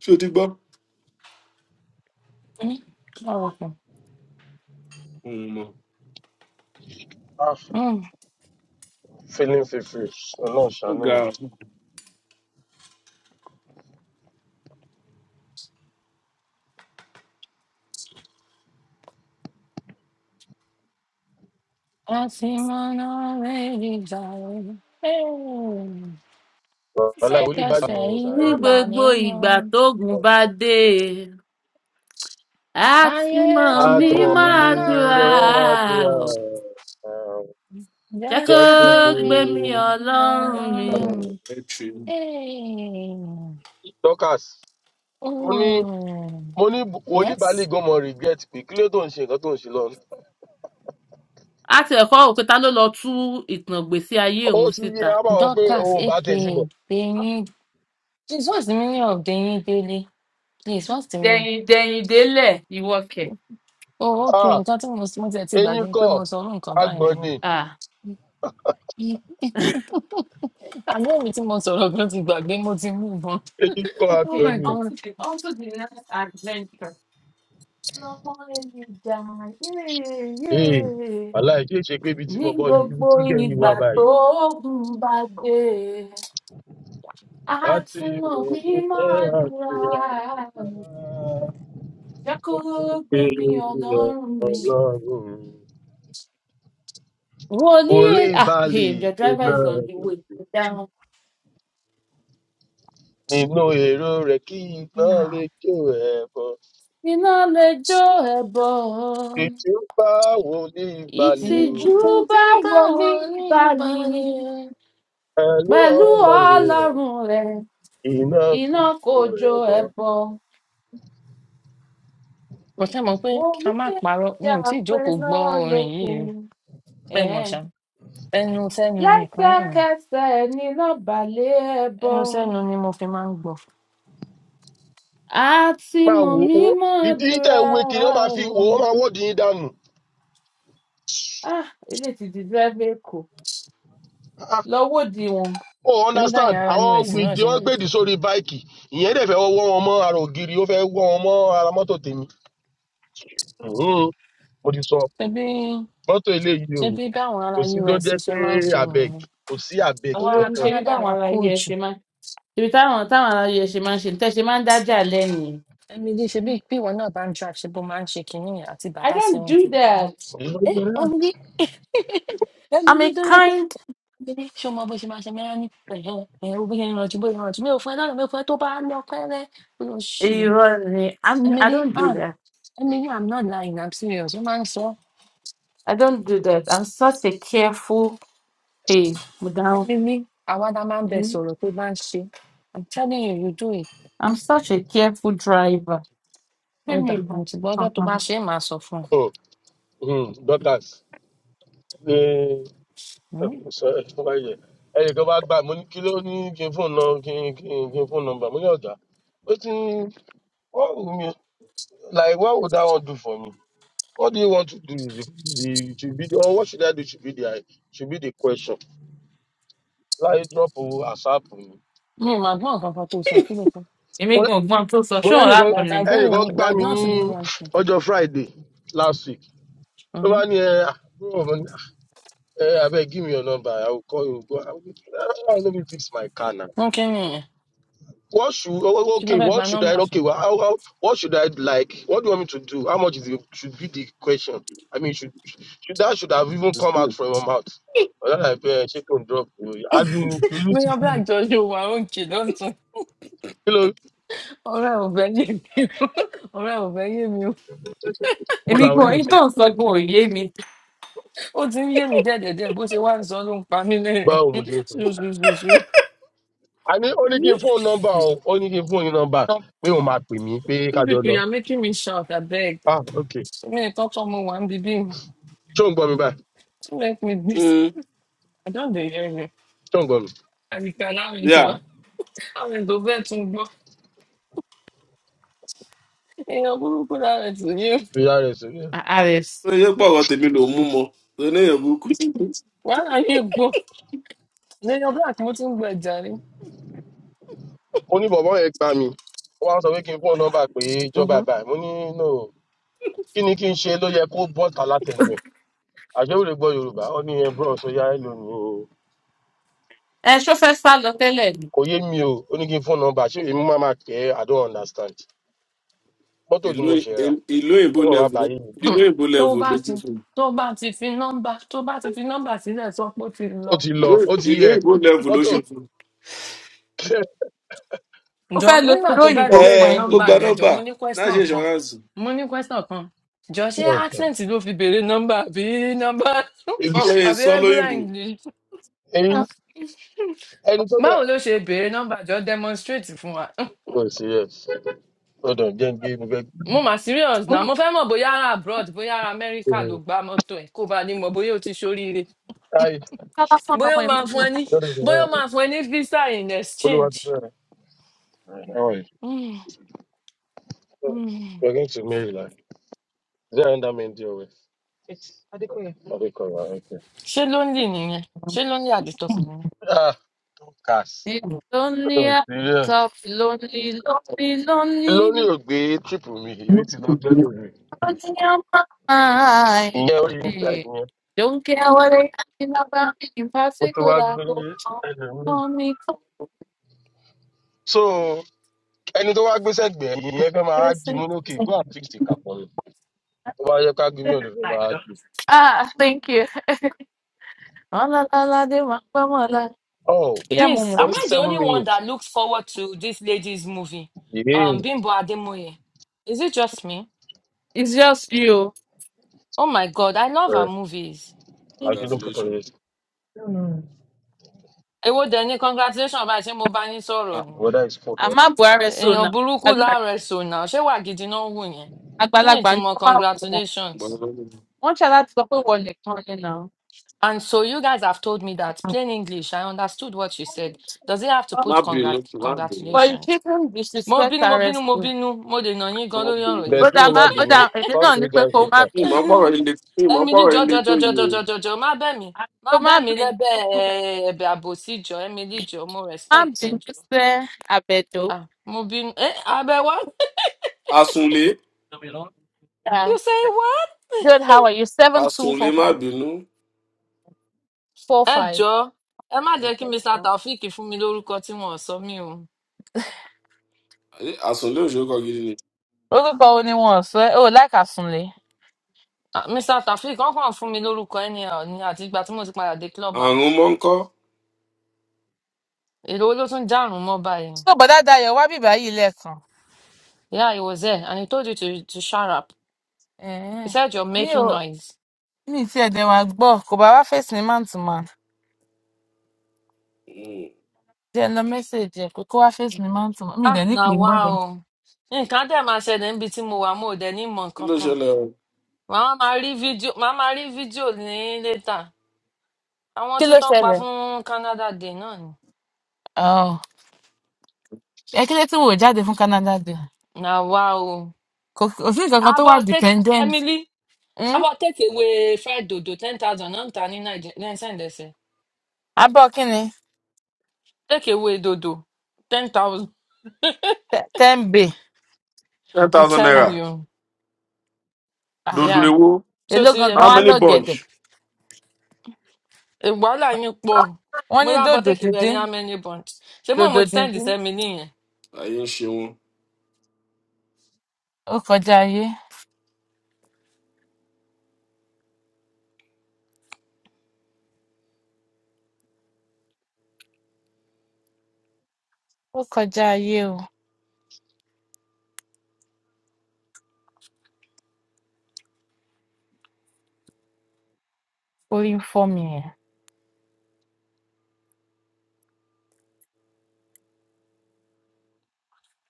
S2: ṣé o ti gbọ́?
S1: Mm, ọ̀rọ̀ kan.
S2: Òun mọ̀.
S8: ah
S1: Mm.
S8: feeling feverish ọlọ́run
S2: Ó
S8: ṣàánú
S2: ga
S1: a sì máa ná méjì jà o
S8: mi ọ̀la ìwọlé bá lànà
S1: ìfẹ̀kẹsẹ̀
S8: sàárè
S6: ní
S1: iná bà
S8: náà ni.
S6: gbogbo
S1: mí mu
S6: ìgbà tógun bá dé
S1: ayé
S6: àtúmọ̀
S1: tí
S6: mi
S8: àtọ̀n
S1: màmí
S6: máa
S8: mi
S1: máa
S6: dùrà
S8: máa
S1: bẹ̀rẹ̀
S8: ti
S6: ò.
S8: àrùn
S6: jẹ́ kó
S8: jẹ́ kó gbé
S1: Jacobin.
S6: gbé mi ọlọ́run mi.
S2: ẹ̀ tì í.
S1: Hey.
S8: dorcas mo ní
S1: Oh.
S8: mo ní wòlíì baálé
S1: Yes.
S8: gan mọ regret pé kí ló tó ń ṣe nǹkan tó ń ṣe lọ
S6: a ti ẹ̀kọ́ òkúta ló lọ tú ìtàn gbèsè ayé
S8: ó
S6: òun
S8: ti yẹ
S6: síta.
S8: á bá wọn pé
S1: Dorcas,
S8: òun ò bá tẹ̀ sí mọ́
S1: aka Deyin. Please, what's the meaning of Deyin Daily? Please, what's the meaning?
S6: dẹ̀yìn dẹ̀yìn délẹ̀ ìwọ kẹ̀.
S1: Oh, okay.
S8: Ah,
S1: Nǹkan tí mo s- mo tiẹ̀ ti
S8: eyín
S1: gbàgbé pé mo
S8: kọ́
S1: sọ orú nǹkan
S8: àgbọ̀n
S1: báyìí.
S8: ni
S6: Ah.
S1: rí. Àbúrò mi tí mo sọ̀rọ̀ gan ti gbàgbé mo ti mú ìbọn.
S8: eyín kọ́
S1: Oh
S6: okay
S8: àgbọ̀n
S1: my
S8: ni
S6: on to
S1: God.
S6: the on to the next adventure. lọ́wọ́ lè jà yéé.
S8: Hey,
S6: yéé.
S8: wàláì kí ṣe pé ibi tí
S6: ní
S8: bọ̀bọ̀ yìí ibi
S6: gbogbo
S8: tí gẹ̀ yìí wà
S6: ìgbà
S8: báyìí.
S6: tó gùn bá dé
S8: A ti
S6: àti mọ̀
S8: mọ̀
S6: ní
S8: wípé
S6: máa
S8: àṣìá
S6: dúra jẹ́ kó gbé
S8: pé
S6: mi ọlọ́run mi.
S8: ọlọ́run.
S6: wọ́n ní
S8: Wòlé
S6: ẹ̀ ah hey,
S8: ìbálì
S6: the
S8: tó
S6: driver
S8: náà
S6: is on
S8: lè
S6: the way
S8: ṣe.
S6: Go down.
S8: Nínú èrò rẹ̀ kí iná lè
S1: Ah,
S8: jó ẹ̀bọ.
S6: iná lè jó ẹ̀bọ
S8: Ètí ń bá wòlé ìbálì o.
S6: ìtìjú
S1: Nǹkan tí
S6: bá
S1: ó bá
S6: wọlé
S1: wọn ní
S6: balẹ̀
S1: ìbálẹ̀.
S8: Pẹ̀lú
S6: pẹ̀lú
S8: ọlọ́run rẹ̀,
S6: ọlọ́run rẹ̀
S8: iná kò
S6: iná kò
S8: jó
S6: jó
S8: ẹ̀bọ.
S6: ẹ̀bọ.
S1: Mo ṣe mọ̀ pé
S6: wọ́n
S1: ká
S6: ní
S1: má parọ́, mi
S6: ìjà
S1: ò tí ì
S6: pé
S1: jókòó gbọ́
S6: náà
S1: orin yìí rí.
S6: lókun.
S1: Fẹ́ mọ̀ ṣá. Ẹnu sẹ́nu nìkan náà ni.
S6: lẹ́sẹ̀kẹsẹ̀ níná balẹ̀ ẹbọ
S1: Ẹnu sẹ́nu ni mo fi máa ń gbọ́.
S6: àti
S8: Máa wò
S6: mọ̀mí
S8: ó,
S6: máa
S8: ìdí tẹ̀
S6: dúra
S8: ń wé kiri, wọ́n máa fi wò ó,
S6: o
S8: wọ́n máa wọ́ọ̀dì yín dànù.
S6: ah ilé ti di dírẹ́fẹ́ èkó
S8: Ah,
S6: lọ́wọ́ di wọn
S8: o
S1: Torí báyìí
S8: understand
S1: ará
S8: àwọn
S1: US náà
S8: gbèdé
S1: ṣe
S8: wọn
S1: máa ń
S8: gbèdì
S1: ṣe
S8: sórí
S1: nìyẹn.
S8: báìkì ìyẹn dẹ̀ fẹ́ wọ́ wọn mọ́ ara ògiri ó fẹ́ wọ́ wọn mọ́ ara mọ́tò tèmi Mhm. mo ti sọ
S1: Ṣebí
S8: mọ́tò eléyìí o
S1: ṣebí báwọn ará
S8: kò sí ló
S1: US
S8: jẹ́
S1: ṣe
S8: pé
S1: máa ń ṣe
S8: abeg
S1: nìyẹn.
S8: kò sí abeg
S1: Àwọn
S6: owó
S1: ará
S6: ní ṣe
S8: kankan
S6: rí
S1: Canada
S6: báwọn
S1: la
S6: ará
S1: kó
S6: us
S1: jù.
S6: ṣe máa ṣe táwọn táwọn ará us ṣe máa ń ṣe tẹ́ ṣe máa ń dájà lẹ́nìí
S1: Emily ṣebí bí pé ìwọ náà bá ń drive ṣe bó máa ń ṣe kinní yẹn àti
S6: i
S1: bàbá
S6: don't
S1: sẹ́wọ̀n
S6: do
S1: ti gbogbo.
S6: that
S1: Ẹ Emily
S6: i'm
S1: Emily
S6: a
S1: tó yẹ pé
S6: kind
S1: Emily ṣé o mọ bó ṣe máa ṣe mẹ́rin ní ẹ̀hẹ́ ẹ̀ o bó ṣe ń rànjú bó ṣe ń rànjú mi ò fún ẹ lọ́nà mi ò fún ẹ tó bá lọ pẹ́rẹ́ ló ṣì.
S6: irọ́ ni I'm, i
S1: Emily
S6: don't do
S1: ah
S6: that
S1: Emily I'm not lying I'm serious ó máa ń sọ
S6: i don't do that i'm such a careful hey mo dáhùn
S1: ẹni ní àwa la máa ń bẹ sọ̀rọ̀ tó bá ń ṣe i'm telling you you do it
S6: i'm such a careful driver. Fíìmù
S1: ọ̀dà mo ti gbọ́dọ̀ tó
S6: ìgbà
S1: bá ṣe é màá sọ fún ọ
S8: dọ́tàs
S1: Hmm?
S8: ẹnì kan bá gbà mo ní kí ló ní kí n fóònù nọ- kí n kí n kí n fóònù nọmbà mo ní ọ̀gá ó ti ń wọ́n wù mí like what would that one do for me What do you want to do? The, the, should be, or what should I do? Should be the should be the question. Láyé drop o, ASAP mi.
S1: mi ò máa gbọ́n nǹkan kan tó sọ kí ló fún
S6: èmi
S8: Mo
S6: gan
S8: lẹ́-
S6: ọgbọ́n tó sọ
S8: mo
S6: ṣóun
S8: lẹ́nìkan
S1: that
S6: lápẹẹrẹ
S1: i don't even
S8: ẹnìkan gbá
S1: that
S8: mi
S1: not
S8: ní
S1: even one thing
S8: ọjọ́ Friday last week. Ló
S1: Mhm.
S8: bá ní ẹ àbúrò mi ní abẹ́ give me your number, I will call you. Go. I will, I will fix my car now.
S1: wọ́n kí ni ìyẹn
S8: What should oh, oh,
S1: kí ló
S8: okay?
S1: fẹ́ gba
S8: What should I
S1: nọ́mbà
S8: okay?
S1: fún
S8: Well, how, how, what should I like? What do you want me to do? How much is it, should be the question? I mean, should, should that should have even come out from your mouth? Or that like uh, shake and drop. I didn't really
S1: mi
S8: to
S1: ọbẹ
S8: do.
S1: àjọ yóò wá oúnjẹ lọ́tún
S8: Hello.
S1: ọ̀rẹ́ ò fẹ́ yé mi o ọ̀rẹ́ ò fẹ́ yé mi o
S8: Mo
S6: èmi
S8: làwọn
S6: gan
S8: ilé
S6: èyí tó
S8: ìtún.
S6: ń sọ gan
S8: Okay.
S6: òye mi
S1: ó ti ń yé mi díẹ̀díẹ̀díẹ̀ bó ṣe wá ń sọ ló ń pa mí lẹ́rìn
S8: Báwo mo ṣe ń sọ?
S1: ṣùṣùṣùṣù
S8: A ní ó ní kí n fóònù nọ́mbà o, ó ní kí n fóònù nọ́mbà pé òun máa pè mí pé
S1: You
S8: kájọ
S1: people
S8: lọ.
S1: you are making me shout abeg
S8: Ah okay.
S1: mi ì tọ́tọ́ mo wà ń bíbí
S8: Ṣé òun gbọ́ mi báyìí?
S1: Let me this.
S2: Mm,
S1: I don't dey hear you.
S8: Ṣé òun gbọ́ mi?
S1: And you can have it
S2: Yà
S1: to have it to bed to go. Èèyàn burúkú lára ẹ̀ tì yé.
S8: Fi ara ẹ̀ sórí ẹ̀.
S6: àrẹs
S2: ó yẹ pọ̀ ọ̀rọ̀ tèmi ló mú mọ́. Lóní èèyàn burúkú sí
S1: Wàhálà yìí gbọ́. Lèèyàn black mo ti ń gbọ́ ẹja rí.
S8: Mo ní bọ̀bọ́ yẹn gbá mi. Ó wá ń sọ pé kí n fóònù nọ́mbà pé ìjọba
S1: Mhm.
S8: báyìí. Mo ní no. kí ni kí n ṣe ló yẹ kó bọ́ta látẹnu ẹ̀ àṣewòlè gbọ́ yorùbá ó ní ẹ bros ó yá ẹ lónìí o
S6: ẹ ṣó fẹ́ sá lọ tẹ́lẹ̀ ni
S8: kò yé mi o ó ní kí n fún nọmba ṣé èmi máa ma pè é i don't understand mọ́tò tí
S2: ìlú
S8: mo ṣe rà
S2: ìlú
S8: ó
S2: òyìnbó
S8: lọ wá
S2: lẹ́vù ló
S8: báyìí mi jẹ́
S2: ìlú òyìnbó
S1: Tó
S2: lẹ́vù
S1: o
S2: ló
S1: bá
S2: gbé
S1: ti
S2: fún un.
S1: tó o bá ti fi nọ́mbà tó o bá ti fi nọ́mbà sílẹ̀ sọ pé ó ti
S8: ó
S1: lọ.
S8: ti lọ
S2: Ìlú
S8: ó ti
S2: ìlú
S8: yẹ
S2: òyìnbó lẹ́vù ló
S8: mọ́tò
S2: ṣe fún un.
S8: kẹ́
S6: ó
S1: Ǹjọ́
S6: fẹ́ lo
S1: nígbà
S6: tìró
S1: tó fẹ́
S6: òyìnbó
S1: béèrè
S6: fún
S2: Ẹ
S6: ẹni.
S2: kó
S1: nọ́mbà
S2: gba
S1: yẹn jọ,
S2: nọ́mbà
S1: mo ní
S2: náà ṣe
S1: question kan.
S2: ìṣọ́ránsì.
S1: Mo ní question kan. Jọ ṣé accent ló fi béèrè nọ́mbà àbí nọ́mbà
S8: èmi
S2: Wọ́n lè
S1: àbí
S2: sọ
S1: regular
S2: lóyìnbó.
S1: English?
S8: èmi ẹni tó tẹ̀.
S1: Báwo ló ṣe béèrè nọ́mbà jọ demonstrate fún wa?
S8: o serious hold on jẹ́ n gbé mo fẹ́ gbé.
S1: mo mà serious náà mo fẹ́ mọ̀ bóyá ara abroad bóyá ara amẹ́ríkà ló gba mọ́tò ẹ̀ kó ba ní mọ̀ bóyá o ti ṣoríire
S8: hi
S6: kálásán
S1: bóyá
S6: lọmọ
S1: ó
S6: ẹ̀
S1: máa
S6: máa
S1: fún
S6: wọ̀
S1: ẹ ní
S6: sẹ́yìn.
S8: lórí mi
S1: bóyá
S8: wọ́n
S1: ó máa
S8: rẹ̀
S1: fún ẹ ní visa in
S8: olúwa
S1: exchange.
S8: ti fẹ́ rẹ̀. how are you
S1: Mm, mm.
S8: we are going to maryland is there another man there with. adekoya adekoya okay.
S1: ṣé ló ń lì nìyẹn ṣé ló ń lì àdìtọkùnrin yẹn.
S8: ah
S6: lonely
S8: Oh,
S6: at the
S8: serious.
S6: lonely lonely lonely
S8: lónìí ò gbé tíìpù mi èmi ti lọ gbẹ́lẹ̀
S6: lonely
S8: mi
S6: on my mind.
S8: ìyẹn orí níta
S6: Eh,
S8: ìyẹn
S6: don't care what they asking about me in
S8: mo tún wá
S6: particular
S8: gbé
S6: go on,
S8: ẹlòmíì.
S6: call me
S8: so ẹni tó wá gbé sẹ́gbẹ̀ẹ́ ìyẹn fẹ́ máa jí
S6: confessing.
S8: mú lókè go and fix the cap on it. tó bá yẹ ká gbé mi ò lè fẹ́ máa gbé.
S6: ah thank you Ah, la, la, la, de wa- wa- wa- la.
S8: oh
S6: Yeah,
S1: please
S6: Mumu,
S1: am
S8: forty
S1: i
S6: it's
S1: the
S8: seven
S1: only one
S8: minutes.
S1: that looks forward to this lady's movie
S8: yéé
S1: um, bimbo ademoye is it just me
S6: it's just you.
S1: oh my god i love
S8: ẹ
S1: her movies
S8: àjọyọ̀ put on
S2: Congratulations.
S8: it. The
S1: èwo dẹ̀ ni congratulation báyìí ṣé mo bá yín sọ̀rọ̀
S2: Ah,
S1: ni
S8: weather is cold.
S6: Àmọ́ Buhari so
S1: èèyàn
S6: now.
S1: burúkú
S6: Àgbà-
S1: láàárẹ sọnà ṣé wà gidi náà wù yẹn kí ni
S6: Àgbàlagbà ń
S1: ìtumọ
S6: kọ́ máa wọ̀ wọ́n.
S2: gbọ́dọ̀
S1: congratulations.
S2: má
S6: Wọ́n ṣe láti sọ pé wọ́n nìkan ni now.
S1: And so you guys have told me that plain English, I understood what you said. Does it have to
S6: But
S1: put
S2: bínú,
S1: congrat
S2: má bínú,
S6: but you
S1: congratulations?
S6: shouldn't
S1: Mo
S6: disrespect
S1: bínú, mo bínú,
S6: arrest
S1: mo
S6: me.
S1: bínú, mo dènà yín gan
S2: má
S1: lórí ọ̀rọ̀ yìí.
S6: Ó
S8: bẹ̀sí
S6: dá
S8: mi
S6: má
S8: má
S2: bínú.
S6: ó
S8: bínú
S6: dá èmi
S8: talk
S6: náà
S8: to
S6: ní
S8: you
S6: pé
S8: guys
S6: kó má
S8: later.
S2: ìmọ̀
S6: bínú.
S2: pọ̀rọ̀ ilé ìmọ̀
S1: Emily
S2: pọ̀rọ̀ ilé
S1: jọjọ
S2: tó
S1: jọjọ
S2: yìí o
S1: jọjọ jọjọ má bẹ̀ mí
S6: Àbí
S1: má
S6: Ó má
S1: bẹ̀ mí
S6: bínú.
S1: lẹ́bẹ̀ eh, ẹ̀bẹ̀ àbòsí jọ Emily jọ mo
S6: Má
S1: respect ẹ
S6: bínú
S1: jọ.
S6: sẹ́ àbẹ̀dó.
S1: Ah, mo bínú, eh, abẹ wá,
S2: àsùnlé
S1: you
S6: Yes.
S1: say what?
S6: Good, how are you? Seven two
S2: àsùnlé
S6: four
S2: má
S6: five.
S2: bínú
S6: Four
S1: ẹ
S6: five.
S1: jọ̀ọ́ ẹ má jẹ́ kí mr taofeek fún mi lórúkọ tí wọn ò sọ mí o
S2: Ayé, àsùnlé òṣèkọ gidi ni
S6: Orúkọ wo ni wọ́n sọ ẹ́? O ò láìka Súnlé.
S1: Ah, mr taofeek wọn kàn fún mi lórúkọ anyhow ni àti ìgbà tí mo ti padà dé club house
S2: àrùn mọ́ńkọ́
S1: èrò wo ló tún dárùn mọ́ báyìí
S6: so bọ̀dá Dayọ̀ wá bìbá yìí lẹ́ẹ̀kan
S1: yeah he was there and he told you to to shut up he
S6: Ẹ̀hẹ́n.
S1: said you're
S6: mi
S1: making
S6: ò
S1: noise
S6: mi ì tiẹ̀ dẹ̀ wá gbọ́ kò bá wá face mi man to man jẹ́ lọ message ẹ̀ pé kó wá face mi man to man mi ì
S1: ah
S6: dẹ̀ ní
S1: na
S6: pè é
S1: wá
S6: bọ́dẹ̀
S1: o nǹkan dẹ̀ máa ṣẹlẹ̀ níbi tí mo wà mo ò dẹ̀ ní mọ̀
S2: kí
S1: nǹkan
S2: ló
S1: kan
S2: ṣẹlẹ̀ o
S1: màá máa rí fídíò màá máa rí fídíò ní létà àwọn
S6: kí
S1: tún
S6: ló
S1: tán pa
S6: ṣẹlẹ̀
S1: fún canada day náà ni
S6: Oh, ẹ kí ló tí wò ó jáde fún Canada Day
S1: na wá o
S6: kò kò sí nǹkan kan tó wà
S1: abọ́ take
S6: dependent
S1: emily How
S6: Hmm?
S1: about take away fried dodo, 10,000, not any Nigerian send this.
S6: abọ́ kí ni
S1: Take away dodo, 10,000.
S6: Te- ten bay
S2: ten
S1: I'm
S2: thousand naira
S1: telling
S6: Ah,
S1: you.
S6: ah.
S2: dodo
S1: Yeah.
S2: ewo
S1: So
S6: èló
S1: ti rí
S6: gangan
S1: ẹmi
S2: how
S6: wá
S1: dé.
S2: many bunch
S6: lọ́gẹ̀dẹ̀
S1: Ìwàhálà yín pọ̀.
S6: wọ́n
S1: Mo
S6: ní
S1: lábọ̀
S6: dòdò
S1: take away ẹni
S6: díndín
S1: how many bunch. Ṣé mo
S6: dòdò
S1: mo ti send this
S6: díndín
S1: ẹmi nìyẹn?
S2: ayé ń ṣe wọn
S6: ó kọjá ayé ó kọjá ayé o orí ń fọ́ mi ẹ̀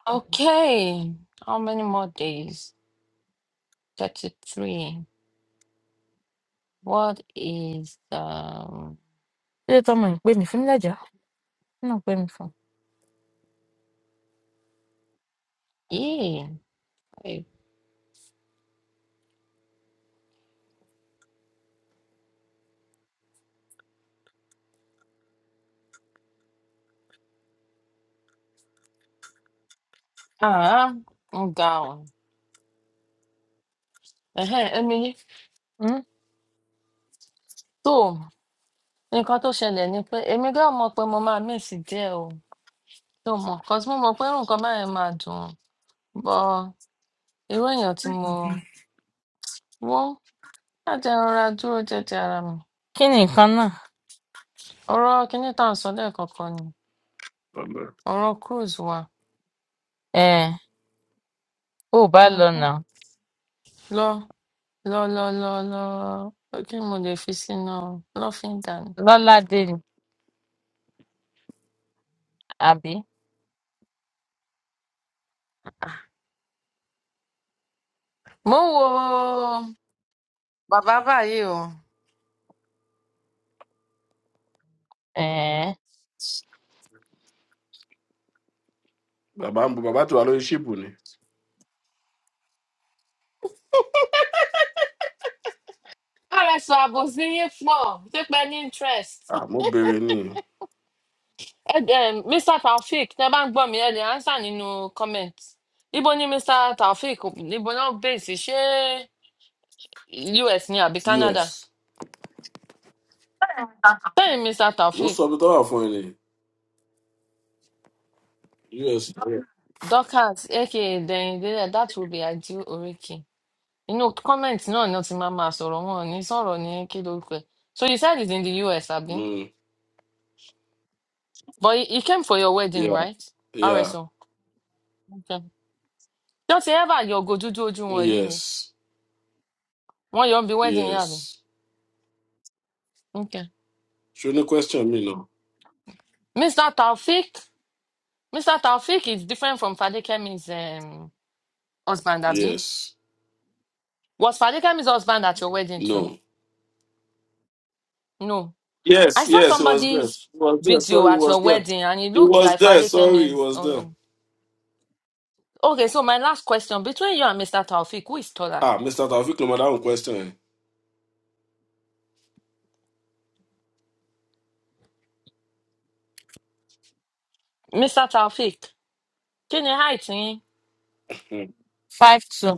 S1: Okay. How many more days? 33. What is the...
S6: kí ló tọ́ mo ń pè mí fún mi lẹ́jọ́ kí ló ń pè mí fún
S1: Yeah. I- Ah, ń ga ọ̀. Ẹ̀hẹ́n, ẹmi yín.
S6: um
S1: So, nǹkan tó ṣẹlẹ̀ ni pé èmi gan mọ̀ pé mo máa miss díẹ̀ o ehen emi so nnkan to sele ni pe emi gan mo pe mo maa miss die o Ṣo mọ̀? 'Cause mo mọ̀ pé irú nǹkan báyẹn máa dùn, but irú èèyàn tí mo wò ṣá jẹ́ n rọra dúró jẹ́jẹ́ ara mi.
S6: kín ní nǹkan náà
S1: Ọ̀rọ̀ kiní tá à ń sọ lẹ́ẹ̀kan kan ni,
S2: Ọ̀lẹ.
S1: ọ̀rọ̀ cruise wa.
S6: um bó o bá lọ
S1: Mhm.
S6: náà
S1: Lọ lọ lọ lọ lọ kí ni mo lè fi sínú lọ́fíńdà ni?
S6: lọládé ni àbí
S1: Mò ń wo bàbá báyìí o.
S6: um
S2: bàbá ń bu bàbá tí wà lórí ṣíìpù ni
S1: RS Àbòsí yín pọ̀, ṣé pé ní interest?
S2: Ah, mo béèrè ní
S1: Ẹ um Mr Taofeek tẹ bá ń gbọ́ mi ẹ lè ánsà nínú comment. Ibo ni Mr Taofeek níbo náà bèsì ṣé US ni àbí
S2: us
S1: Canada? Bẹ́ẹ̀ni Mr
S2: mo
S1: Taofeek
S2: sọ ibi tó wà fún ẹ ní us
S1: Dorcas aka Dẹ̀yìndé eh, that will be ideal oríkì. Inú comment náà ni wọ́n ti máa máa sọ̀rọ̀ wọn ò ní sọ̀rọ̀ ní kí lórúkọ ẹ̀. So you said it's in the US àbí?
S2: Mm,
S1: But he he came for your wedding
S2: yeah,
S1: right?
S2: yeah,
S1: RSO. Okay. Don't you ever yọ ògo dúdú ojú wọn yìí
S2: yes
S1: rí? Wọ́n yọ ọ́ bí wedding
S2: yes
S1: yàrá. Okay.
S2: ṣo ní question mi náà
S1: Mr Taofeek Mr. Taufik is different from Fadekemi's um, husband, Abi.
S2: yes
S1: Was Fadekemi's husband at your wedding
S2: no.
S1: too? No. I
S2: Yes,
S1: saw
S2: yes, it was there. It
S1: somebody's
S2: was there.
S1: video
S2: Sorry, it
S1: at
S2: was
S1: your
S2: there.
S1: wedding and it
S2: It
S1: looked
S2: was
S1: like
S2: there. Sorry, it
S1: Fadekemi's.
S2: was there.
S1: Um... Okay, so my last question between you and Mr. Taufik, who is taller?
S2: Ah, Mr. Taufik, no matter one question.
S1: Mr. Taufik, can you height me?
S2: Hmm.
S6: five two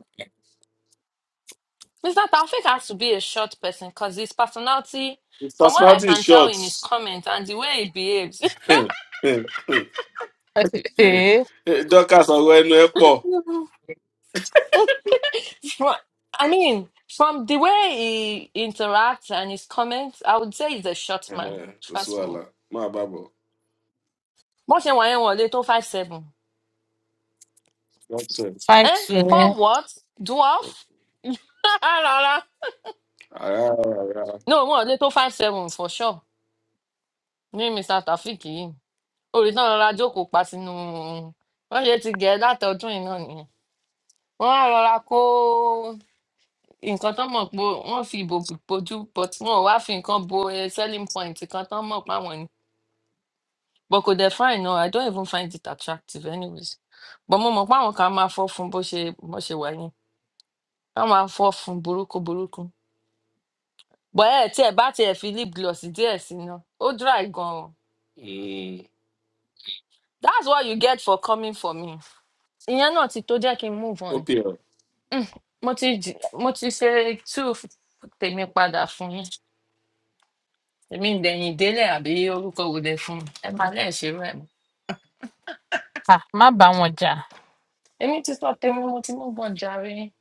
S1: Mr. Taufik has to be a short person because his personality,
S2: His
S1: from what I
S2: personality is
S1: can tell
S2: short.
S1: in his comments and the way he behaves,
S6: um
S2: Dorcas ọ̀rọ̀ ẹnu ẹ pọ̀.
S1: From, I mean, from the way he interacts and his comments, I would say he's a short man.
S2: Ẹhẹ́, Kò sí
S1: Trust me.
S2: wàhálà. Máa bá bọ̀.
S1: Bó ṣe wà yẹn wọn ò lè tó five seven.
S2: Doctor.
S6: five
S1: Eh?
S6: two ni
S1: For what? Dwarf? Rárá.
S2: Ara ara.
S1: No, wọn ò lè tó five seven for sure. Ní Mr. Taofeek yìí. Olùtàn rọra jókòó pa sínú. Wọ́n ṣe ti gẹ̀ láti ọdún yìí náà nìyẹn. Wọ́n á rọra kó nǹkan tán mọ̀ pé wọ́n fi ìbò bojú but wọn ò wá fi nǹkan bo eh, selling point kan tán mọ̀ páwọn ní. But kò dẹ̀ fine náà. I don't even find it attractive anyways. But mo mọ̀ pé àwọn kan á máa fọ́ fun bó ṣe bó ṣe wà yẹn. Wọ́n máa fọ́ fun burúkú burúkú. But ẹ tí ẹ bá tiẹ̀ fi lip gloss díẹ̀ sí náà, ó dry gan-an.
S2: Hmm.
S1: That's what you get for coming for me. Ìyẹn náà ti tó jẹ́ kí n move on.
S2: OPL.
S1: Mo ti jì- mo ti ṣe two f- tèmi padà fún yín. Èmi ìdẹ̀yìn délẹ̀ àbí orúkọ wo lẹ fún mi. Ẹ máa lẹ́ẹ̀ ṣe rẹ̀ mọ́.
S6: um má bá wọn jà.
S1: Èmi ti sọ tèmi, mo ti move on jàre.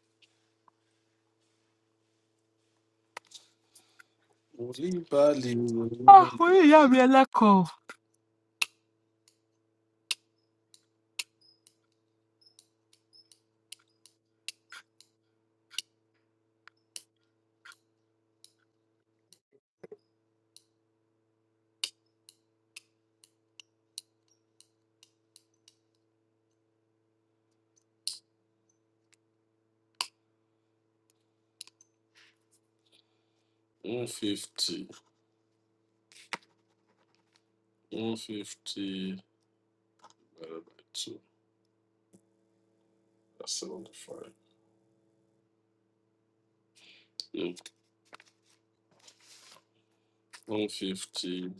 S2: Olúbalì
S6: Ah, orí ìyá mi ẹlẹ́kọ̀ọ́.
S2: one fifty one fifty two seventy five one fifty.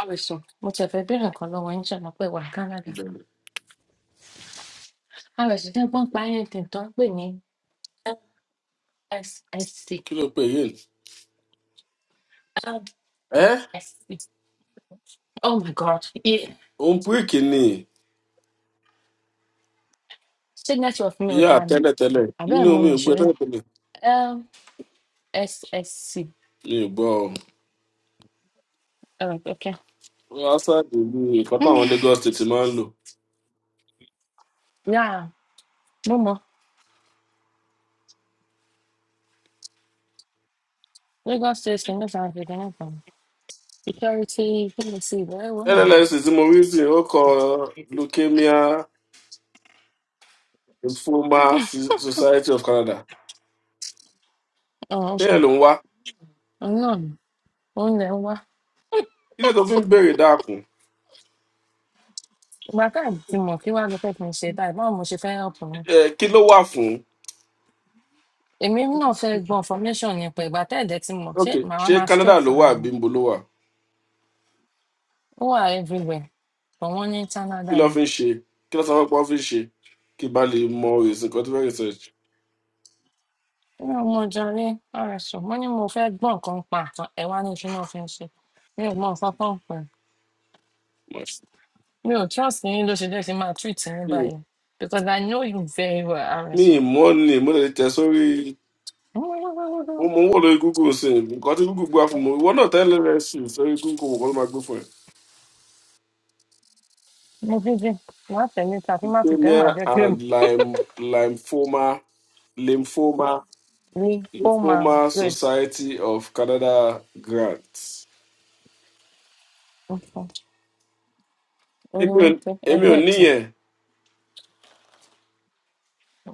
S1: Àwẹ̀sùn, mo tiẹ̀ fẹ́ bèèrè nǹkan lọ́wọ́ yín ṣe mọ̀ pé wà Canada.
S2: Bẹ́ẹ̀ni.
S1: Alex Dẹ́gbọ́n pa anything tó ń pè ní SSC.
S2: Kí ló pè yé? Ẹ́
S1: SSC. Oh my God! Yeah.
S2: òun púìkì ni
S1: Ṣé network mi ò
S2: ìyá
S1: dá ni?
S2: tẹ́lẹ̀tẹ́lẹ̀.
S1: Àbẹ́
S2: Nínú
S1: ẹ̀ mú
S2: mi
S1: mi
S2: ò gbé
S1: ṣeré.
S2: tẹ́lẹ̀tẹ́lẹ̀.
S1: LSSC.
S2: Mi ò gbọ́ ọ.
S1: Oh, okay.
S2: Lásàdì ni nǹkan táwọn Lagos State máa ń lò.
S1: Yeah, mo mọ̀. Lagos State Senate and Virginia Farm. Security Policy ìbẹ̀rẹ̀ wo yẹn mọ̀?
S2: LLS tí mo rí sí ó kọ Leukemia Lymphoma Si- Society of Canada.
S1: Oh,
S2: Ṣé
S1: okay.
S2: ẹ̀ ló ń wá?
S1: Òun náà ni. Òun lẹ̀ ń wá.
S2: Kí ló tó fi ń béèrè dákun?
S1: Ìgbà káàdì ti mọ̀ kí wàá lọ fẹ́ kí n ṣe báyìí. Báwo mo ṣe fẹ́ help wọn?
S2: Ẹ kí ló wà fún?
S1: Èmi náà fẹ́ gbọ́ information nípa ìgbà tẹ́ẹ̀dẹ̀ ti mọ̀. Ṣé
S2: Ok,
S1: màá wá
S2: ṣé
S1: máa
S2: Canada
S1: stress
S2: ló wà
S1: ara mi?
S2: àbí níbo ló wà?
S1: ó wà everywhere but wọ́n ní
S2: Kí
S1: Canada
S2: ló
S1: ni
S2: fi ń ṣe? Kí ló sọ fún ọ fi ń ṣe? Kí n bá lè mọ ìsìnkú tó fẹ́ research.
S1: mi ò mọ jàre rs mo ní mo fẹ́ gbọ́ nǹkan pa nǹkan ẹ̀ wá ní kí náà fi ń ṣe mi ò mọ nǹkan kan pa mi ò trust yín ló ṣe jẹ́ kí n máa treat yín báyìí because I know you very well rs
S2: mi ì mọ̀ ni mo lè tẹ̀ sórí mo mo ń wò lórí google sí i nǹkan tí google gbà fún mi ìwọ náà tẹ́lẹ̀ rẹ̀ sí i sórí google mo kọ́ ló máa gbé fún ẹ.
S1: mo fi jẹ wá tẹ̀lé ta fi má ti tẹ̀
S2: leukemia
S1: má jẹ́ kí
S2: and Lyme- lymphoma lymphoma
S1: mi ó máa
S2: lymphoma
S1: red
S2: society of canada grant.
S1: orí
S2: èmi ò
S1: mi pé
S2: èmi ò
S1: ẹgbẹ́ tẹ̀
S2: níyẹn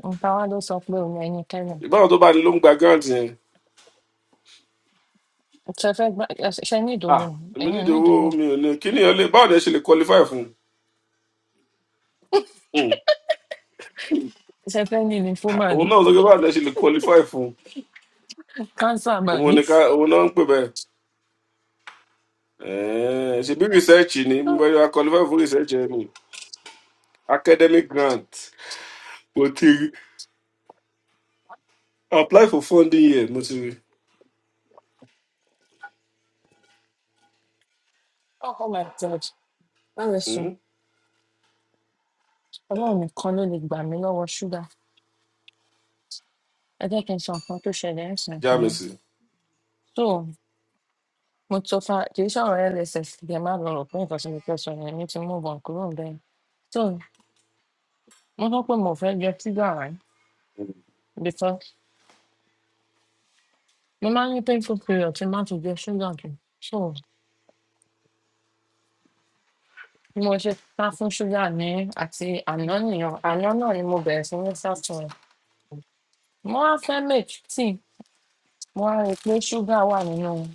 S1: nǹkan wá ló sọ pé òun ẹ̀yin kẹrin
S2: ìbáwọn tó bá ní ló ń gba grant yẹn
S1: ṣe fẹ́ gbá ṣe ní
S2: ah
S1: ìdòwò
S2: èmi
S1: ẹ̀yin ò ní
S2: nídìí
S1: ìdòwò
S2: owó mi ò ní kí ni ọ lè báwọn ẹ ṣe lè qualify fún un. Hmm.
S1: ṣe fẹ́ ní lymphoma ni
S2: òun náà sọ pé báwọn ẹ ṣe lè qualify fún
S1: cancer
S2: un
S1: máa
S2: òun
S1: ní.
S2: ni ká òun náà ń pè bẹ́ẹ̀ Eh, ṣe bí research ni mo
S1: oh
S2: yọ qualify fún research ẹ ni academic grant mo ti rí apply for funding yẹ mo ti rí
S1: oh my god báwo sùn
S2: Mm,
S1: ọlọ́run nìkan ló lè gbà mí lọ́wọ́ ṣúgà ẹ jẹ́ kí n sọ nǹkan tó ṣẹlẹ̀ ń sìn fún mi.
S2: jamisi
S1: so mo tó fa kì í sọ̀rọ̀ lss kì í má lọ rò pé nǹkan tí mo fẹ́ sọ yẹn mi ti mú bọ̀n kúrò bẹ́ẹ̀. so mo sọ pé mo fẹ́ jẹ ṣúgà rẹ̀ because mo máa ń ní painful period tí má ti jẹ ṣúgà jù so bí mo ṣe sá fún ṣúgà ní àti àná nìyẹn àná náà ni mo bẹ̀rẹ̀ sí ní sá fún un. mo wá fẹ́ make tea mo wá rí i pé ṣúgà wà nínú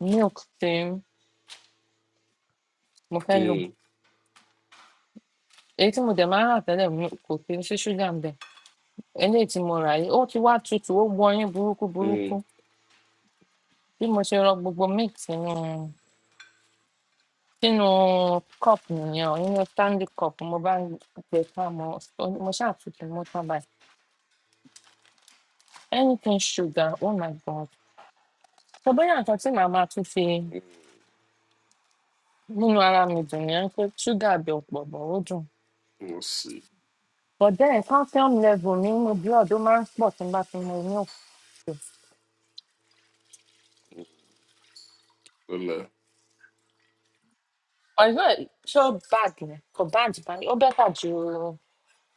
S1: Milk tí mo fẹ́ lò, èyí tí mo dẹ̀ máa ń rà tẹ́lẹ̀ mi kò kí n sí ṣúgà ńbẹ̀. Eléyìí tí mo rà yìí, ó ti wá tutù, ó wọyín burúkú burúkú. Bí mo ṣe rọ gbogbo milk sínú sínú cup nìyẹn o, nínú Stanbic cup mo bá gbé e ká mo mo ṣáà tutù mo tán báyìí. Anything sugar, oh my God! So bóyá nǹkan tí màá máa tún fi múnú ara mi dùn nìyẹn pé ṣúgà ibẹ̀ ò pọ̀ but ó dùn.
S2: mo sì
S1: But then calcium level mi nínú blood ó máa ń pọ̀ tí n bá ti mu milk.
S2: ọlẹ
S1: ọ̀rẹ́ ẹ̀ ṣé ó bad ni kò bad bá ní ó bẹ́tà ju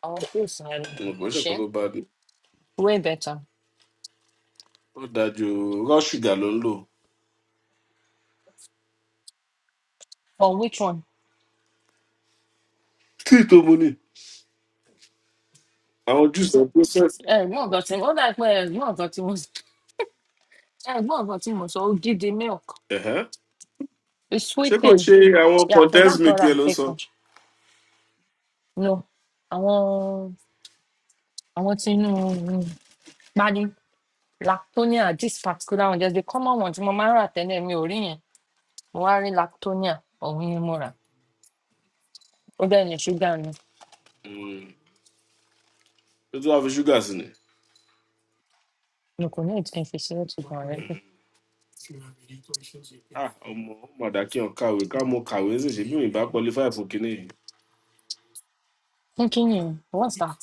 S1: àwọn pills yẹn
S2: mo
S1: lọ
S2: kò ṣe
S1: ṣé
S2: nǹkan tó bá dé
S1: way better
S2: ó dájú raw sugar ló ń lò
S1: for which one.
S2: tí tó mo ní àwọn juice and process
S1: ẹ̀gbọ́n ọ̀gá tí ó dà pé ẹ̀gbọ́n ọ̀gá tí mo ẹ̀gbọ́n ọ̀gá tí mo sọ ó gidi milk it's
S2: ṣé kò
S1: sweetened
S2: ṣe àwọn
S1: yàtọ̀
S2: condensed
S1: dáàtọ̀
S2: milk
S1: rà
S2: yẹn ló ń sọ
S1: pẹ̀kan no àwọn àwọn tí inú um, pani lactonia this particular one there's the common one tí mo máa ń rà tẹ́lẹ̀ mi ò rí yẹn mo wá rí lactonia ọ̀hún yẹn mo rà ó bẹ́ẹ̀ ni ṣúgà ni
S2: Mm. tó tún wá fi ṣúgà sí ni.
S1: mi kò ní ìtẹ́fẹsẹ̀ ó ti gbọ̀n rẹ́
S2: Mm. Ah, ọmọ mọ̀dà kí n kàwé ká mo kàwé sì ṣe bí mi bá qualify fún kínní yìí.
S1: Continue. What's that?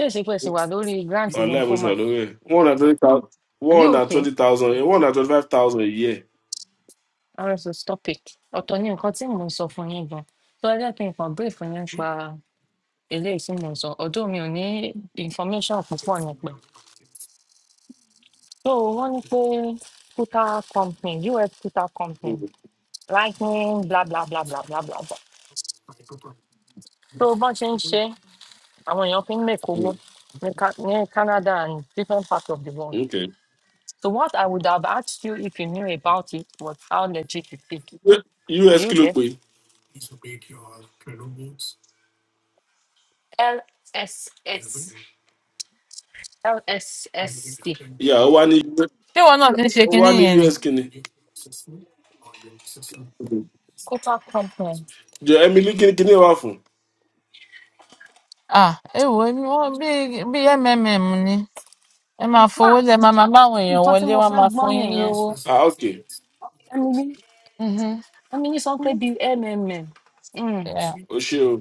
S1: Ṣèṣe pé ṣe wà lórí grant
S2: ọ̀la ẹ̀ mo ṣe wà
S1: lymphoma.
S2: lórí ẹ̀ one hundred twenty thousand
S1: Are you
S2: one hundred
S1: okay?
S2: twenty thousand one hundred twenty five thousand a year.
S1: RSO stop it. Ọ̀tọ̀ ni nǹkan tí mò ń sọ fún yín gan. Tó ẹ jẹ́ kí n kàn brief yín nípa eléyìí tí mò ń sọ. Ọ̀dọ́ mi ò ní information púpọ̀ nípa ẹ̀. So wọ́n ní pé Kuta company US Kuta company lightning bla bla bla bla bla bla bla. So bọ́n ṣe ń ṣe àwọn èèyàn fi ń mèkó owó
S2: Mm,
S1: ní Ca- ní Canada and different parts of the world.
S2: okay
S1: So what I would have asked you if you knew about it was how legit is it? is. Do
S2: us
S1: you
S2: kí ló
S1: get
S2: pe
S1: LSS LSSD
S2: ìyá ó wá ní
S6: ṣé ìwọ náà ti ń ṣe
S2: ó wá
S6: kinní
S2: ní
S6: yẹn ni?
S2: us kíni Mhm.
S1: Coca Company?
S2: jọ emily kíni kíni wà fún
S6: Ah, èwo ni wọ́n bí bí mmm ni ẹ máa fowó lẹ máa máa báwọn èèyàn
S1: Nǹkan tí
S6: wọlé
S1: mo
S6: wọ́n
S1: fẹ́
S6: máa
S1: gbọ́
S6: fún yín
S1: nìyẹn.
S6: lówó.
S2: ah okay
S1: Emily Emily sọ pé
S6: Mhm.
S1: bíi MMM. Mm.
S2: o ṣe o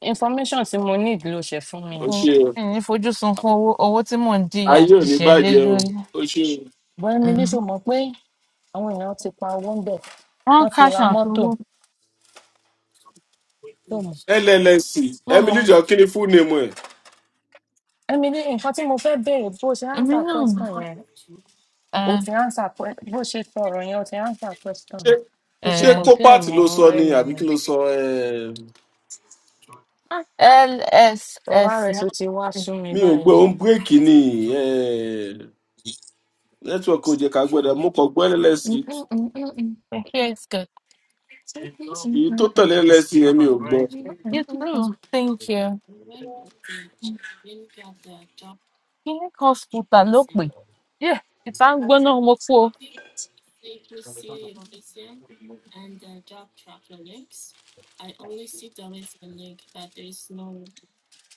S1: Information tí mo need ló ṣe fún mi.
S2: o
S6: ẹ̀yin
S2: ṣe o
S6: ẹ̀yin fojúsùn fún owó owó tí mò ń jìyà
S2: ayé ò ní
S6: jìṣẹ́ lé
S2: bàjẹ́ o
S6: lórí
S2: o ṣe
S1: Bọ́ Emily
S6: um,
S1: ṣò mọ̀ pé àwọn èèyàn ti pa owó ń bẹ̀
S6: wọ́n
S1: wọ́n ti ra
S6: káṣọ
S1: mọ́tò
S6: àtọwọ́
S1: tó mọ̀.
S2: o llsc
S6: mo mọ
S2: emily jọ kíni fún nemu ẹ
S1: Emily nǹkan tí mo fẹ́ béèrè bó ṣe
S6: èmi
S1: answer
S6: náà mọ̀
S1: question yẹn o
S6: um,
S1: ti answer que- bó ṣe sọ yẹn o ti answer question
S2: ṣé
S1: tó ṣe
S2: ṣé
S6: um,
S1: compare
S2: copart
S1: mọ́
S2: ló sọ ni àbí kí
S1: mmm
S2: ló sọ eh,
S1: Ah,
S6: lss
S1: ọ̀rọ̀ rẹ̀ tó ti wá sú mi
S2: mi ò gbé
S1: báyìí.
S2: òun bírèkì ni Ehm, network ò jẹ ká gbọdọ mo kàn gbọ llsc
S1: Mm, mm, mm, mm, mm.
S6: thank you it's good.
S1: Mm, mm, mm,
S2: èyí tó
S1: mm,
S2: tẹ̀lé llsc yẹn mi ò gbọ
S1: mm,
S6: you
S1: mm, mm,
S6: too
S1: mm.
S6: thank you clinic hospital ló pè yeah ìta ń gbóná mo kú o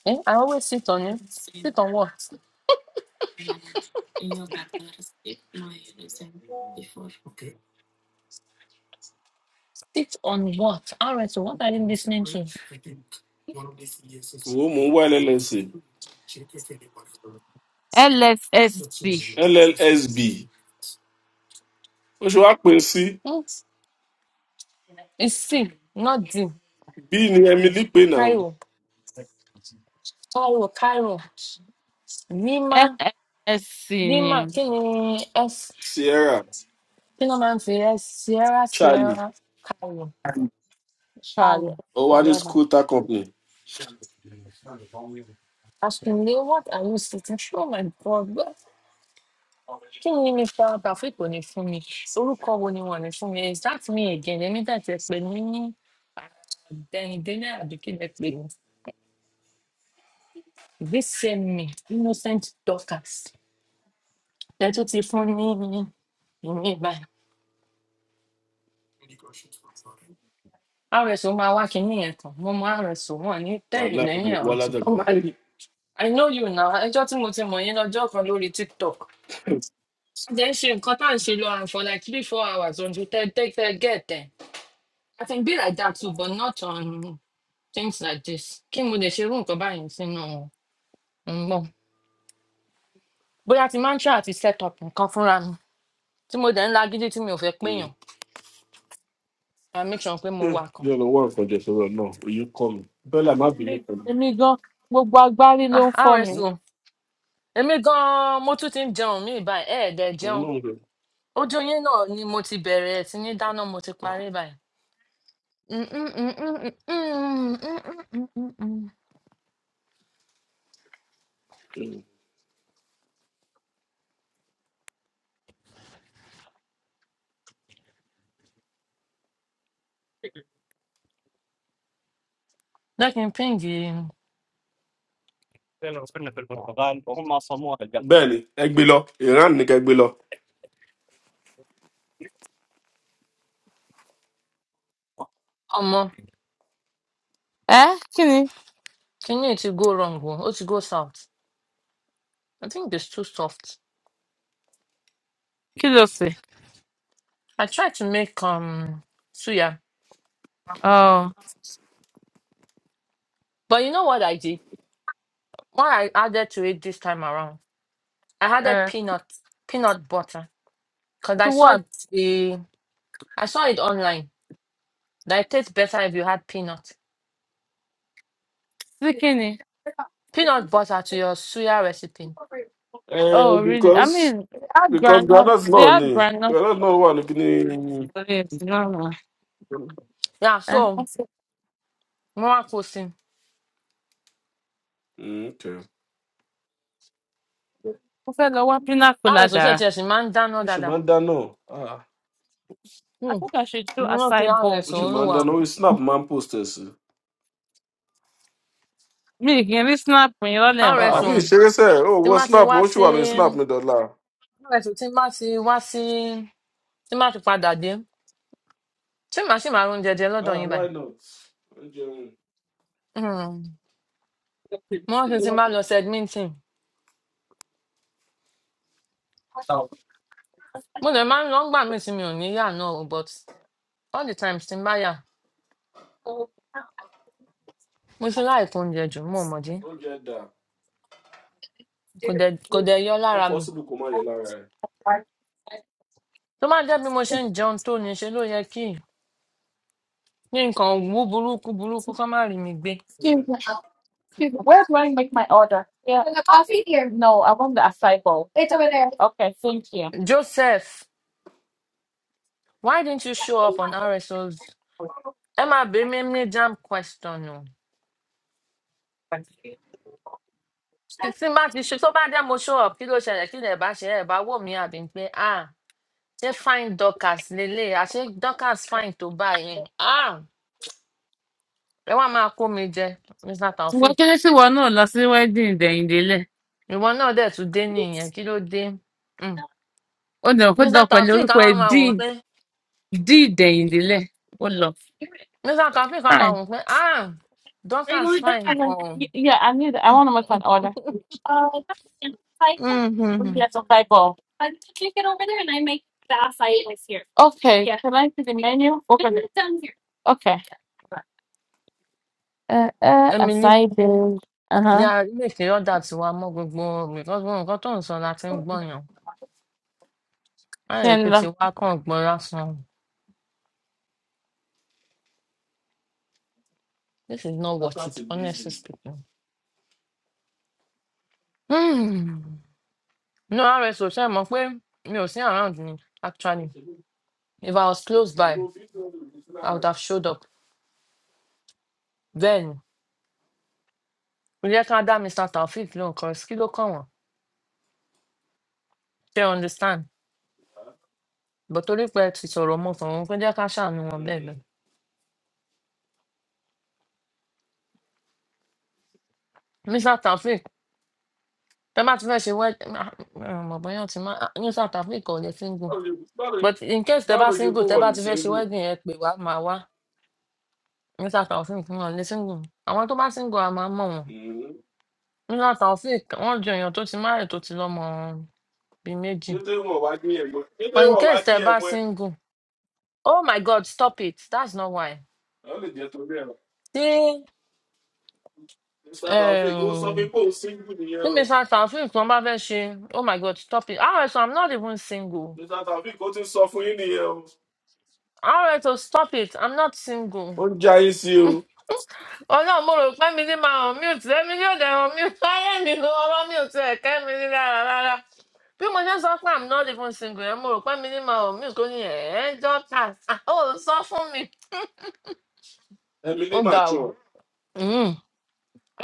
S1: Eh, I always sit on it. Sit on what? Sit on what? RSO, what are you listening to?
S2: Wo mò ń wá LLC.
S6: lssc
S2: LLSB. Ó ṣe wá pè sí
S1: Hmm? It's C, not D.
S2: B ní Emily pè náà
S1: Cairo, Cairo, Cairo. Lima,
S6: lssc ni o.
S1: Lima, kí ni S?
S2: Sierra
S1: Kí ni wọ́n máa ń fi S? Sierra,
S2: Charlie.
S1: Sierra, Cairo.
S6: ṣàlẹ̀
S1: travel,
S2: Ó wá ní
S1: whatever.
S2: Scooter Company.
S1: Àsùnlé, what are you sitting? Oh my God. but Kí ni Mr. Taofeek ò ní fún mi? Orúkọ wo ni wọ́n ní fún mi? Is that me again? Èmi dàtí ẹ pè mí ní Dẹ̀yìndé náírà bí kí lẹ pè mí. This same me, innocent Dorcas. Ẹ tún ti fún ní ìmí ìbáyìí. RSO máa wá kinní yẹn kan. Mo mọ RSO wọn ní tẹ́lẹ̀
S2: Wàhálà mo
S1: lẹ́yìn
S2: wá
S1: ẹ̀rọ tí tó
S2: látẹ̀kọ̀.
S1: máa rí. I know you now. Ẹjọ́ tí mo ti mọ̀ yín lọ́jọ́ kan lórí TikTok. Then she cut and she learn for like three, four hours on the third, take third, get there. I can be like that too, but not on things like this. Kí mo lè ṣe irú nǹkan báyìí sínú ọ̀gbọ́n? Bóyá ti máa ń ṣe àti set up nǹkan fúnra mi tí mo dẹ̀ ń lagídí tí mi ò fẹ́
S2: Mm.
S1: péyàn. I make sure pé mo
S2: Eh,
S1: wà kan.
S2: Yóò lọ wá nǹkan jẹ sọ̀rọ̀ náà. Oyún kọ́ mi. Bẹ́lá má bínú pẹ̀lú.
S6: èmi gan gbogbo agbárí ló ń
S1: Ah,
S6: fọ́ mi.
S2: Hmm?
S1: RSO, èmi gan-an mo tún ti ń jẹun mí báyìí, ẹ̀ẹ́dẹ̀
S2: Òun
S1: jẹun.
S2: náà ń lọ.
S1: Ojú yín náà ni mo ti bẹ̀rẹ̀ sí ní dáná, mo ti
S2: Ah,
S1: parí báyìí. Mm, mm, mm, mm, mm, mm, mm, mm, mm, mm.
S2: hmm.
S1: Jẹ́ kí n píǹgì
S2: Bẹ́ẹ̀ni, ẹ gbé lọ. Iran ní kẹ́ gbé lọ.
S1: ọmọ
S6: ẹ kí ni
S1: Kenya to me, it will go wrong, oh, Oh, to go south. I think it's too soft.
S6: kí ló ṣe.
S1: I tried to make um suya,
S6: Oh,
S1: but you know what I did? What I added to it this time around, I added
S6: uh,
S1: peanut peanut butter because
S6: to
S1: I saw
S6: what?
S1: the I saw it online that it tastes better if you add peanut
S6: Sickening.
S1: peanut butter to your suya recipe.
S2: Eh,
S6: Oh, really? I
S2: because
S6: mean, I
S2: because
S6: grown up.
S2: Granada
S6: They
S2: náà ni
S6: had grown up.
S2: Granada náà wà ní kíní.
S6: Yes, no, no.
S1: Yeah,
S6: And I
S1: so
S6: said,
S1: more cooking.
S2: Mm, okay.
S6: I said, I want pina
S1: I was so
S6: colada.
S1: just man down all
S2: ó sì
S1: that.
S2: máa ń dáná Ah,
S6: I
S1: Hmm.
S6: think I should do
S1: Mo rántí
S6: acai
S2: ó
S6: bowls.
S1: àrẹ̀sọ̀
S2: sì máa ń
S1: olúwa
S2: dáná
S1: o.
S2: orí snap máa ń post ẹ̀ sí.
S6: Me, can you snap when you're left?
S2: Ah, mi ì
S1: àrẹ̀sọ̀
S2: ṣeré sẹ́ ẹ̀ ó
S1: tí
S2: wọ
S1: má ti
S2: snap
S1: wá
S2: mi ó sì wà lórí
S1: sí
S2: snap mi dọ́là.
S1: Báwo ẹ̀sùn tí n bá ti wá sí tí n bá ti padà dé ṣé màá sì máa rún jẹjẹ lọ́dọ̀
S2: Ah,
S1: yín
S2: why
S1: báyìí.
S2: not? oúnjẹ òun,
S1: Hmm,
S6: Excuse me.
S1: mo
S6: Excuse
S1: rántí tí n bá lọ segmenting mo lè máa ń lọ ńgbà míì tí mi ò ní yà náà o but all the times tí n bá yà mo ti láì kó oúnjẹ jù mo mọ̀ dí
S2: oúnjẹ dà
S1: kò dẹ̀ kò dẹ̀ yọ
S2: ó
S1: lára mi.
S2: possible kó má yọ lára ẹ̀.
S1: tó bá jẹ́ bí mo ṣe ń jẹun tó ní ṣe ló yẹ kí kí nǹkan wú burúkú burúkú kó má rí mi gbé.
S6: me. Where do I make my order? Yeah. In the coffee here. No, I want the acai bowl. It's over there. Okay, thank you.
S1: Joseph, why didn't you show up on RSO's? ẹ máa bèé mi ní jam question o
S6: Wọ́n
S1: tí tí n bá ti ṣe tó bá dé mo show up kí ló ṣẹlẹ̀ kí lè bá ṣe ẹ̀ bá wò mí àbí pé ah ṣé fine dorcas lélẹ̀ àṣé dorcas fine tó báyìí ah ẹ wá máa kó mi jẹ mr taofeek
S6: kéré sí wọn náà lọ sí wedding dẹ̀yìndélẹ̀.
S1: ìwọ náà dẹ̀ tún dé nìyẹn kí ló dé Mm.
S6: Ó lọ kó lọ
S1: mr
S6: pẹ̀lú
S1: taofeek á
S6: orúkọ
S1: wá
S6: ẹ̀
S1: máa
S6: dí
S1: wò ó pé
S6: dí dẹ̀yìndélẹ̀. Ó lọ.
S1: mr taofeek á
S6: Hi.
S1: máa wò ó pé ah
S6: Are you
S1: dorcas
S6: going back?
S1: fine gan-an
S6: Y- Yeah, I need. I want to make an order. Uh, five.
S1: Mhm.
S6: Yes, a five ball. I take it over there and I make the acai is here. Okay. Yeah. Can I see the menu? Open it. It's down here. Okay. Uh, uh,
S1: emily
S6: acai bowl. Uh
S1: ní
S6: huh.
S1: ilé ìfẹ́ ọ̀dà tí wàá mọ́ gbogbo nǹkan tó nǹkan tó ń sọ la ti ń gbọ̀yàn láì rí
S6: Then.
S1: pé tiwa kàn gbọ́ lásán This is not worth
S2: lákàtì
S1: it, honestly
S2: bíìsì.
S1: speaking. Hmm. No, RSO ṣe mọ̀ pé mi ò sí around ni actually. If I was close
S2: ìbò
S1: by,
S2: fífi ọ̀rọ̀ ìlú
S1: I
S2: lára.
S1: would have showed up. Bẹ́ẹ̀ni, kò yẹ ká dá Mr. Taofeek lóhùn kan kí ló kàn wọ́n? Ṣé o understand? But torí pé ẹ ti sọ̀rọ̀ mọ́ sọ̀rọ̀ wọn, kò jẹ́ ká ṣàánú wọn bẹ́ẹ̀
S2: Mm.
S1: bẹ́ẹ̀. Mr. Taofeek, tẹ bá ti fẹ́ ṣe wed mọ̀ bóyá ti máa Mr. Taofeek ò lè single.
S2: báwo lè- báwo lè-
S1: But in case tẹ
S2: báwo
S1: bá
S2: ló ṣe
S1: single,
S2: kó
S1: tẹ
S2: wọn
S1: bá
S2: lè
S1: ti fẹ́ ṣe
S2: ṣẹ́ńdù?
S1: wedding ẹ pè wá máa wá. Mr. Taofeek náà lè single. Àwọn tó bá single a máa mọ̀ wọ́n. Ńlá Taofeek, wọ́n jọ èèyàn tó ti marry tó ti lọ́mọ bíi méjì.
S2: ṣé tí wọn wá dín ẹ̀mọ́ ẹ̀? ṣé tí
S1: But in
S2: wọn wá
S1: case tẹ
S2: dín
S1: bá
S2: ẹ̀mọ́ ẹ̀
S1: single, oh my God, stop it, that's not why.
S2: wọ́n lè jẹ́ torí ẹ̀rọ.
S1: Tí
S2: mr taofeek ó sọ fún yín
S1: um,
S2: pé òun ṣẹ́ńdù
S1: tí
S2: nìyẹn o
S1: Mr. Taofeek wọn bá fẹ́ ṣe, oh my God, stop it. RSO, I'm not even single.
S2: mr taofeek ó ti sọ fún yín nìyẹn o
S1: RSO, stop it, I'm not single.
S2: ó ń jayé sí o
S1: Ọlọ́run mo rò pé mi ní máa hàn mute, èmi ní òde hàn mute, ayé mi ló ọ̀rọ̀ mute ẹ̀ kẹ́ mi ní rárá rárá. Bí mo ṣe sọ pé I'm not even single, ẹ̀ mo rò pé mi ní máa hàn mute kó ní ẹ̀ ẹ́ dọ́tà, ó sọ fún mi.
S2: ẹmí ní
S1: Ó ga o.
S2: màtúọ
S1: Mm.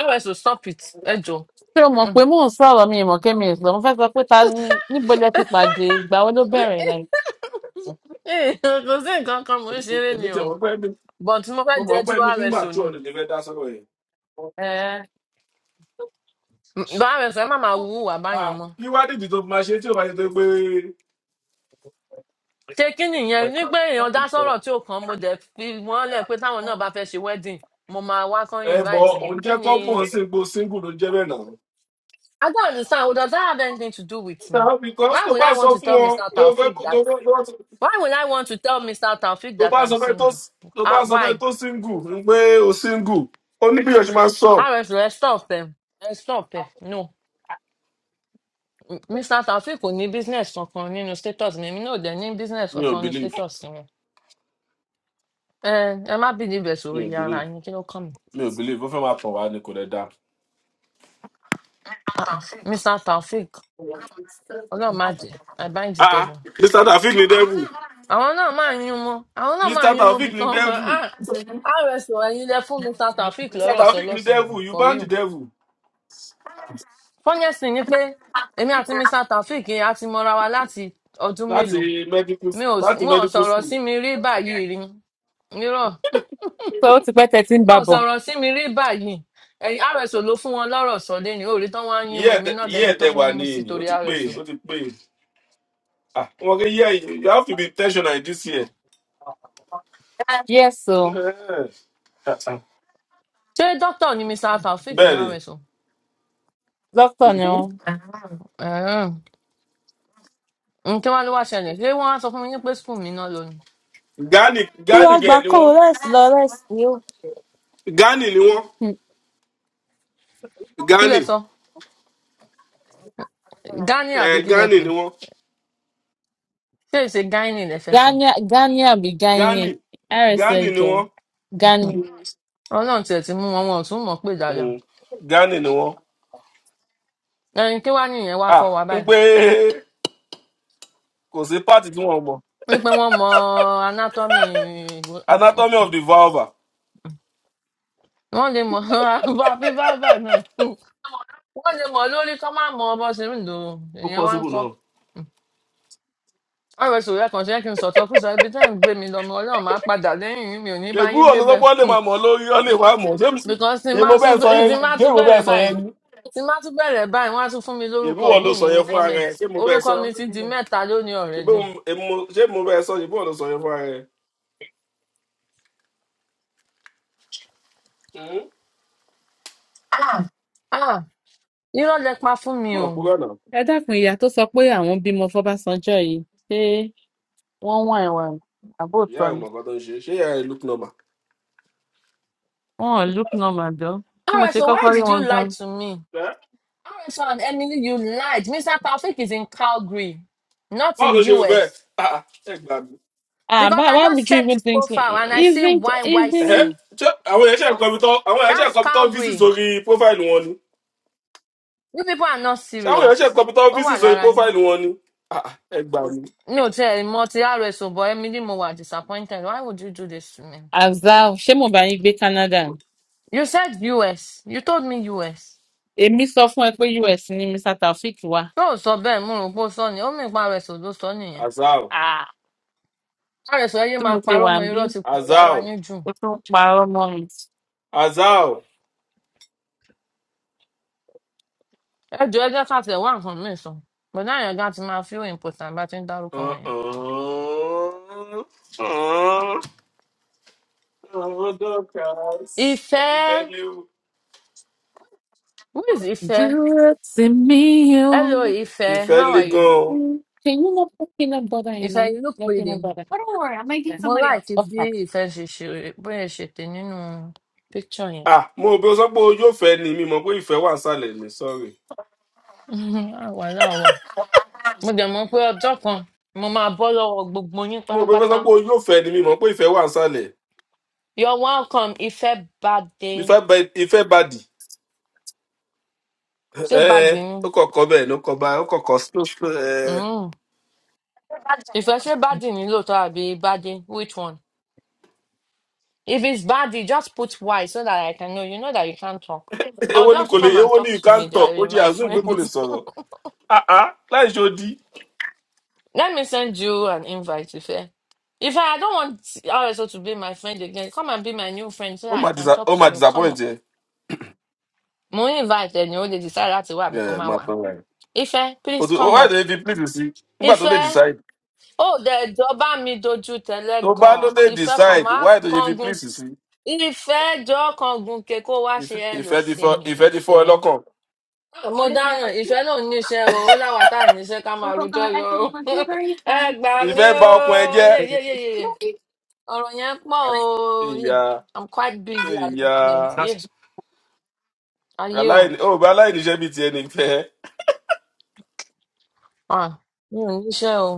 S1: Ẹ wẹ̀ so stop it, ẹ jọ.
S6: ṣé o mọ̀
S1: Mm.
S6: pé mò ń sọ̀rọ̀ mi ìmọ̀ kémi ìsọ̀ mo fẹ́ sọ pé ta ni níbo lẹ ti pàdé ìgbà wo ló bẹ̀rẹ̀ like
S1: Eh, Kò sí nǹkan kan mò ń ṣeré ni
S2: èmi tẹ
S1: o.
S2: wọn pẹ mi
S1: But mo
S2: mo
S1: fẹ́
S2: mọ
S1: jẹ́ tí
S2: pé mi
S1: wàá
S2: ní
S1: rẹ̀ sùn ni.
S2: màtúọ ni lè fẹ dá sọrọ yẹn.
S6: eh,
S1: Bàá rẹ̀ sùn, ẹ má máa wúwà báyẹn
S2: Ah,
S1: mọ́.
S2: kí wá dìdì tó fi máa ṣe tí ò bá ṣe tó pé
S1: Ṣé kí nìyẹn ní pé èèyàn dá sọ̀rọ̀ tí ò kàn án, mo dẹ̀ fi wọ́n lẹ̀ pé táwọn náà bá fẹ́ ṣe wedding, mo máa wá kán
S2: ẹ bọ
S1: invite mi.
S2: òun
S1: Kí
S2: jẹ
S1: ni?
S2: kọpọ sí ipò single ló jẹ bẹẹ náà.
S1: I don't understand. Does that have anything to do with me?
S2: náà because
S1: Why
S2: tó
S1: would I
S2: bá sọ
S1: want to
S2: fún
S1: tell
S2: wọn
S1: Mr.
S2: tó fẹ
S1: Taofik
S2: kó- tó
S1: that?
S2: bá tó bá sọ
S1: Why would I want to tell Mr. Taofik
S2: tó
S1: that
S2: bá
S1: I'm
S2: sọ fẹ tó
S1: single?
S2: tó
S1: Uh,
S2: bá sọ fẹ
S1: why?
S2: tó single ń pé o single ó ní bí yóò ṣe máa sọ.
S1: RS, let's stop them. Let's stop them. No. M- Mr. Taofeek kò ní business kankan nínú status mi, èmi náà ò dẹ̀ ní business
S2: mi ò
S1: kankan nínú
S2: believe
S1: status wọn. Ẹ ẹ má bí níbẹ̀
S2: mi
S1: sórí
S2: ò
S1: ara
S2: believe
S1: yín kí ló kàn mí.
S2: mi ò believe ó fẹ́ máa pọ̀ wá ni kò lè dá.
S1: Ah ah, Mr. Taofeek ọlọ́run má jẹ́ I bind the
S2: ah
S1: devil.
S2: mr taofik ni devil
S1: Àwọn náà máa ń yún mọ́, àwọn náà máa ń
S2: mr
S1: yún mọ́ bí
S2: taofik ni
S1: tán.
S2: devil
S1: Ah, ah, RSO ẹ̀yin lẹ fún Mr. Taofeek
S2: ní south
S1: lọ́rọ̀ sọ
S2: africa ní
S1: lọ́sàn-án
S2: devil
S1: yìí,
S2: you
S1: for
S2: ban the
S1: real.
S2: devil
S1: Fọ́nyẹ́sì ni pé èmi àti Mr. Taofeek yẹn a ti mọra wa láti ọdún mélòó.
S2: láti medical
S1: Mi ò s-
S2: láti
S1: wọn ò
S2: medical
S1: sọ̀rọ̀ sí
S2: school
S1: mi rí báyìí rí. Mírọ̀
S6: so ó ti pẹ́ tẹ́ ti ń bá
S1: wọn ò
S6: bọ̀
S1: sọ̀rọ̀ sí mi rí báyìí ẹ̀yin rso ló fún wọn lọ́rọ̀ sọ lẹ́ni òòrí tán wá ń yín mu èmi náà dẹni
S2: yíyẹ
S1: tó
S2: tẹ
S1: ń yín
S2: wà
S1: mu sí
S2: ní ó
S1: torí
S2: ti pè
S1: rso
S2: é, ó ti pè é. Ah, wọn kì í yẹ you have to be intentional in this year
S6: yes o
S2: Eh,
S1: ṣé dókítà ni mr taofeek
S2: bẹ́ẹ̀
S1: ní
S2: ni
S1: rso
S6: doctor ni ó
S1: Ẹ̀hẹ́n. N kí wàá ló wá ṣẹlẹ̀ ṣé wọ́n á sọ fún mi yín pé school mi náà lónìí
S2: gani
S6: tó wá
S2: gani
S6: gba
S2: gẹ̀ ni
S6: kó o
S2: wọ́n
S6: rest lọ rest ni ó
S2: gani ni wọ́n
S6: Hmm.
S1: kí
S2: gani
S1: lẹ sọ gani àbí
S2: eh,
S1: kí lẹ
S2: gani
S1: pè
S2: ni wọ́n
S1: ṣé èsè gani lẹ fẹ́ sọ
S6: Ghana Ghana àbí
S2: gani
S6: Ghanaian rsa
S2: gani ni
S6: jọ
S2: wọ́n
S6: Ghana
S1: ọlọ́run tiẹ̀ ti mú wọn wọn ò tún mọ̀ pé dáadáa
S2: Mm, gani ni wọ́n
S1: ẹ̀yin kí wàá nìyẹn wá
S2: ah
S1: kọ́ wa
S2: n
S1: báyìí
S2: pé kò sí part tí wọ́n mọ
S1: wípé wọ́n mọ anatomy
S2: anatomy of the vulva
S1: wọ́n lè mọ bàbí bàbà náà wọ́n lè mọ̀ lórí kọ́ máa mọ bó ṣe ń lò ó
S2: ó
S1: ìyẹn wá ń
S2: possible
S1: kọ́
S2: náà
S1: ọ̀rọ̀ ìṣòro ẹ̀kan ṣe é kí n sọ̀tọ̀ kùsà ibi tẹ́ ẹ̀ ń gbé mi lọ́mọ ọlọ́run máa padà lẹ́yìn yín, mi ò ní bá
S2: ègú
S1: yín
S2: ọ̀nà
S1: débẹ̀
S2: lọ́gbọ́n lè
S1: Hmm.
S2: máa mọ̀ lórí ọ lè máa mọ̀ ṣé mi- sí?
S1: because tí n
S2: ṣé
S1: bá
S2: mo
S1: tún
S2: bẹ́ẹ̀ sọ
S1: bẹ-
S2: yẹn
S1: tí n bá
S2: ṣé
S1: tún
S2: mo bẹ́ẹ̀
S1: bẹ̀rẹ̀
S2: sọ
S1: báyìí
S2: yẹn ni
S1: tí n bá tún bẹ̀rẹ̀ báyìí wọ́n á tún fún mi
S2: èbí
S1: lórúkọ
S2: wọn ló
S1: míì
S2: sọ
S1: nínú
S2: yẹn fún ara
S1: comment
S2: ẹ ṣé mo bẹ́ẹ̀
S1: orúkọ
S2: sọ
S1: mi ti di mẹ́ta lónìí
S2: ṣé bí
S1: already
S2: mo- èmi mo- ṣé mo bẹ́ẹ̀ sọ ṣé bí wọn ló sọ yẹn fún ara ẹ. Hmm?
S1: ah irọ́ lẹ pa fún mi
S2: náà
S1: o
S2: kúrò náà
S6: ẹ dákun ìyá tó sọ pé àwọn bímọ fọbásanjọ́ yìí ṣé wọ́n wà ẹ̀wà
S2: ìyá
S6: àbóòtọ́
S2: ẹ̀
S6: ni
S2: mọ̀ nǹkan tó ń ṣe ṣé ìyá ẹ̀ look normal.
S6: wọn ò look normal dán tí mo ṣe
S1: RSO why
S6: kọ́kọ́ rí
S1: did you
S6: wọn
S1: lie
S6: gan
S1: to me
S2: Ẹ́,
S1: RSO and Emily you lied Mr Taofeek is in Calgary not
S2: báwo
S1: in
S2: ló ṣe rò bẹ́ẹ̀
S1: US
S2: Ah, ah, ẹ gbà mí.
S6: Ah,
S1: Because
S6: but
S1: I
S6: why would
S1: just
S6: you
S1: checked
S6: even
S1: his
S6: think so?
S1: profile and I see
S6: Even,
S2: Ẹ̀hẹ́,
S6: even.
S1: YYC.
S2: ṣé àwọn èèyàn ṣe nǹkan bí tán àwọn èèyàn ṣe
S1: That's
S2: nǹkan bí tán físì
S1: Calgary.
S2: sórí profile wọn ni
S1: You people are not
S2: ṣé àwọn èèyàn ṣe
S1: serious.
S2: nǹkan bí tán
S1: Oh,
S2: físì
S1: well,
S2: sórí
S1: Lara.
S2: profile wọn ni Ah, ah, ẹ gbà mí.
S1: No, tell him multi RS, oh, boy, Emily Mowa disappointed. Why would you do this to me?
S6: Azal, ṣé mo bá yín gbé Canada? ni?
S1: You said US. You told me US.
S6: Èmi sọ fún ẹ pé US ni Mr. Taofik wà.
S1: Ṣé o sọ bẹ́ẹ̀ mo rò pé o sọ ni? Ó mì pa RS ló sọ nìyẹn.
S2: azao
S6: Ah,
S1: RS ẹyẹ
S6: tí
S1: máa
S6: mo ṣe
S1: parọ́
S6: wà
S1: mọ
S6: ń bí,
S1: irọ́ ti pọ̀ lára
S2: azao
S1: yín jù.
S6: ó tún ń parọ́ mọ́
S2: azao
S1: Ẹ jọ ẹjẹ́ káàtì ẹ̀ wá nǹkan mìíràn sọ. Bọ̀dá yẹn gan ti máa feel important bá ti ń dárúkọ wọn yẹn.
S2: Uh-uh. Uh-uh. Àwọn dọ́kas. Ìfẹ́
S1: Ìfẹ́,
S2: léwu.
S1: who is Ìfẹ́?
S6: mi. Dúró tì mí o,
S1: Hello Ìfẹ́,
S2: Ìfẹ́
S1: how
S2: lé
S1: are you?
S2: gan-an.
S6: Mm, Can you not put peanut butter in
S1: Ìfẹ́
S6: mine?
S1: inú
S6: No
S1: péré.
S6: peanut butter. Oh, don't worry, I might get
S1: Mo
S6: somebody else.
S1: láìkí bí
S6: Okay.
S1: ìfẹ́ ṣe ṣe bóyá ṣe tè nínú píkṣọ̀ yẹn.
S2: Ah, mo rò pé o sọ pé o yóò fẹ́ ni mi mọ̀ pé ìfẹ́ wà nsàlẹ̀ ni sọ́ọ̀rì.
S1: Àwa láwa. Mo dẹ̀ mọ̀ pé ọjọ́ kan mo máa bọ́ lọ́wọ́ gbogbo yín
S2: Mo rò pé o sọ
S1: pátápátá.
S2: pé o yóò fẹ́ ni mi mọ̀ pé ìfẹ́ wà nsàlẹ̀.
S1: You're welcome, ìfẹ́ bàdé.
S2: Ìfẹ́ bẹ- ìfẹ́ badì.
S1: Ṣé bàdé
S2: Ẹ́ẹ́
S1: ni?
S2: ó kọ̀kọ́ bẹ́ẹ̀ ló kọ bá ó kọ̀kọ́ ẹ́ẹ́
S1: Mm. Ìfẹ́ ṣé bàdé ni lóòótọ́ àbí bàdé? Which one? If it's bàdé, just put Y so that I can know. You know that you can't talk. Or
S2: èwo ni
S1: just
S2: kò lè
S1: come and
S2: èwo ni
S1: talk
S2: you
S1: to
S2: can't
S1: me,
S2: talk ó
S1: jare,
S2: jẹ́
S1: my
S2: àzún pé kò
S1: friend.
S2: lè sọ̀rọ̀. Ah ah láì ṣe odi.
S1: Let me send you an invite, Ife. If I don't want RSO to be my friend again, come and be my new friend so
S2: Ó
S1: that I
S2: máa
S1: can
S2: disa-
S1: talk
S2: ó
S1: to
S2: máa
S1: you. Come
S2: disappoint
S1: up.
S2: ẹ.
S1: Mo ń invite ẹni ó lè decide láti wá àbí kó
S2: Ẹ
S1: má
S2: máa
S1: wá.
S2: tán ra ẹ.
S1: Ife,
S2: O
S1: please
S2: tó-
S1: come
S2: why
S1: up.
S2: do you fi please sí nígbà tó lè
S1: Ife,
S2: decide
S1: ó dẹ̀ jọba mi dojú tẹ́lẹ̀
S2: tó bá ló
S1: gan-an.
S2: lè
S1: Ife kan
S2: decide
S1: máa
S2: why do you fi
S1: kángun.
S2: please sí
S1: Ife jọ kángun ke kó wá ṣe
S2: Ìfẹ́
S1: ẹ lò
S2: ìfẹ́ ti
S1: sí
S2: fọ́
S1: mi,
S2: ìfẹ́ ti fọ́
S1: Ife.
S2: ẹ lọ́kàn
S1: Ah, Mo
S6: Here are the
S1: dáràn,
S6: other two.
S1: ìfẹ́ náà níṣẹ́ o, ó láwa tá à níṣẹ́ ká
S6: Oh,
S1: máa
S6: well, but
S1: rojọ́
S6: I
S1: lọ.
S6: can
S1: o.
S6: have blueberries
S1: Ẹ
S6: and
S1: gbà
S6: regular
S1: mí
S2: ìfẹ́ bà
S6: peanut
S2: ọkàn ẹ
S1: o,
S2: jẹ́
S1: yé yé
S6: butter.
S1: yé yé.
S6: Okay.
S1: ọ̀rọ̀ yẹn pọ̀ o.
S2: ìyá
S1: I'm quite busy at the
S2: ìyá
S1: moment. Yeah. Ayé o.
S2: aláìní ó bá aláìní iṣẹ́ bíi tiẹ̀ nìfẹ́
S1: Ah, mi ò níṣẹ́ o.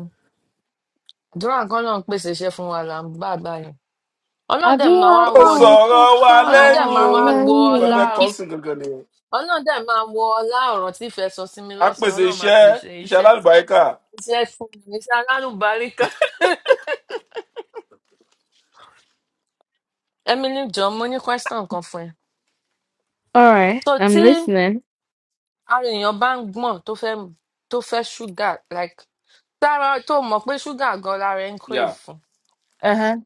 S1: Àdúrà kan náà ń pèsè iṣẹ́ fún wa là ń bá àgbà yẹn.
S6: I
S1: Ọlọ́run dẹ̀
S6: do
S1: máa wá
S6: have
S2: ó
S1: wọ
S6: power,
S2: sọ̀rọ̀
S6: power,
S2: wa
S1: Ọlọ́run dẹ̀
S2: lẹ́yìn
S1: máa
S2: o
S6: power,
S1: wá wo
S2: nǹkan tó
S1: ọlá
S2: fẹ́
S6: man.
S2: kọ́ sí gangan nìyẹn
S1: Ọlọ́run dẹ̀ máa wo ọlá ọ̀rọ̀ tí ìfẹ́ sọ sí mi
S2: á
S1: lọ́sàn-án.
S2: pèsè
S1: Ọlọ́run máa
S2: iṣẹ́
S1: pèsè
S2: iṣẹ́
S1: iṣẹ́
S2: alálùbáríkà
S1: iṣẹ́ fún mi. Iṣẹ́ alálùbáríkà. Emily John, mo ní question kan fún ẹ.
S6: All right,
S1: So
S6: I'm
S1: tí
S6: listening.
S1: ara èèyàn bá ń gbọ̀n tó fẹ́ tó fẹ́ ṣúgà like tára tó mọ̀ pé ṣúgà gan lára ẹ̀ ń
S2: yà
S1: crave fún
S6: Uh-huh.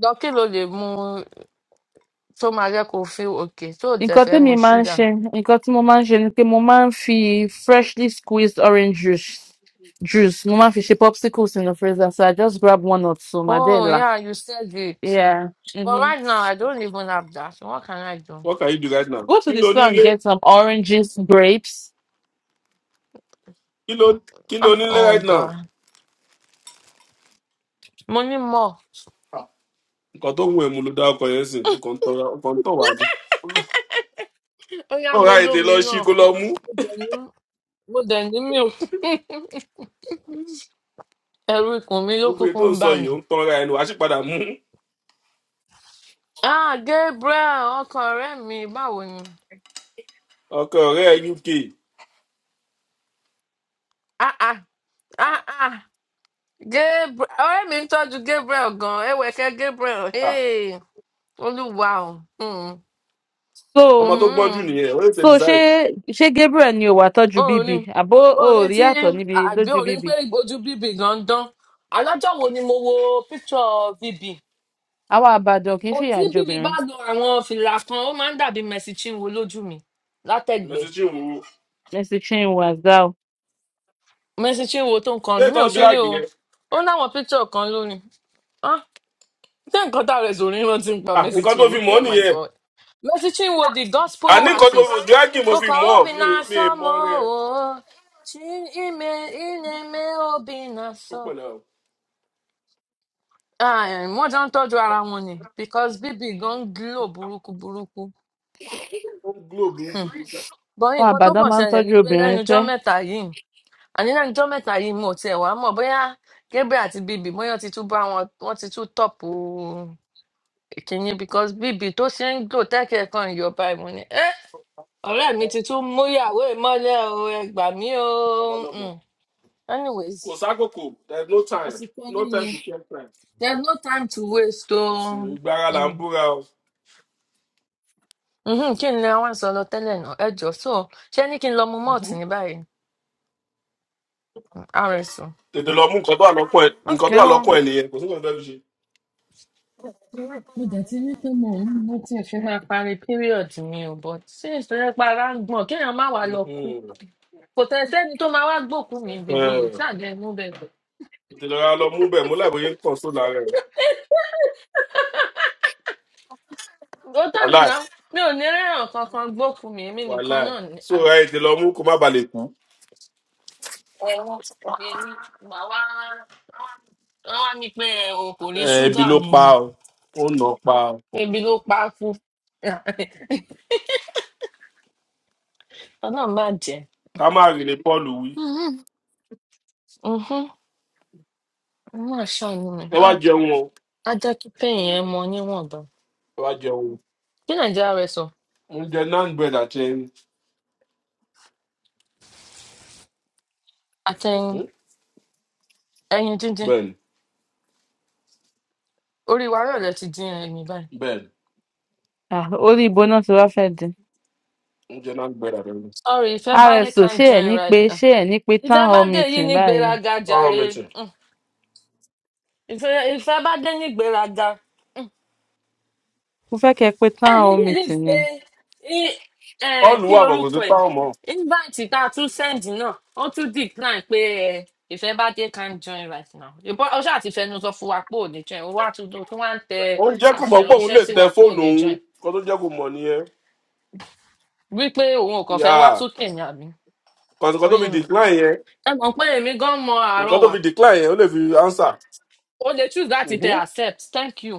S1: lọ kí ló lè mu tó máa jẹ́ kó feel okay tó o dẹ̀
S6: Nǹkan
S1: fẹ́ mu
S6: tẹ́mi máa ń
S1: ṣúgà.
S6: ṣe nǹkan tí mo máa ń ṣe ni pé mo máa ń fi freshly squeezed orange juice juice mo máa ń fi ṣe popsicles in the freezer so I just grab one or two màá dẹ̀
S1: oh
S6: là.
S1: yeah you said it
S6: Yeah.
S1: but
S6: hmm
S1: right now I don't even have that So what can I do.
S2: what can you do right now
S6: Go
S2: kí
S6: to the
S2: ló
S6: store and
S2: nílé
S6: get some oranges, grapes.
S2: kí ló kí ló
S1: ah
S2: nílé
S1: oh
S2: right now
S1: god mo ní mọ̀
S2: nǹkan tó ń wù ẹ́ mu ló dá ọkọ̀ yẹn sìn ọkọ̀ ń tọ́ wa jù
S1: ó yá
S2: báwo
S1: mo
S2: láì tè
S1: lómi
S2: lọ sí
S1: náà
S2: kó lọ
S1: mo
S2: mú
S1: dẹ̀ ní mo dẹ̀ ní mi ò ẹ̀rù ikùn mi ló
S2: gbogbo èyí
S1: kúkú
S2: tó ń
S1: ń
S2: sọ
S1: bà
S2: yìí
S1: mí.
S2: ó ń tan ara ẹnu wàá sì padà mú
S1: ah Gabriel ọkọ ọ̀rẹ́ mi báwo ni.
S2: ọkọ ọrẹ uk
S1: ah ah ah ah Gabriel ọ̀rẹ́ mi ń tọ́jú Gabriel gan-an ẹ̀wẹ̀kẹ́ Gabriel
S2: Ah,
S1: hey, olúwa o. Hmm.
S2: ọmọ tó
S6: So,
S2: gbọ́n jù
S1: Mm.
S2: nìyẹn ó lè tẹ̀
S6: so
S2: decide
S6: she, she Gabriel ni o wa tọ́jú
S1: Orin
S6: bíbí.
S1: ni
S6: Àbó o ò
S1: orin
S6: rí
S1: tí
S6: yàtọ̀ níbi
S1: àgbẹ̀
S6: lójú
S1: orin
S6: bíbí.
S1: pé ojú bíbí gan ń dán. Alájọ́ wo ni mo wo picture bíbí?
S6: Àwọn àbàdàn kì í
S1: O
S6: fìyà
S1: tí
S6: jẹ
S1: bíbí bá
S6: obìnrin.
S1: lo àwọn fìlà kan, ó máa ń dàbí Mercy Chinwo lójú mi látẹ̀gbẹ́.
S2: mẹsì tí òun wo
S6: Mercy Chinwo Azaw.
S1: Mercy Chinwo tó ń
S2: ṣé
S1: kọrin, mi ò
S2: ìtọ́
S1: ṣeré
S2: dírágì
S1: o.
S2: yẹn
S1: Ó láwọn picture kan lónìí. Ah, ṣé nǹkan tá a rẹ̀ sòrí rántí nípa
S2: Ah,
S1: Mercy
S2: nǹkan tó
S1: Chinwo?
S2: fi mọ́
S1: Oh my
S2: nìyẹn
S1: God. Mercy Chinwo the gospel
S2: àní nǹkan tó fi
S1: artist
S2: dírágì mo
S1: tó
S2: fi
S1: kọ
S2: mọ́
S1: Obi
S2: mi
S1: na
S2: mi mọ́ rẹ
S1: sọ́mọ́ o. Chi ime ineme Obi
S2: ó
S1: na
S2: pọ̀ náà ó
S1: Ah, eh, wọ́n jọ ń tọ́jú ara wọn ni because bíbí gan ń glo burúkú burúkú.
S2: ń glo
S1: Hmm.
S2: burúkú
S1: But
S6: Àwọn
S1: nǹkan tó
S6: àbàdàn
S1: kàn
S6: máa ń
S1: ṣẹlẹ̀ ni
S6: tọ́jú
S1: pé lẹ́nu
S6: obìnrin
S1: ọjọ́
S6: sẹ́.
S1: mẹ́ta yìí àní lẹ́nu ọjọ́ mẹ́ta yìí mo tiẹ̀ wá mọ̀ bóyá Gabriel àti bíbí bóyá wọ́n ti tún bá wọn wọ́n ti tún tọ̀pù kìíní because bíbí tó ṣe ń glo tẹ́kẹ̀ kan ìyọba ìmọ̀ ni ẹ́ ọ̀rẹ́ mi ti tún mú ìyàwó ìmọ́lẹ̀ o ẹ gbà mí o.
S2: ọmọlọ́mọ
S1: Hmm. Anyways
S2: kò sákòókò there is no time
S1: àsìkò
S2: no
S1: yín
S2: time
S1: ni
S2: to get time
S1: there's no time to waste o.
S2: Ètò ìgbára là ń
S1: Hmm.
S2: búra o
S1: Mhm, kí ni àwọn sọ lọ tẹ́lẹ̀ náà ẹ jọ so ṣé ní kí n lọ mu malt
S2: Mhm.
S1: ní báyìí rso
S2: tètè lọ mú nǹkan tó wà lọ́kàn ẹ̀ nǹkan
S1: ok
S2: tó wà
S1: o
S2: lọ́kàn ẹ̀ nìyẹn kò sí nǹkan tó fẹ́ fi ṣe.
S1: mo dẹ̀ ti ní pé mo ń mo ti fi máa parí period mi o but sí ìṣẹ̀lẹ̀ para ń gbọ̀n kéèyàn má wàá lọ kú
S2: Mhm.
S1: kò tẹ̀ sẹ́ni tó máa wá gbòkú mi bíbí ìṣàjẹ́ inú bẹ̀rẹ̀
S2: ìtìlọ́ra lọ mú bẹ̀ múlẹ̀ bóyá ń kàn sóòlà rẹ̀
S1: ó tán
S2: wàhálà
S1: nìna mi ò ní rẹ́ràn kankan gbòkú mi èmi nìkan
S2: wàhálà
S1: náà ni
S2: so
S1: à
S2: ẹ ìtìlọ́ mú kó má ba lè kú.
S1: èmi màá wá wọ́n wá mi pé ẹ o kò rí
S2: ẹ ibi
S1: ṣúgà
S2: ló
S1: mu
S2: pa
S1: ni
S2: ọ ó nà ọ pa ọ
S1: ebi ló pa á kú ọlọ́run má
S2: ká má rìn ní paul wí
S1: jẹ́ wọn máa ṣàánú mi
S2: ẹ
S1: á
S2: wá jẹun o
S1: á jẹ́ kí pain yẹn mọ níwọ̀nba
S2: ẹ wá jẹun
S1: kí nàìjíríà rẹ sọ
S2: o ń jẹ nan bread àti ẹyin
S1: àtẹ̀yìn
S2: Mhm.
S1: ẹyin díndín
S2: bẹẹni
S1: orí wa rẹ̀ lẹ ti dín ẹyin báyìí
S2: bẹẹni
S6: Ah, orí ibo náà ti wá fẹ́ dín
S2: ń jẹ nan bread àti ẹyin.
S1: sorry Ìfẹ́bádé
S6: rso
S1: can't
S6: ṣé ẹ
S1: join
S6: ní
S1: right
S6: pé
S1: now
S6: ṣé ẹ ní pé town hall
S1: Ìfẹ́bádé yìí
S6: meeting
S1: ní
S6: báyìí
S1: gbéraga
S2: ọrùn mi
S1: jàre
S2: tì
S1: Mm. Ìfẹ́ Ìfẹ́bádé ní gbéraga
S6: mo fẹ́ kẹ́ ẹ pé town
S1: ẹ̀yin
S6: hall
S1: bíbí
S6: meeting ni
S1: pé í- um,
S2: paul
S1: kí
S2: wà bọ̀gùn
S1: lorúkọ
S2: tó
S1: ẹ̀
S2: táwọn mọ́
S1: invite tá a tún send náà ó tún decline pé ẹ ìfẹ́ bá dé can join right now ìbọn ó ṣáà ti fẹnu sọ fún wa pé ò ní join ó wá tún tó tún wá ń tẹ
S2: oúnjẹ kò mọ̀ pé òun
S1: àṣẹránṣẹ́
S2: lè
S1: sí
S2: tẹ
S1: wa pé ò
S2: fóònù
S1: ní
S2: òun
S1: join
S2: kó tó jẹ́ kó mọ̀ nìyẹn
S1: wípé òun ò kàn
S2: yà
S1: fẹ́ wá sókè ní àmì ó
S2: kọ̀ọ̀kan tó
S1: yé
S2: fi
S1: mi
S2: decline yẹn
S1: ẹ mọ̀ pé èmi gan mọ àárọ̀
S2: nǹkan tó
S1: wà
S2: fi decline yẹn ó lè fi answer.
S1: ó lè choose láti tẹ
S2: Mhm.
S1: accept thank you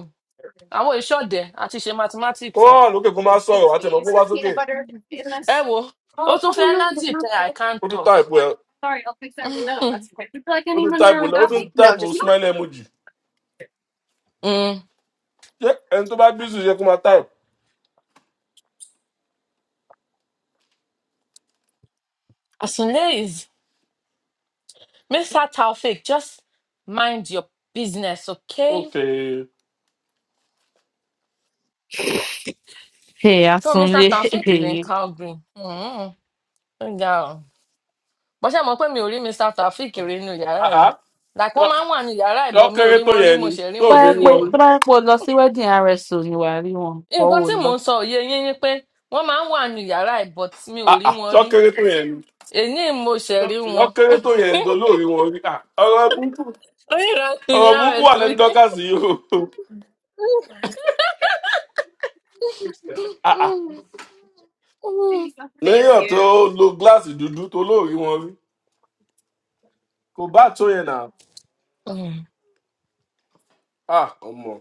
S1: àwọn ìṣọ̀dẹ̀ àti ṣe
S2: kó
S1: mathematics
S2: wá
S1: yẹn
S2: wà lókè kó má sọ̀rọ̀ wá tẹ̀mọ́ kó wá sókè
S1: ẹ wo ó tún fẹ́ nazi tẹ i can't
S2: ó tún
S1: talk.
S2: táìpù ẹ̀ ó tún táìpù lẹ́ ó tún táìpù smile emoji
S1: Mm.
S2: ṣé ẹni tó bá bísí ṣe kó má táìpù.
S1: Asunle Mr. Taufik, just mind your business, okay?
S2: ok
S6: hey,
S1: So
S6: asunlé
S1: Mr. Taufik is in Calgary. Mm-hmm. Ǹjẹ́ o? Bọ́ ṣe mọ̀ pé mi ò rí Mr. Taufik rí inú yàrá
S2: àá
S1: rẹ̀. Like wọ́n máa ń wà ní yàrá
S2: ṣọ́
S1: ìbọn mi ò
S2: kéré
S1: rí
S2: tó
S1: wọn rí
S2: yẹn
S1: mo
S2: ni
S1: ṣẹ̀ rí
S2: tó
S6: tó bá
S1: wọn
S2: ò fi rí
S6: yẹ
S1: lénìí
S6: pé
S2: wọn
S1: ni.
S2: rí
S6: tó bá yẹ pé o lọ sí wedding rso ni wàá rí wọn bọ́
S1: Nǹkan
S6: ò
S1: tí
S6: lọ.
S1: mò ń sọ òye yín ni pé wọ́n máa ń wà ní yàrá ìbọn tí mi ò rí
S2: àá
S1: wọn
S2: ṣọ́
S1: rí.
S2: kéré tó yẹn ni
S1: Èní mo ṣẹ̀ rí
S2: ṣọ́
S1: wọn.
S2: kéré tó yẹn ni tó lóòrí wọn rí Ah, ọ̀rọ̀ burúkú
S1: Oníranù ni
S2: ọ̀rọ̀ burúkú wà
S1: àrẹ̀sù
S2: lẹ́nu
S1: yín.
S2: dọ́kàsì yìí o àá
S1: Mm, mm,
S6: Thank
S2: lẹ́yìn tó
S6: you.
S2: lo gíláàsì dúdú tó lóòrí wọn rí kò bá tó yẹn nà
S1: mm.
S2: á ọmọ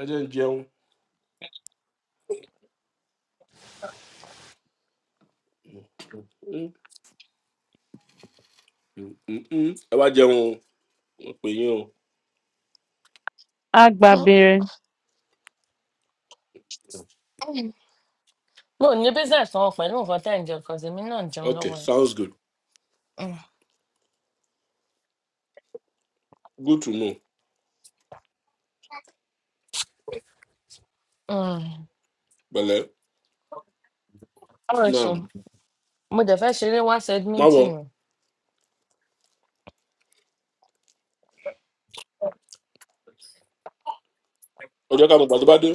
S2: ẹ jẹ́ ń jẹun Mm, mm, mm, mm. ẹ wá jẹun o. mo pè yín o
S6: Agbabere.
S1: Mo ò ní business wọn pẹ̀lú nǹkan tẹ̀ ń jẹ, 'cause èmi náà ń jẹun
S2: Okay,
S1: lọ́wọ́ ni.
S2: sounds good.
S1: Mm.
S2: Good to know.
S1: Mm.
S2: Pẹ̀lẹ́.
S1: Ọ̀rẹ́sọ,
S2: Naam.
S1: mo dẹ̀ fẹ́ ṣeré wá
S2: Má wọ.
S1: Sẹ́dmíńtìn ni.
S2: Ọjọ́ ká mo gbà tó bá dé.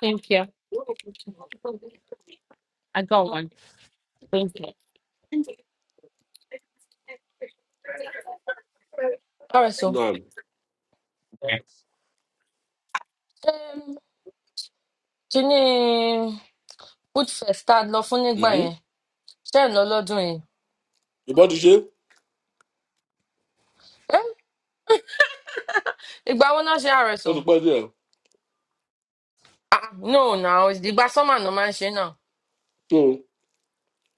S6: Thank you. I got one. Thank you.
S1: Ọ̀rẹ́sọ,
S2: Naam.
S1: ṣé kíní Food Fest tá a lọ fún nígbà
S2: Mhm.
S1: yẹn? Ṣé ẹ̀ ń lọ lọ́dún yìí?
S2: Ìbọn ti ṣe.
S1: Ẹ́ ìgbà wo náà ṣe Ọ̀rẹ́sọ?
S2: Ó ti pẹ́ díẹ̀.
S1: Ah no na ìgbà sọ́mà náà máa ń ṣe náà.
S2: So,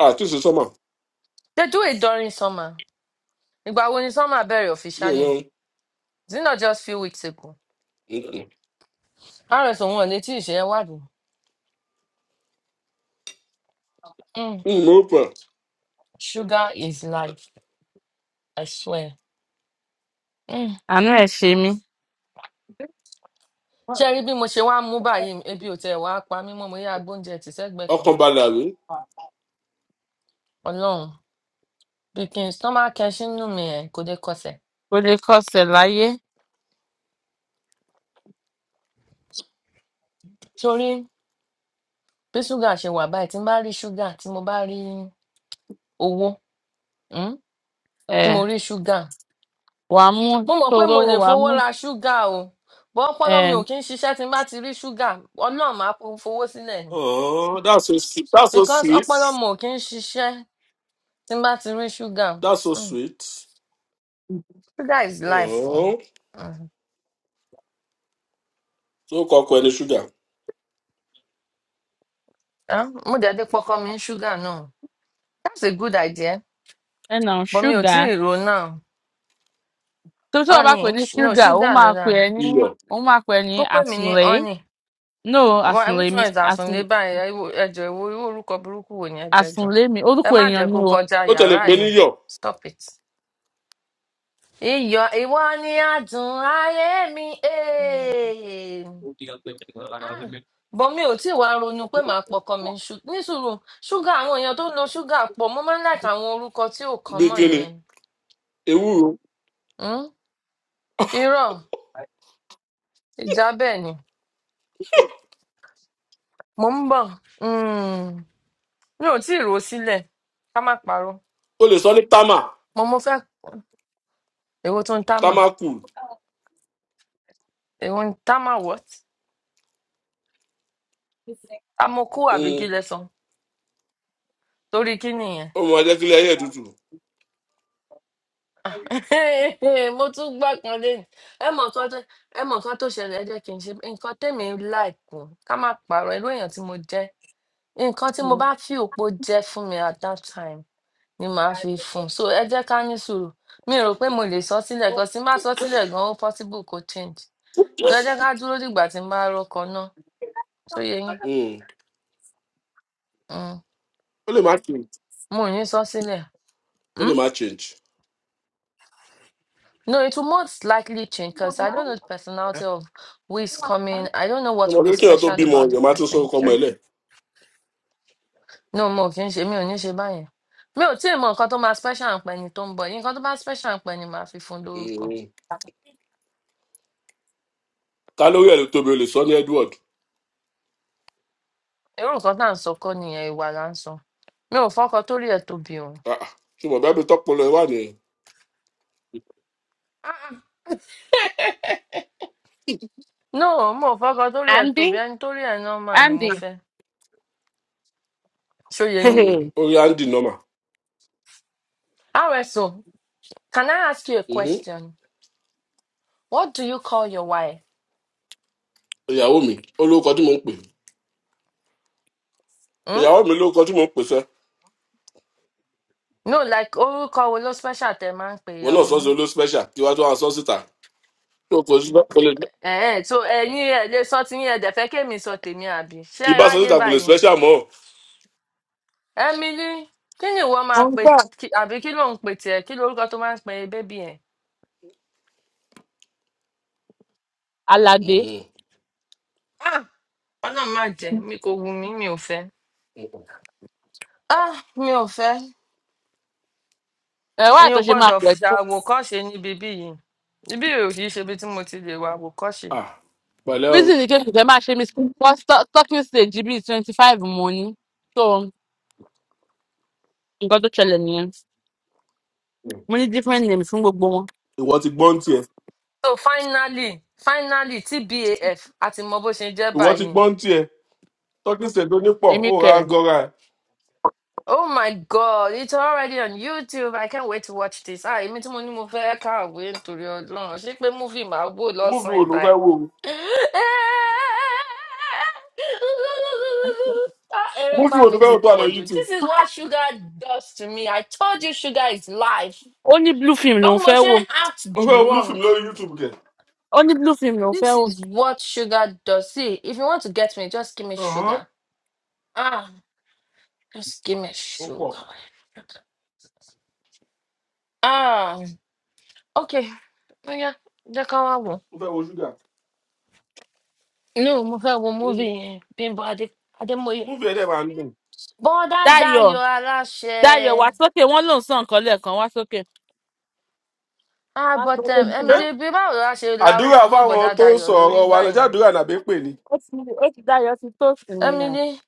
S2: àti ṣe sọ́mà.
S1: They do it during summer. Ìgbà wo ni sọ́mà bẹ̀rẹ̀
S2: Mi ò
S1: officially?
S2: yan.
S1: Is it not just few weeks ago? Ọ̀rẹ́sọ wọn ò lè tí ì ṣe ẹ wádìí. Mm,
S2: Mo pẹ̀.
S1: Sugar is life, I swear. Mm.
S6: Àánú ẹ̀ ṣe mí.
S1: Ṣé ẹ rí bí mo ṣe wá mú báyìí ebi ò tẹ̀ wá pa mí mọ́ mo yá agbóúnjẹ tì sẹ́gbẹ̀ẹ́ kan.
S2: Ọkàn balẹ̀ àbí?
S1: Ọlọ́run. Baking stomach ẹ sínú mi ẹ̀ kò lè kọsẹ̀.
S6: Kò lè kọsẹ̀ láyé.
S1: Torí bí ṣúgà ṣe wà báyìí, tí n bá rí ṣúgà, tí mo bá rí owó, um, tí
S6: Ẹ̀
S1: mo rí ṣúgà,
S6: wàá mú
S1: mo mọ̀
S6: tó
S1: pé mo
S6: lówó
S1: lè
S6: wàá
S1: fowó
S6: mú
S1: ra ṣúgà o. But ọpọlọ mi
S6: ẹ̀
S1: ò kí ń ṣiṣẹ́ tí n bá ti rí ṣúgà, Ọlọ́run máa fo- fowó sílẹ̀ ni.
S2: Oh, that's so sweet. That's so
S1: Because ọpọlọ
S2: sweet.
S1: mi ò kí ń ṣiṣẹ́ tí n bá ti rí ṣúgà.
S2: That's so
S1: Um,
S2: sweet.
S1: sugar is life. o.
S2: Oh.
S1: Um,
S2: So kọ ọkọ ẹni ṣúgà.
S1: ah, mo dẹ̀ dé pọkọ mi ní ṣúgà náà. That's a good idea.
S6: ẹ̀nà
S1: But mi ò tí
S6: ṣúgà.
S1: ì rò ó náà.
S6: So tí wọ́n bá pè
S1: Honey,
S6: ní
S1: sh- no,
S6: ṣúgà, ó
S1: ṣúgà
S6: máa
S1: ló
S6: pè
S1: dáa.
S6: ẹ́ ní
S2: Iyọ̀.
S6: ó máa pè ẹ́ ní
S1: kó pè mí ní
S6: àsùnlé.
S1: honey
S6: No,
S1: bọ
S6: àsùnlé
S1: which
S6: mi
S1: one is
S6: àsùn
S1: àsùnlé báyìí ẹ wo- ẹ jọ̀ọ́, ẹ wo irú orúkọ burúkú wo ni ẹjọ ẹjọ ẹ jọ̀ọ́,
S6: àsùnlé mi
S1: ẹ
S6: orúkọ
S1: má
S6: èèyàn
S1: jẹ́
S6: ni
S1: kó
S6: o.
S1: kọjá
S2: Ó tẹ̀lé
S1: yàrá
S2: pé ní
S1: yìí
S2: yọ̀.
S1: stop it. iyọ̀ ìwọ ni adùn ayé mi eh. Ah, bọ mi ò tí ì wá ronú pé màá pọkàn mi ṣu- ní sùúrù ṣúgà àwọn èèyàn tó ń lo ṣúgà pọ̀ mo máa ń láìka àwọn orúkọ tí ò kàn
S2: Bí
S1: mọ̀
S2: kíni?
S1: yẹn
S2: Ewúro.
S1: Hmm? irọ́ ìjà bẹ́ẹ̀ ni mò ń bọ̀ Hmm. mi ò tí ì rò ó sílẹ̀ ká má parọ́
S2: O lè sọ ní támà.
S1: mo mo fẹ́ Èwo tún támà?
S2: Támà kù.
S1: Èwo ni támà what? Amokú àbí kí
S2: Ó
S1: lẹ sọ? Torí kí nìyẹn?
S2: máa jẹ́ kílẹ̀ ayé ẹ̀ tutù.
S1: Mo tún gbà kan lẹ́yìn. Ẹ mọ̀ nǹkan tó ẹ mọ̀ nǹkan tó ṣẹlẹ̀ ẹ jẹ́ kí n ṣe nǹkan tèmi láìkù ká má pààrọ̀ irú èèyàn tí mo jẹ́. Nǹkan tí mo bá fi òpó jẹ́ fún mi at that time ni màá fi fún un. So ẹ jẹ́ ká ní sùúrù. Mi rò pé mo lè sọ sílẹ̀ gan. Tí n bá sọ sílẹ̀ gan, ó possible kó change. So ẹ jẹ́ ká dúró dìgbà tí n bá rọ́kọ náà. Ṣó yẹ yín?
S2: Mm.
S1: Mm.
S2: Ó lè má tì.
S1: Mo ò ní sọ sílẹ̀.
S2: ó
S1: Hmm?
S2: lè má change
S1: No, it will most likely change because I don't know the personality of who is coming. I don't know what
S2: ọmọ
S1: will be
S2: kékeré tó
S1: special
S2: bímọ
S1: about the
S2: èèyàn máa tún sọ
S1: person.
S2: ọkọ ọmọ
S1: Sure.
S2: ẹ lẹ
S1: No, mo kì í ṣe mi ò ní ṣe báyẹn. Mi ò tí ì mọ nǹkan tó máa special ń pẹ́ ni tó ń bọ̀. Nǹkan tó bá special ń pẹ́ ni màá fi fún un lórúkọ.
S2: Mm. ká lórí ẹ ló tóbi o lè sọ ní edward
S1: Irú nǹkan tá à ń sọ kọ́ nìyẹn ìwà là ń sọ. Mi ò fọ́kọ torí ẹ̀ tóbi o.
S2: Ah ah. ṣùgbọ́n bẹ́ẹ̀ bí tọ́pọ̀ lọ wà ní
S1: Ah, ah. No, mo ò fọ́kọ torí ẹ̀
S6: Andy
S1: tóbi. Ẹni torí ẹ̀ normal ni mo
S6: Andy
S1: fẹ́. Ṣòye yín.
S2: orí andy norma
S1: RSO, can I ask you a
S2: Mhm.
S1: question? What do you call your wife?
S2: ìyàwó mi ó lóko tí mò ń pè
S1: Hmm?
S2: ìyàwó mi lóko tí mò ń pè sẹ́
S1: no like orúkọ wo ló special tẹ máa ń pe
S2: wọn náà
S1: ìyàwó
S2: sọ́ọ́sì
S1: yín
S2: olú special kí wàá tó wà sọ́ọ́ síta tó kò sí kò lè
S1: ẹ̀ẹ́n so ẹ̀yin ẹ̀ lè sọ ti yín ẹ̀ dẹ̀ fẹ́ kémi sọ tèmi àbí ṣé ẹ
S2: ibà sọ́ọ́
S1: ráyè
S2: síta kò lè
S1: báyìí
S2: special mọ́
S1: emily kí ni ìwọ
S6: mo
S1: máa
S6: ń
S1: pe
S6: gbọ́
S1: kí- àbí kí ló ń pe tiẹ̀ kí lorúkọ tó máa ń pe bébì ẹ̀
S6: Aládé
S2: Mhm.
S1: ah ọlọ́run má jẹ́ mi kò wù mí mi ò fẹ́ ah mi ò fẹ́
S6: ẹ̀ wá
S1: ẹ̀yin ò
S6: àtúnṣe máa
S1: gbọ́dọ̀
S6: pè tó.
S1: ṣàwòkọ́ṣe níbi bí yìí ibi yìí ò kì í ṣe ibi tí mo ti lè wà àwòkọ́ṣe
S2: Ah, pẹ̀lẹ́ o
S6: Reason ni kékeré máa ṣe mí sí talking stage bíi twenty five mo ní. So nǹkan tó ṣẹlẹ̀ nìyẹn.
S2: Mm.
S6: Mo ní different names fún gbogbo wọn.
S2: ìwọ ti gbọ́n tiẹ̀
S1: so finally finally tbaf a F, a ti mọ bó ṣe jẹ́
S2: ìwọ ti
S1: báyìí
S2: gbọ́n tiẹ̀ tọ́kì ṣètò nípọ̀
S6: Èmi
S2: ó ra
S6: kẹ̀.
S2: gọ́ra ẹ̀
S1: Oh my God, it's already on YouTube. I can't wait to watch this. Ah, èmi tí mo ní mo fẹ́ kàwé nítorí Ọlọ́run. Ṣé pé múfì máa wò
S2: múfì wo
S1: lọ́sàn-án
S2: ló fẹ́
S1: báyìí?
S2: wò ó
S1: Ah,
S2: múfì wo
S1: Erépa
S2: ló
S1: mi
S2: fẹ́
S1: ti
S2: wò tó wà lọ
S1: pọ̀ jù.
S2: youtube
S1: This is what sugar does to me. I told you sugar is life.
S6: ó ní blue film lòún
S1: Ọmọ
S6: fẹ́
S1: ṣe
S6: wò
S1: ń act
S2: mo fẹ́ wo blue film
S1: drunk.
S2: lórí youtube kẹ̀
S6: ó ní blue film lòún fẹ́
S1: This
S6: wò
S1: is what sugar does. See, if you want to get me, just give me
S2: Ọ̀hán.
S1: sugar. Ah, just give me
S2: ó pọ̀
S1: sugar. Ah. Okay, yeah, that's how I want.
S2: mo fẹ́ wo ṣúgà
S1: No, mo fẹ́ wo múvì yẹn, Bímbọ́ Adé Adémọ́yé.
S2: múvi ẹ̀dẹ̀ máa ń dùn.
S1: Bọ́dá
S6: dayo
S1: Dayọ̀
S6: dayo wá
S1: aláṣẹ.
S6: sókè wọn lòún sàn nǹkan lẹ́ẹ̀kan wá sókè
S1: Ah,
S6: wá
S1: but
S6: sókè
S1: um,
S2: ṣé
S1: Emily, bí báwo la ṣe
S2: àdúrà
S1: larúkọ mọ́
S2: fáwọn
S1: Bọ́dá
S2: tó ń
S1: Dayọ̀
S2: sọ
S1: lórí
S2: ọ̀rọ̀ wa lọ́jọ́
S1: báyẹn?
S2: àdúrà nàbí pè ní.
S6: ó ti ó ti dayo ti tó sinmi náà
S1: Emily,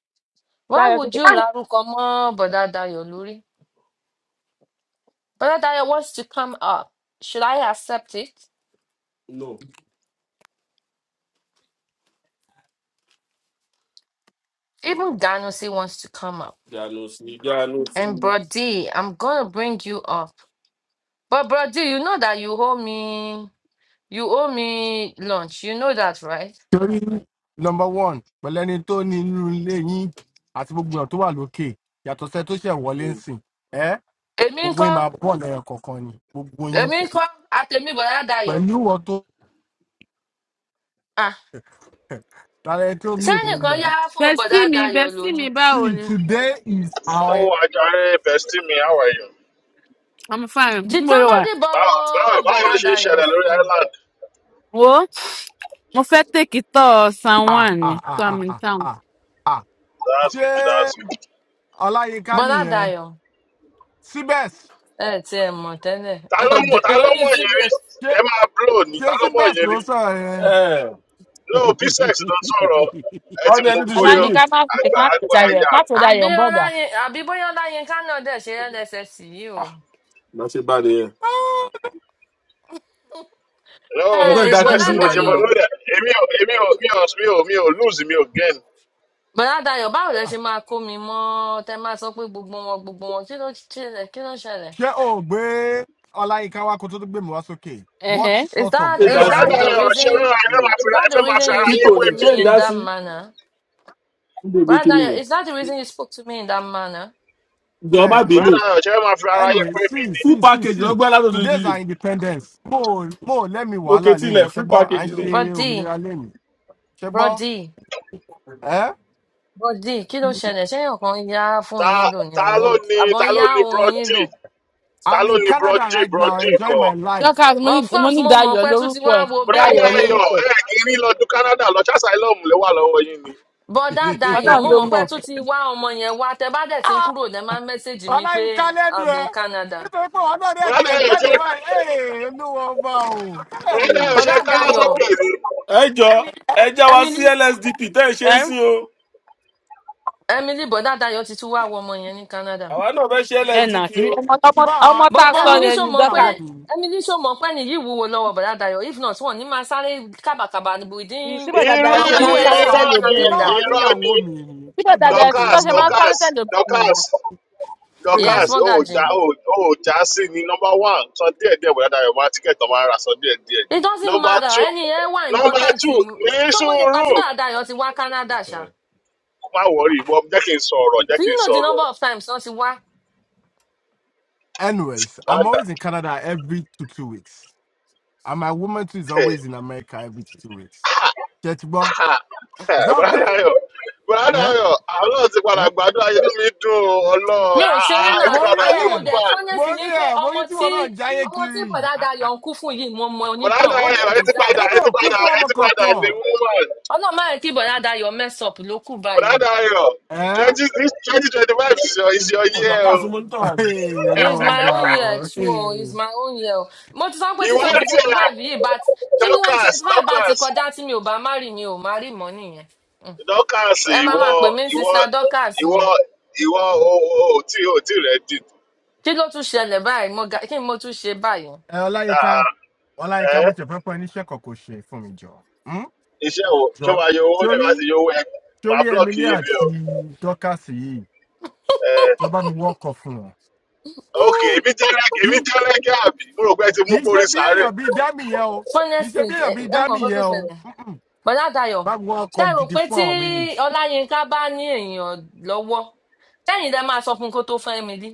S1: why
S6: dayo ti
S1: would you
S6: tó.
S1: larúkọ mọ́ Bọ́dá Dayọ̀ lórí? Bọ́dá Dayọ̀ wants to come up. Should I accept it?
S2: no
S1: Even Ganusi wants to come up.
S2: ìyanu sí ìyanu sí.
S1: And Brody, I'm gonna bring you up. But Brody, you know that you owe me. You owe me lunch. You know that, right?
S10: torí number one pẹ̀lú ẹni tó ní inú ilé yín àti gbogbo èèyàn tó wà lókè yàtọ̀ sẹ́ tó ṣẹ̀ wọlé ń sìn ẹ́
S1: Èmi ń
S10: gbogbo
S1: kọ́,
S10: yín máa bọ̀ lẹ́yìn kọ̀ọ̀kan ni gbogbo yín
S1: èmi ń kọ́, àtẹ̀mí bọ̀dá Dayọ̀.
S10: pẹ̀lú ìwọ tó
S1: Ah,
S10: tààrẹ tó mú ìpè
S1: sẹ́yìn kan
S10: mọ́ ẹ.
S1: yá fóònù bọ̀dá
S6: Bestie mi,
S1: Dayọ̀
S6: bestie
S1: lónìí.
S6: mi
S10: see
S6: báwo ni?
S10: today is our
S11: Oh, I got bestie me. How are you?
S6: I'm fine.
S1: Did
S6: N bolo wà.
S1: somebody
S11: Báwo báwo
S1: borrow
S11: báwo
S1: bọ̀dá
S11: ló ṣe ń ṣẹlẹ̀
S1: Dayọ̀'s
S11: lórí
S1: phone?
S11: island?
S6: Wo, mo fẹ́ tèkítọ̀ San
S10: ah
S6: Juan ni.
S10: ah
S6: So
S10: ah
S6: I'm
S10: ah
S6: in
S10: ah ah
S6: town.
S10: ah ah.
S11: That's
S10: ṣé
S11: good, that's good.
S10: ọláyínká
S1: Bọ̀dá
S10: nìyẹn
S1: Dayọ̀
S10: síbẹ̀s
S1: ẹ ti ẹ̀ mọ̀ tẹ́lẹ̀.
S11: Ta ló mọ̀
S1: Ọ̀dẹ̀
S11: ta ló
S1: wọ́n ní
S11: mọ̀ yẹn rí?
S1: síbẹ̀.
S10: ṣé
S11: Ẹ máa blow ni,
S10: ṣé
S11: ta ló mọ̀
S10: síbẹ̀s
S11: yẹn
S10: ló
S11: rí?
S10: sọ̀rọ̀ yẹn.
S11: No, P-Sex ló ń sọ̀rọ̀, ẹ ti
S2: ọdún
S11: mú
S2: ẹni tún ṣe
S11: gbóyó,
S2: mí.
S6: ọláyínká ká má pè
S11: àgbà
S6: má pè
S11: àgbà
S6: dayọ
S11: àyà.
S6: má pè dayọ
S1: Àbí
S6: ń bọdà
S1: Ọláyin, àbí bóyá Ọláyinká náà dẹ̀ ṣe LSS yìí o.
S2: ah má ṣe bá nìyẹn.
S11: No,
S2: mo fẹ́
S1: Ẹ̀ẹ́n,
S2: da
S11: P-Sex
S1: Bọ̀dá
S2: kírísì
S11: ni mo ṣe
S2: ìbàyí
S11: mo
S1: Dayọ̀,
S2: o
S11: lórí ẹ̀. Èmi ò èmi ò mi ò mi ò mi ò lose mi ò gain.
S1: Bọ̀dá Dayọ̀ báwo lẹ ṣe máa kó mi mọ́ tẹ́ máa sọ pé gbogbo wọn gbogbo wọn kí ló ṣẹlẹ̀ kí ló ṣẹlẹ̀?
S10: ṣé o ò gbé ọláyínká wa kó tó tó gbé mi wá sókè what
S1: Is
S10: sort of
S2: ṣé
S1: that
S11: Ẹ
S2: ń dá
S1: is
S10: insult
S2: sí.
S10: is
S11: bùrọ̀dà
S1: that the
S10: that
S11: ọ̀rọ̀ ṣe
S1: reason?
S11: rárá, ẹ fẹ́
S2: Mm.
S11: máa fi
S1: Is that
S11: ẹ
S1: the
S11: fẹ́ máa fi
S1: reason you
S11: ara
S2: kító
S11: yín
S1: spoke
S11: wé
S2: ni
S1: to
S2: ṣé
S11: mi
S1: me
S2: ń
S11: ni.
S2: dá
S1: in that
S2: sí.
S1: manner,
S2: níbi kí
S1: brother?
S2: ni
S10: Ha,
S2: yẹn.
S1: Is that the reason you spoke to me in that manner,
S2: ìjọba
S10: ṣé
S2: bìíní
S11: Bùrọ̀dà ọ̀rọ̀ ṣe fẹ́ máa fi ara yín
S10: anyway
S11: wé mi
S10: see
S11: ni.
S2: full
S10: see see
S2: package ló
S10: see
S2: gbọ́ látòdì
S10: today's
S2: yìí.
S10: our independence mo ò- mo ò lẹ́mi
S2: òkè
S10: wàhálà lẹ́ni
S2: tilẹ̀ full
S10: ṣẹ́gbọ́ à ń
S2: package ni.
S10: ṣe
S1: Brody?
S10: òmìnira lẹ́ni ṣẹ́gbọ́
S1: Brody,
S10: eh?
S1: Brody, kí ló ṣẹlẹ̀? Ṣé èèyàn kan ń yá fún
S11: Ta
S1: yín lò ní
S11: ta
S1: ọwọ́?
S11: ló ni
S1: Àbọ̀
S11: ta
S1: ń
S11: ló
S1: yá
S11: ni
S1: ohun
S11: Broad
S1: yín lò?
S11: D? ta
S10: i'm
S11: ló
S10: in
S11: ní
S10: canada
S11: Brogy
S10: right now
S11: Brogy
S10: enjoying
S11: kọ
S10: my life
S6: Dorcas mo ní
S1: Of
S6: mo
S1: course,
S6: ní
S1: mo mọ̀
S6: Dayọ̀
S1: pé tún ti
S6: lórúkọ
S1: wá
S6: ẹ̀
S1: wo bèèbù
S11: brada
S6: Dayọ̀
S1: yín.
S11: ayọ
S6: lórúkọ ẹ̀
S11: ẹ kì í rí lọdún Canada lọ ṣàṣàìlọm lè wà lọ́wọ́ yín ni
S1: Bọ́dá Dayọ̀,
S6: ọlọ́run
S1: mo
S6: ló
S1: mọ̀ pé
S6: mọ̀
S1: tún ti wá ọmọ yẹn wá. Tẹ bá dẹ̀ ti ń
S10: Ah,
S1: kúrò, lẹ máa ń mẹ́sẹ̀gì mi pé
S10: ọláyínká lẹ́nu
S1: I'm
S10: ẹ
S1: in Canada.
S10: nítorí pé wọn náà ní ẹ̀ ti
S11: brada
S10: lè
S11: ayọ
S10: jáde
S11: ṣe
S10: báyìí Ee, olúwa ọba o
S11: brada ayọ
S10: Hey!
S11: ṣe
S1: Bọ́dá
S11: káwọ
S1: Dayọ̀,
S11: sókè ni
S2: ẹ jọ ẹ já wa sí
S1: Emily,
S2: lsdp tẹ ẹ ṣe ń
S6: ẹ́
S2: sìn o
S1: Emily, Bọ́dá Dayọ̀ ti tún wá wo ọmọ yẹn ní Canada.
S2: àwa náà fẹ ṣe
S6: ẹ̀
S10: Ah,
S6: nà
S2: lsdp o
S6: àṣírí ọmọ
S10: tí
S6: ọmọ
S10: bá
S6: ọmọ
S10: àwọn
S6: tá
S10: tí
S1: but
S6: a
S10: bá
S6: sọ
S10: àwọn
S1: emily
S6: yẹn
S1: ṣó
S6: ni
S1: mọ pé
S10: amúdíyàwó
S6: Dorcas
S10: mi.
S1: emily ṣó mọ pé nìyí wúwo lọ́wọ́ bọ̀dá dayọ̀ if not wọn ní máa sáré kábàkàbà
S6: yìí tí
S1: within
S6: bọ̀dà
S11: irọ́
S6: Dayọ̀
S1: from
S6: ṣe
S10: ṣé
S6: máa
S11: ni
S6: ń
S10: tí bá
S6: sáré
S1: us to
S10: wàá
S11: irọ́
S6: tẹ̀lé
S11: ni
S10: tí
S6: obìnrin
S10: bá
S1: canada
S6: yìí
S10: wàá
S11: irọ́ ni
S10: níyàwó mi ni
S6: tí
S10: ẹ
S6: bọ̀dà
S10: gbà mí
S6: Dayọ̀ tí
S10: torí
S6: tó
S11: Dorcas
S6: ṣe máa ń
S10: ọlọ́run.
S6: sáré
S11: Dorcas
S6: tẹ̀lé obìnrin yẹn
S11: Dorcas
S1: yes
S11: Dorcas
S10: Hey,
S11: ó
S1: mọ́gàjì
S11: já ó ó já sí ni nọmba one sọ díẹ̀ díẹ̀ brada ayọ máa tíkẹ́tì ọmọ ara sọ díẹ̀ díẹ̀
S1: it doesn't
S11: nọmba
S1: matter
S11: two
S1: ẹni yẹn wà
S11: nọmba
S1: important
S11: two ní
S1: ṣó mo yẹ pa
S11: sùúrù
S1: tí bọ̀dá dayọ̀ ti wá canada ṣá
S11: má wọrí ìbọn jẹ́ kí n sọ̀rọ̀ jẹ́
S1: do
S11: kí
S1: you
S11: n
S1: know the
S11: sọ̀rọ̀
S1: number of times wọ́n ti wá
S10: anyways,
S11: má
S10: I'm
S11: dà
S10: always in Canada every two two weeks, and my woman too is always in America every two two weeks. Chetbo,
S11: Ah, eh,
S10: is that
S11: Bùrọ̀dá
S10: okay?
S11: Ayọ̀, Bùrọ̀dá
S10: eh?
S11: Ayọ̀, àlọ́ ti padà
S10: Eh?
S11: gbàdúrà yẹn mi dùn ọ́,
S1: mi
S11: ọlọ́run,
S1: ò
S11: ah,
S1: ṣeré
S10: Ah,
S11: ah, ẹ
S1: náà
S11: ti
S10: mo rí
S11: padà
S1: àní
S11: ní
S1: mo
S10: ẹ
S1: dẹ̀
S11: woman.
S10: mo
S1: fọ́nẹ́sì ni
S10: rí
S1: pé
S10: ẹ mo
S1: ọmọ
S10: rí tí
S1: tí
S10: wọn náà ń jáyé
S1: ọmọ tí
S10: kiri
S1: bọ̀dá
S10: Ah,
S1: dayọ̀ ń kú fún yìí mo mọ onítàn
S11: Bùrọ̀dá
S1: ó dẹ̀
S11: Ayọ̀, ẹ ti padà,
S1: deserve ẹ̀
S10: ebi
S11: ẹ ti
S10: ò kú
S11: padà,
S10: fún
S11: ẹ
S10: ọmọ
S11: ti padà ní
S10: kankan
S11: woman.
S1: ọlọ́mọ ẹ̀ kí bọ̀dá dayọ̀ mess up ló kù báyìí
S11: Bùrọ̀dá Ayọ̀,
S10: Eh?
S11: twenty this twenty twenty five is your is your
S2: ò
S11: year
S2: dọkà
S11: o.
S2: sún mọ nítorí
S1: It's
S10: lọ́wọ́
S1: my
S10: bá
S1: own year,
S10: ọ.
S1: true. o, It's
S10: Eh,
S1: my own year. o. Mo ti sọ pé tí
S11: Ìwọ
S1: twenty
S11: ti
S1: twenty
S11: ẹ̀
S1: five yìí bá ti twenty
S11: Dorcas,
S1: twenty five bá ti
S11: Dorcas,
S1: kọjá tí mi ò bá má rí mi ò má rí mọ́ nìyẹn. Mm.
S11: Dorcas,
S1: Ẹ máa
S11: ìwọ,
S1: máa pè mí ní
S11: ìwọ,
S1: Sista Dorcas
S11: ìwọ,
S1: ni.
S11: ìwọ, o, o, o, tí o, tí rẹ̀ dì.
S1: Kí ló tún ṣẹlẹ̀ báyìí? Mo ga- Kí ni mo tún ṣe báyìí?
S11: Ah,
S10: Olayinka,
S11: ah,
S10: Olayinka, mo
S11: ẹ́
S10: ti fẹ́ pẹ́ níṣẹ́ kọ̀kọ̀ ṣe fún mi jọ. Hmm?
S11: iṣẹ́ wo ṣó
S10: jọ
S11: máa yọ owó nígbà
S10: sórí
S11: tí yọ owó ẹ máa
S10: sórí
S11: blọọkì
S10: emily
S11: yìí ni o.
S10: àti dorcas yìí
S11: ẹ
S10: ìjọba mi wọ́kọ̀ fún wọn.
S11: ok
S1: Mm.
S11: èmi jẹ́lẹ̀
S10: kì
S11: èmi
S10: í
S11: jẹ́lẹ̀ gẹ́ àbí mo rò pé ẹ ti mú
S10: kì í ṣe
S11: gbórí
S10: bí
S11: sáré.
S10: èèyàn bíi dámì yẹn o kì í
S1: Funnest
S10: ṣe
S1: thing
S10: bí
S1: ẹ
S10: èèyàn bíi
S1: ẹ mọ̀
S10: dámì
S1: nǹkan tó
S10: yẹn o
S1: ṣẹlẹ̀.
S10: Mm-mm.
S1: Bọ̀dá Dayọ̀,
S10: bá mi wọ́n
S1: ṣé
S10: ọkọ̀
S1: ẹ rò
S10: gidi
S1: pé
S10: fún
S1: tí
S10: àwọn méjì.
S1: Ọláyínká bá ní èèyàn lọ́wọ́, sẹ́yìn lẹ máa sọ fún un kó tó fẹ́ mi rí?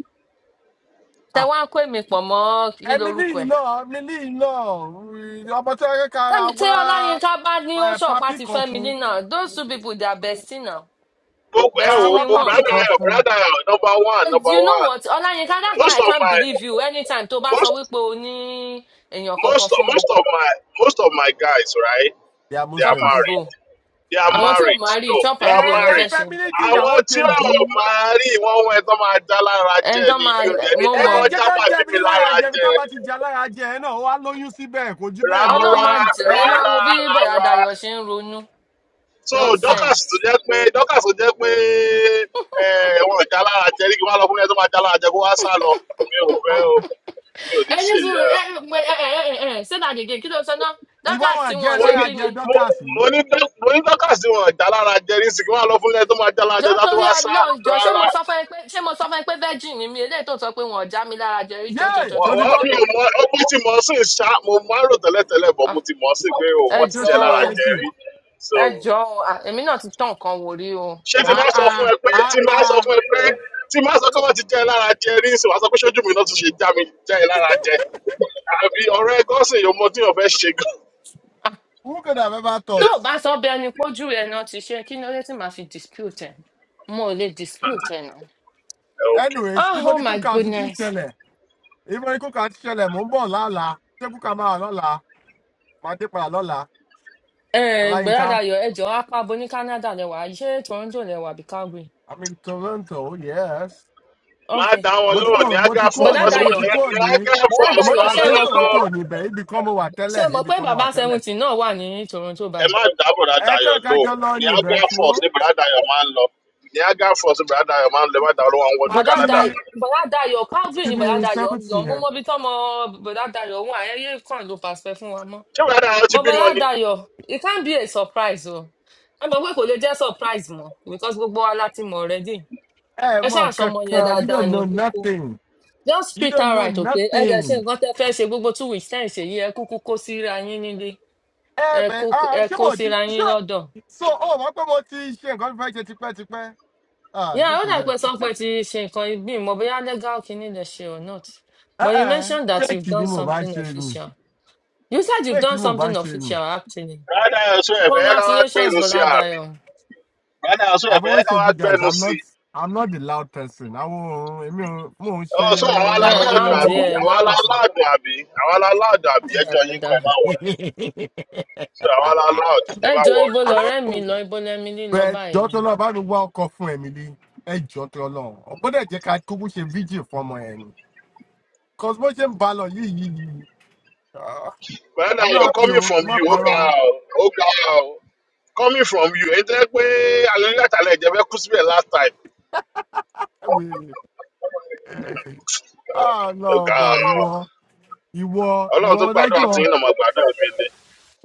S1: Tẹ
S10: Ah,
S1: wá ń kó èmi pọ̀ mọ́ kí
S10: emily
S1: lorúkọ
S10: yìí
S1: ẹ̀.
S10: náà emily yìí náà mm, ọmọ tó yẹ ká ra
S1: Tẹ́mi tí
S10: wá
S1: Ọláyínká bá ní ó
S10: eh,
S1: ṣọ̀pá
S10: papi
S1: ti
S10: kan
S1: Fẹ́mi
S10: fún
S1: nínà, those two people they are bestie now.
S11: gbogbo
S10: ká
S11: ẹ
S10: ra
S11: wo
S1: Bestie
S10: wá
S1: ni
S11: bo-
S1: wọ́n.
S10: papi
S11: brother
S10: kan
S11: ayo
S10: fún
S11: brother ayo number one
S1: And
S11: number
S1: you know
S11: one
S1: what? Ọláyínká that's why
S11: most
S1: I
S11: of
S1: can't
S11: my
S1: believe you anytime tó bá sọ
S11: most
S1: wípé o ní èèyàn
S11: most
S1: kankan
S11: of,
S1: fún mi.
S11: most of my most of my guys right
S10: they are
S11: they
S1: Chop
S11: are
S10: muslims.
S1: and go.
S11: married they
S10: ẹ
S11: are
S1: Àwọn tí ò
S11: married
S1: máa rí
S11: no
S1: chop
S11: they
S10: ẹ
S1: and
S11: are
S1: go náà
S10: ẹ
S1: fẹ́
S11: married.
S10: fẹ́
S1: ṣe.
S10: mi ní di
S11: àwọn
S10: ìyàwó
S11: tí
S10: kejì
S11: ò máa rí wọn wọn ẹ tó máa já lára jẹ
S1: Ẹni tó
S11: ni
S1: máa
S11: mi ò dẹ̀
S1: eh,
S11: ní
S1: mọ́
S10: ẹ
S11: jẹ́ kó
S1: mọ́.
S10: jẹ́
S11: já
S10: ká jẹ
S11: bàbí
S10: ẹbí
S11: mi
S10: lára
S11: lára
S10: jẹ ẹbí tá bá
S11: jẹ.
S10: ti jẹ alára jẹ ẹ náà wá lóyún síbẹ̀ kò jù bẹ́ẹ̀ lọ
S1: Ọlọ́run máa
S11: rárá
S1: jẹ́
S10: ẹ
S1: ẹ máa wo
S11: rárá
S1: bí Bọ̀dá
S11: rárá
S1: Dayọ̀ ṣe ń ronú.
S11: so
S10: à,
S11: Dorcas
S1: Nonsense.
S11: tó jẹ́ pé Dorcas tó jẹ́ pé eh, wọn ò jálára jẹ ní kí wọ́n lọ fún ẹni tó máa jálára jẹ kó wá sá lọ mi ò
S10: à,
S11: fẹ́ o mi ò ní
S1: Ẹni
S11: ṣe
S1: sùn
S11: yẹ
S1: ẹ ẹ ẹ ẹ ẹ ṣé dàgègè kí ló sọ náà?
S10: ìwọ
S1: Dọ́kà
S10: wọn
S1: tí
S10: jẹ
S1: wọ́n
S11: mo
S1: ṣe
S11: ní
S10: lára
S1: kí
S10: jẹ
S1: ni?
S11: mo
S10: dọ́kàs
S11: mo ní Dor- mo ní Dorcas tí wọn ò jálára jẹ ní sì kí wọ́n lọ fún ẹni tó máa jálára
S1: jọ
S11: jẹ tó
S1: torí
S11: wá sá
S1: Ọlọ́run jọ ṣé mo
S11: rárá
S1: sọ fún ẹ pé ṣé mo sọ fún ẹ pé virgin ni mi eléyìí tó sọ pé wọn ò já mi lára jẹ rí jọ jọ jọ
S10: yéè tó
S1: jọ
S11: Wà-
S10: ti
S1: jọ
S11: wà-
S10: gbọ́
S11: mi ò mọ ọgbọ́n tí mo sì ń ṣá mo máa ń rò tẹ́lẹ̀tẹ́lẹ̀ bọ̀ mo
S1: Ah,
S11: ti mọ̀ sí pé o
S1: ẹ
S11: wọ́n ti
S10: tó
S1: jọ
S11: jẹ
S10: ti rọ
S11: lára
S10: ẹ
S1: o
S11: jẹ
S10: sí
S11: rí
S1: ẹ
S11: so
S1: jọ o Ah, èmi náà ti tán nǹkan wò rí o
S11: ṣé ti
S1: Mm.
S11: máa sọ fún
S10: àà
S11: ẹ pé ti máa sọ
S10: àà
S11: fún ẹ pé ti máa sọ pé wọ́n ti jẹ́ ẹ lára jẹ rí ìsìn wàá sọ pé ṣojú mi náà tún ṣe já mi jẹ́ ẹ lára jẹ àbí ọ̀rẹ́ gọ́sìn yóò mọ tí yóò fẹ́ ṣe gan.
S1: Ah,
S10: who could have ever
S1: tó
S10: thought
S1: o bá sọ bẹ́ẹ̀ ni pójú rẹ náà ti ṣe kí ni ó lè tí màá fi dispute ẹ mo ò lè dispute ẹ náà
S11: Ẹ ok
S10: anyways
S1: oh,
S10: ibo
S1: oh
S10: ni
S1: my
S10: kúkà ti ti
S1: goodness
S10: ṣẹlẹ̀ ibo ni kúkà ti ṣẹlẹ̀ mò ń bọ̀ lọ́la ṣé kúkà máa wà lọ́la máa dé padà lọ́la
S1: bọ́dà
S10: ọláyínká
S1: Dayọ̀ ẹ jọ apá bo ní Canada lẹ́wà ṣé Toronto lẹ́wà bí Calgary
S10: i'm in toronto yes
S1: ok
S11: máa dá wọn
S10: mo ti
S11: lọ́wọ́ ní
S10: kúrò mo
S11: ágá
S10: ti kúrò
S11: fọ́ọ̀mù
S1: bọ́dà
S11: wọ́n
S10: ní
S11: sì
S10: mo
S11: wọ́n
S1: Dayọ̀
S10: ti kúrò
S11: ní
S10: ní
S11: ágá
S1: bọ́dà
S11: fọ́ọ̀mù sì
S10: mo
S1: Dayọ̀
S11: máa
S10: jẹ
S11: ń
S1: ṣé ẹ
S10: jẹ
S1: mọ̀ pé
S11: lọ
S10: tòótọ́ níbẹ̀ ibì kan mo wà
S1: ṣé
S10: tẹ́lẹ̀
S1: ẹ mọ̀
S10: ibì
S1: pé
S10: kan mo
S1: bàbá
S10: wà tẹ́lẹ̀
S1: seventy náà wà ní Toronto
S11: ẹ
S1: báyìí
S11: má dá bọ̀dá
S10: ẹkọ
S11: dayọ̀
S10: ẹka
S11: lò
S10: jọ lọ
S11: ní
S10: ní
S11: ágá
S10: ibẹ̀ tí
S11: fọ́ọ̀mù
S10: ó
S11: sí bọ̀dá dayọ̀ máa ń lọ ní ágá fọ́ọ̀mù sí bọ̀dá dayọ̀ máa ń lọ ẹ má dá olówó àwọn wọnú
S1: bọ̀dá
S10: pati
S11: Canada
S1: Day- Bọ̀dá Dayọ̀ calgary ni
S10: kìíní
S1: bọ̀dá Dayọ̀ ń lọ
S10: seventy
S1: mo
S10: yẹn
S1: mọ ibi tọ́mọ bọ̀dá Dayọ̀ wà ayẹyẹ kan ló pàṣẹ fún wa mọ́
S11: ṣé bọ̀dá dayọ̀ ti
S1: But
S11: bímọ
S1: bọ̀dá
S11: ni
S1: Dayọ̀ it can be a surprise o ẹ mọ̀ pé kò lè jẹ́ surprise mọ́ because gbogbo wa láti mọ̀ already
S10: ẹ
S1: ẹ
S10: mọ
S1: ṣáà sọmọ yẹn
S10: kankan you
S1: dáadáa
S10: don't
S1: ní
S10: know
S1: kókó
S10: nothing
S1: just
S10: you
S1: treat
S10: don't
S1: her
S10: know
S1: right okay ẹ jẹ́
S10: nothing
S1: ṣe nǹkan tẹ́ fẹ́ ṣe gbogbo two weeks tẹ́ ẹ̀ ṣe yìí ẹ kúkú kó síra yín nílé
S10: ẹ
S1: ẹ
S10: bẹ
S1: kó
S10: ah
S1: ẹ
S10: ṣé
S1: kó
S10: mo ti
S1: síra yín
S10: ṣé
S1: lọ́dọ̀
S10: so ó mọ pé mo ti ṣe nǹkan fẹ́ ṣe tipẹ́tipẹ́ ah
S1: Yeah, all
S10: dínkù
S1: that
S10: bẹ́ẹ̀
S1: question ti ṣe nǹkan bí mo bóyá legal kìíní lè ṣe or not.
S10: ẹ
S1: But you
S10: ẹ
S1: mentioned that you've
S10: fake ni
S1: done
S10: mo bá
S1: something
S10: ṣe nù
S1: official. You said you've
S10: fake
S1: done
S10: ni mo bá
S1: something
S10: ṣe nù
S1: official actually.
S11: bọ̀dá dayọ̀ sọ ẹ̀fẹ̀ ká wá
S1: Congratulations,
S11: gbẹ́nu sí
S1: Bọ́lá
S11: àbí
S1: Dayọ̀.
S11: bọ̀dá dayọ̀ sọ
S10: I've
S11: ẹ̀fẹ̀
S10: always
S11: ká
S10: told
S11: wá
S10: you guys
S11: gbẹ́nu
S10: I'm
S11: sí
S10: not I'm not the loud person. Àwọn èmi ò mo ò ṣe
S11: Oh, so àwọn
S1: Ẹ
S11: alálàdùn
S1: láòdì
S10: ní.
S11: àbí
S1: ẹ
S11: àwọn
S1: láòdì
S11: alálàdùn àbí àwọn alálàdùn àbí ẹjọ́ yín
S1: ládàládà.
S11: kan ẹ má wọrí. So àwọn alálàdùn ẹ
S1: Ẹ
S11: má
S1: jọ
S11: wọrí.
S1: ibo lọ̀rẹ́ mi lọ ibo lẹ́mi lílọ
S10: Bẹ́ẹ̀ jọ́
S1: báyìí.
S10: tó lọ bá mi wá ọkọ fún Emily. Ẹ jọ́ tó lọ. Ọ̀gbọ́dọ̀ jẹ́ ká kúkú ṣe fídíò fún ọmọ ẹ̀ ni. Cos bó ṣe ń ba lọ yìí yìí yìí. ah,
S11: Bẹ́ẹ̀ náà
S10: I'm not
S11: yọ
S10: happy
S11: coming
S10: o.
S11: from
S10: Ẹ má
S11: you ó
S10: parọ́
S11: ga
S10: o.
S11: ọ́ ó ga ọ́ coming from you èyí tó yẹ pé alẹ́ látàlẹ́ ìjẹ́ fẹ́ kú síbẹ̀ last time
S10: Ẹ wèrè. Ah lọ
S11: ó ga
S10: bá
S11: ọ́
S10: ìwọ ìwọ
S11: ọlọ́run
S10: ìwọ
S11: tó
S10: ọ̀dá kí
S11: gbàdúrà tí
S10: wọ́n.
S11: yín náà máa gbàdúrà mi ni.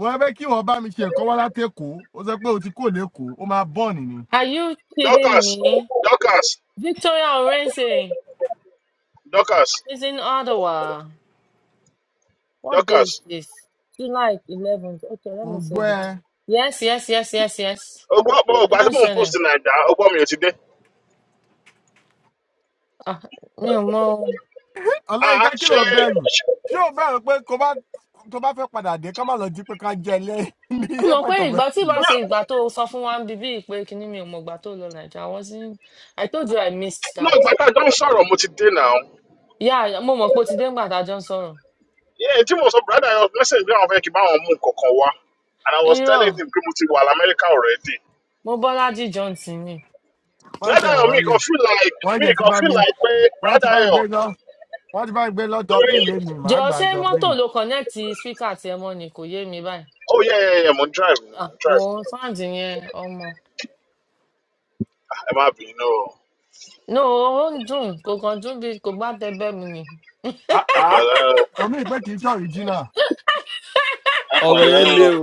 S10: Wọ́n fẹ́ kí wọ́n bá mi ṣe ẹ̀kọ́ wá láti Èkó. Ó sọ pé o ti kúrò l'Ékòó. Ó máa bọ́ọ̀nì ni.
S1: Are you kidding
S11: Dorcas
S1: me?
S11: Dorcas
S1: Victoria Orense
S11: Dorcas
S1: is in Ottawa. What day
S11: Dorcas
S1: is this? July 11th. Okay, let
S10: mo
S1: me
S10: gbọ́
S1: save it.
S10: ẹ
S1: Yes, yes, yes, yes, yes.
S11: ó gbọ́ pé
S1: Kí
S11: ògbà
S1: ló
S11: tí
S1: ń
S11: mò ń
S1: ṣẹlẹ̀?
S11: post nàìjà ó gbọ́ mi ò ti dé.
S1: Ah, mi ò mọ o.
S10: ọláyínká
S11: Ah
S10: kí
S11: ṣé
S10: ló bẹ̀rù
S11: ṣé-
S10: ṣé o bẹ̀rù pé kó bá tó bá fẹ́ padà dé ká má lọ jí pé ká jẹ ilé ní
S1: Mo mọ̀ pé
S10: airport of
S1: ìgbà tí
S10: entry
S1: ìbá ṣe
S11: náà
S1: ìgbà tó sọ fún wa ń bí bíi pé kinní mi ò mọ̀ ìgbà tó lọ Nàìjíríà. I wasn't I told you I missed
S11: náà
S1: that.
S11: gbàtà jọ ń sọ̀rọ̀ mo ti dé náà.
S1: Yeah, mo mọ̀ pé o ti dé ńgbà tá a jọ ń sọ̀rọ̀.
S11: Yeah, tí mo sọ brother yẹn message bí àwọn fẹ́ kí n bá wọn mú nǹkan kan wá and I was telling
S1: Irọ́,
S11: him pé mo ti wà l'Amẹ́ríkà already.
S1: mo Bọ́lájí Johnson ni.
S10: wọ́n ṣe
S11: Brother yẹn mi
S10: wọ́ọ̀rì
S11: kan feel like
S10: wọ́n
S11: mi
S10: jẹ ti
S11: kan
S10: bá
S11: feel
S10: mi
S11: like pé
S10: wọ́n ti
S11: brother
S10: bá mi gbé
S11: yẹn
S10: lọ wọ́n ti bá mi gbé lọ
S11: torí
S10: dublin lẹ́nu màá
S1: Jọ̀ọ́
S10: gbà
S1: ṣé mọ́tò
S10: dublin
S1: ló kọ̀nẹ́ẹ̀tì spíkà tí ẹ mọ́ ni kò yé mi báyìí.
S11: oh yeah yeah yeah mo ń drive
S1: Ah,
S11: mo ń drive
S1: wo sáǹdì yẹn ọmọ.
S11: Ah, ẹ má bínú o
S1: No, ó ń dùn, kò kàn dùn bí kò gbá tẹgbẹ́ mi ni.
S11: ẹ
S2: rẹ
S11: pẹ̀lẹ́ o
S10: omi ìpè kì í ṣe original
S11: ẹ
S2: ọrọ yẹn
S11: pẹ̀lẹ́
S2: le
S11: o
S2: o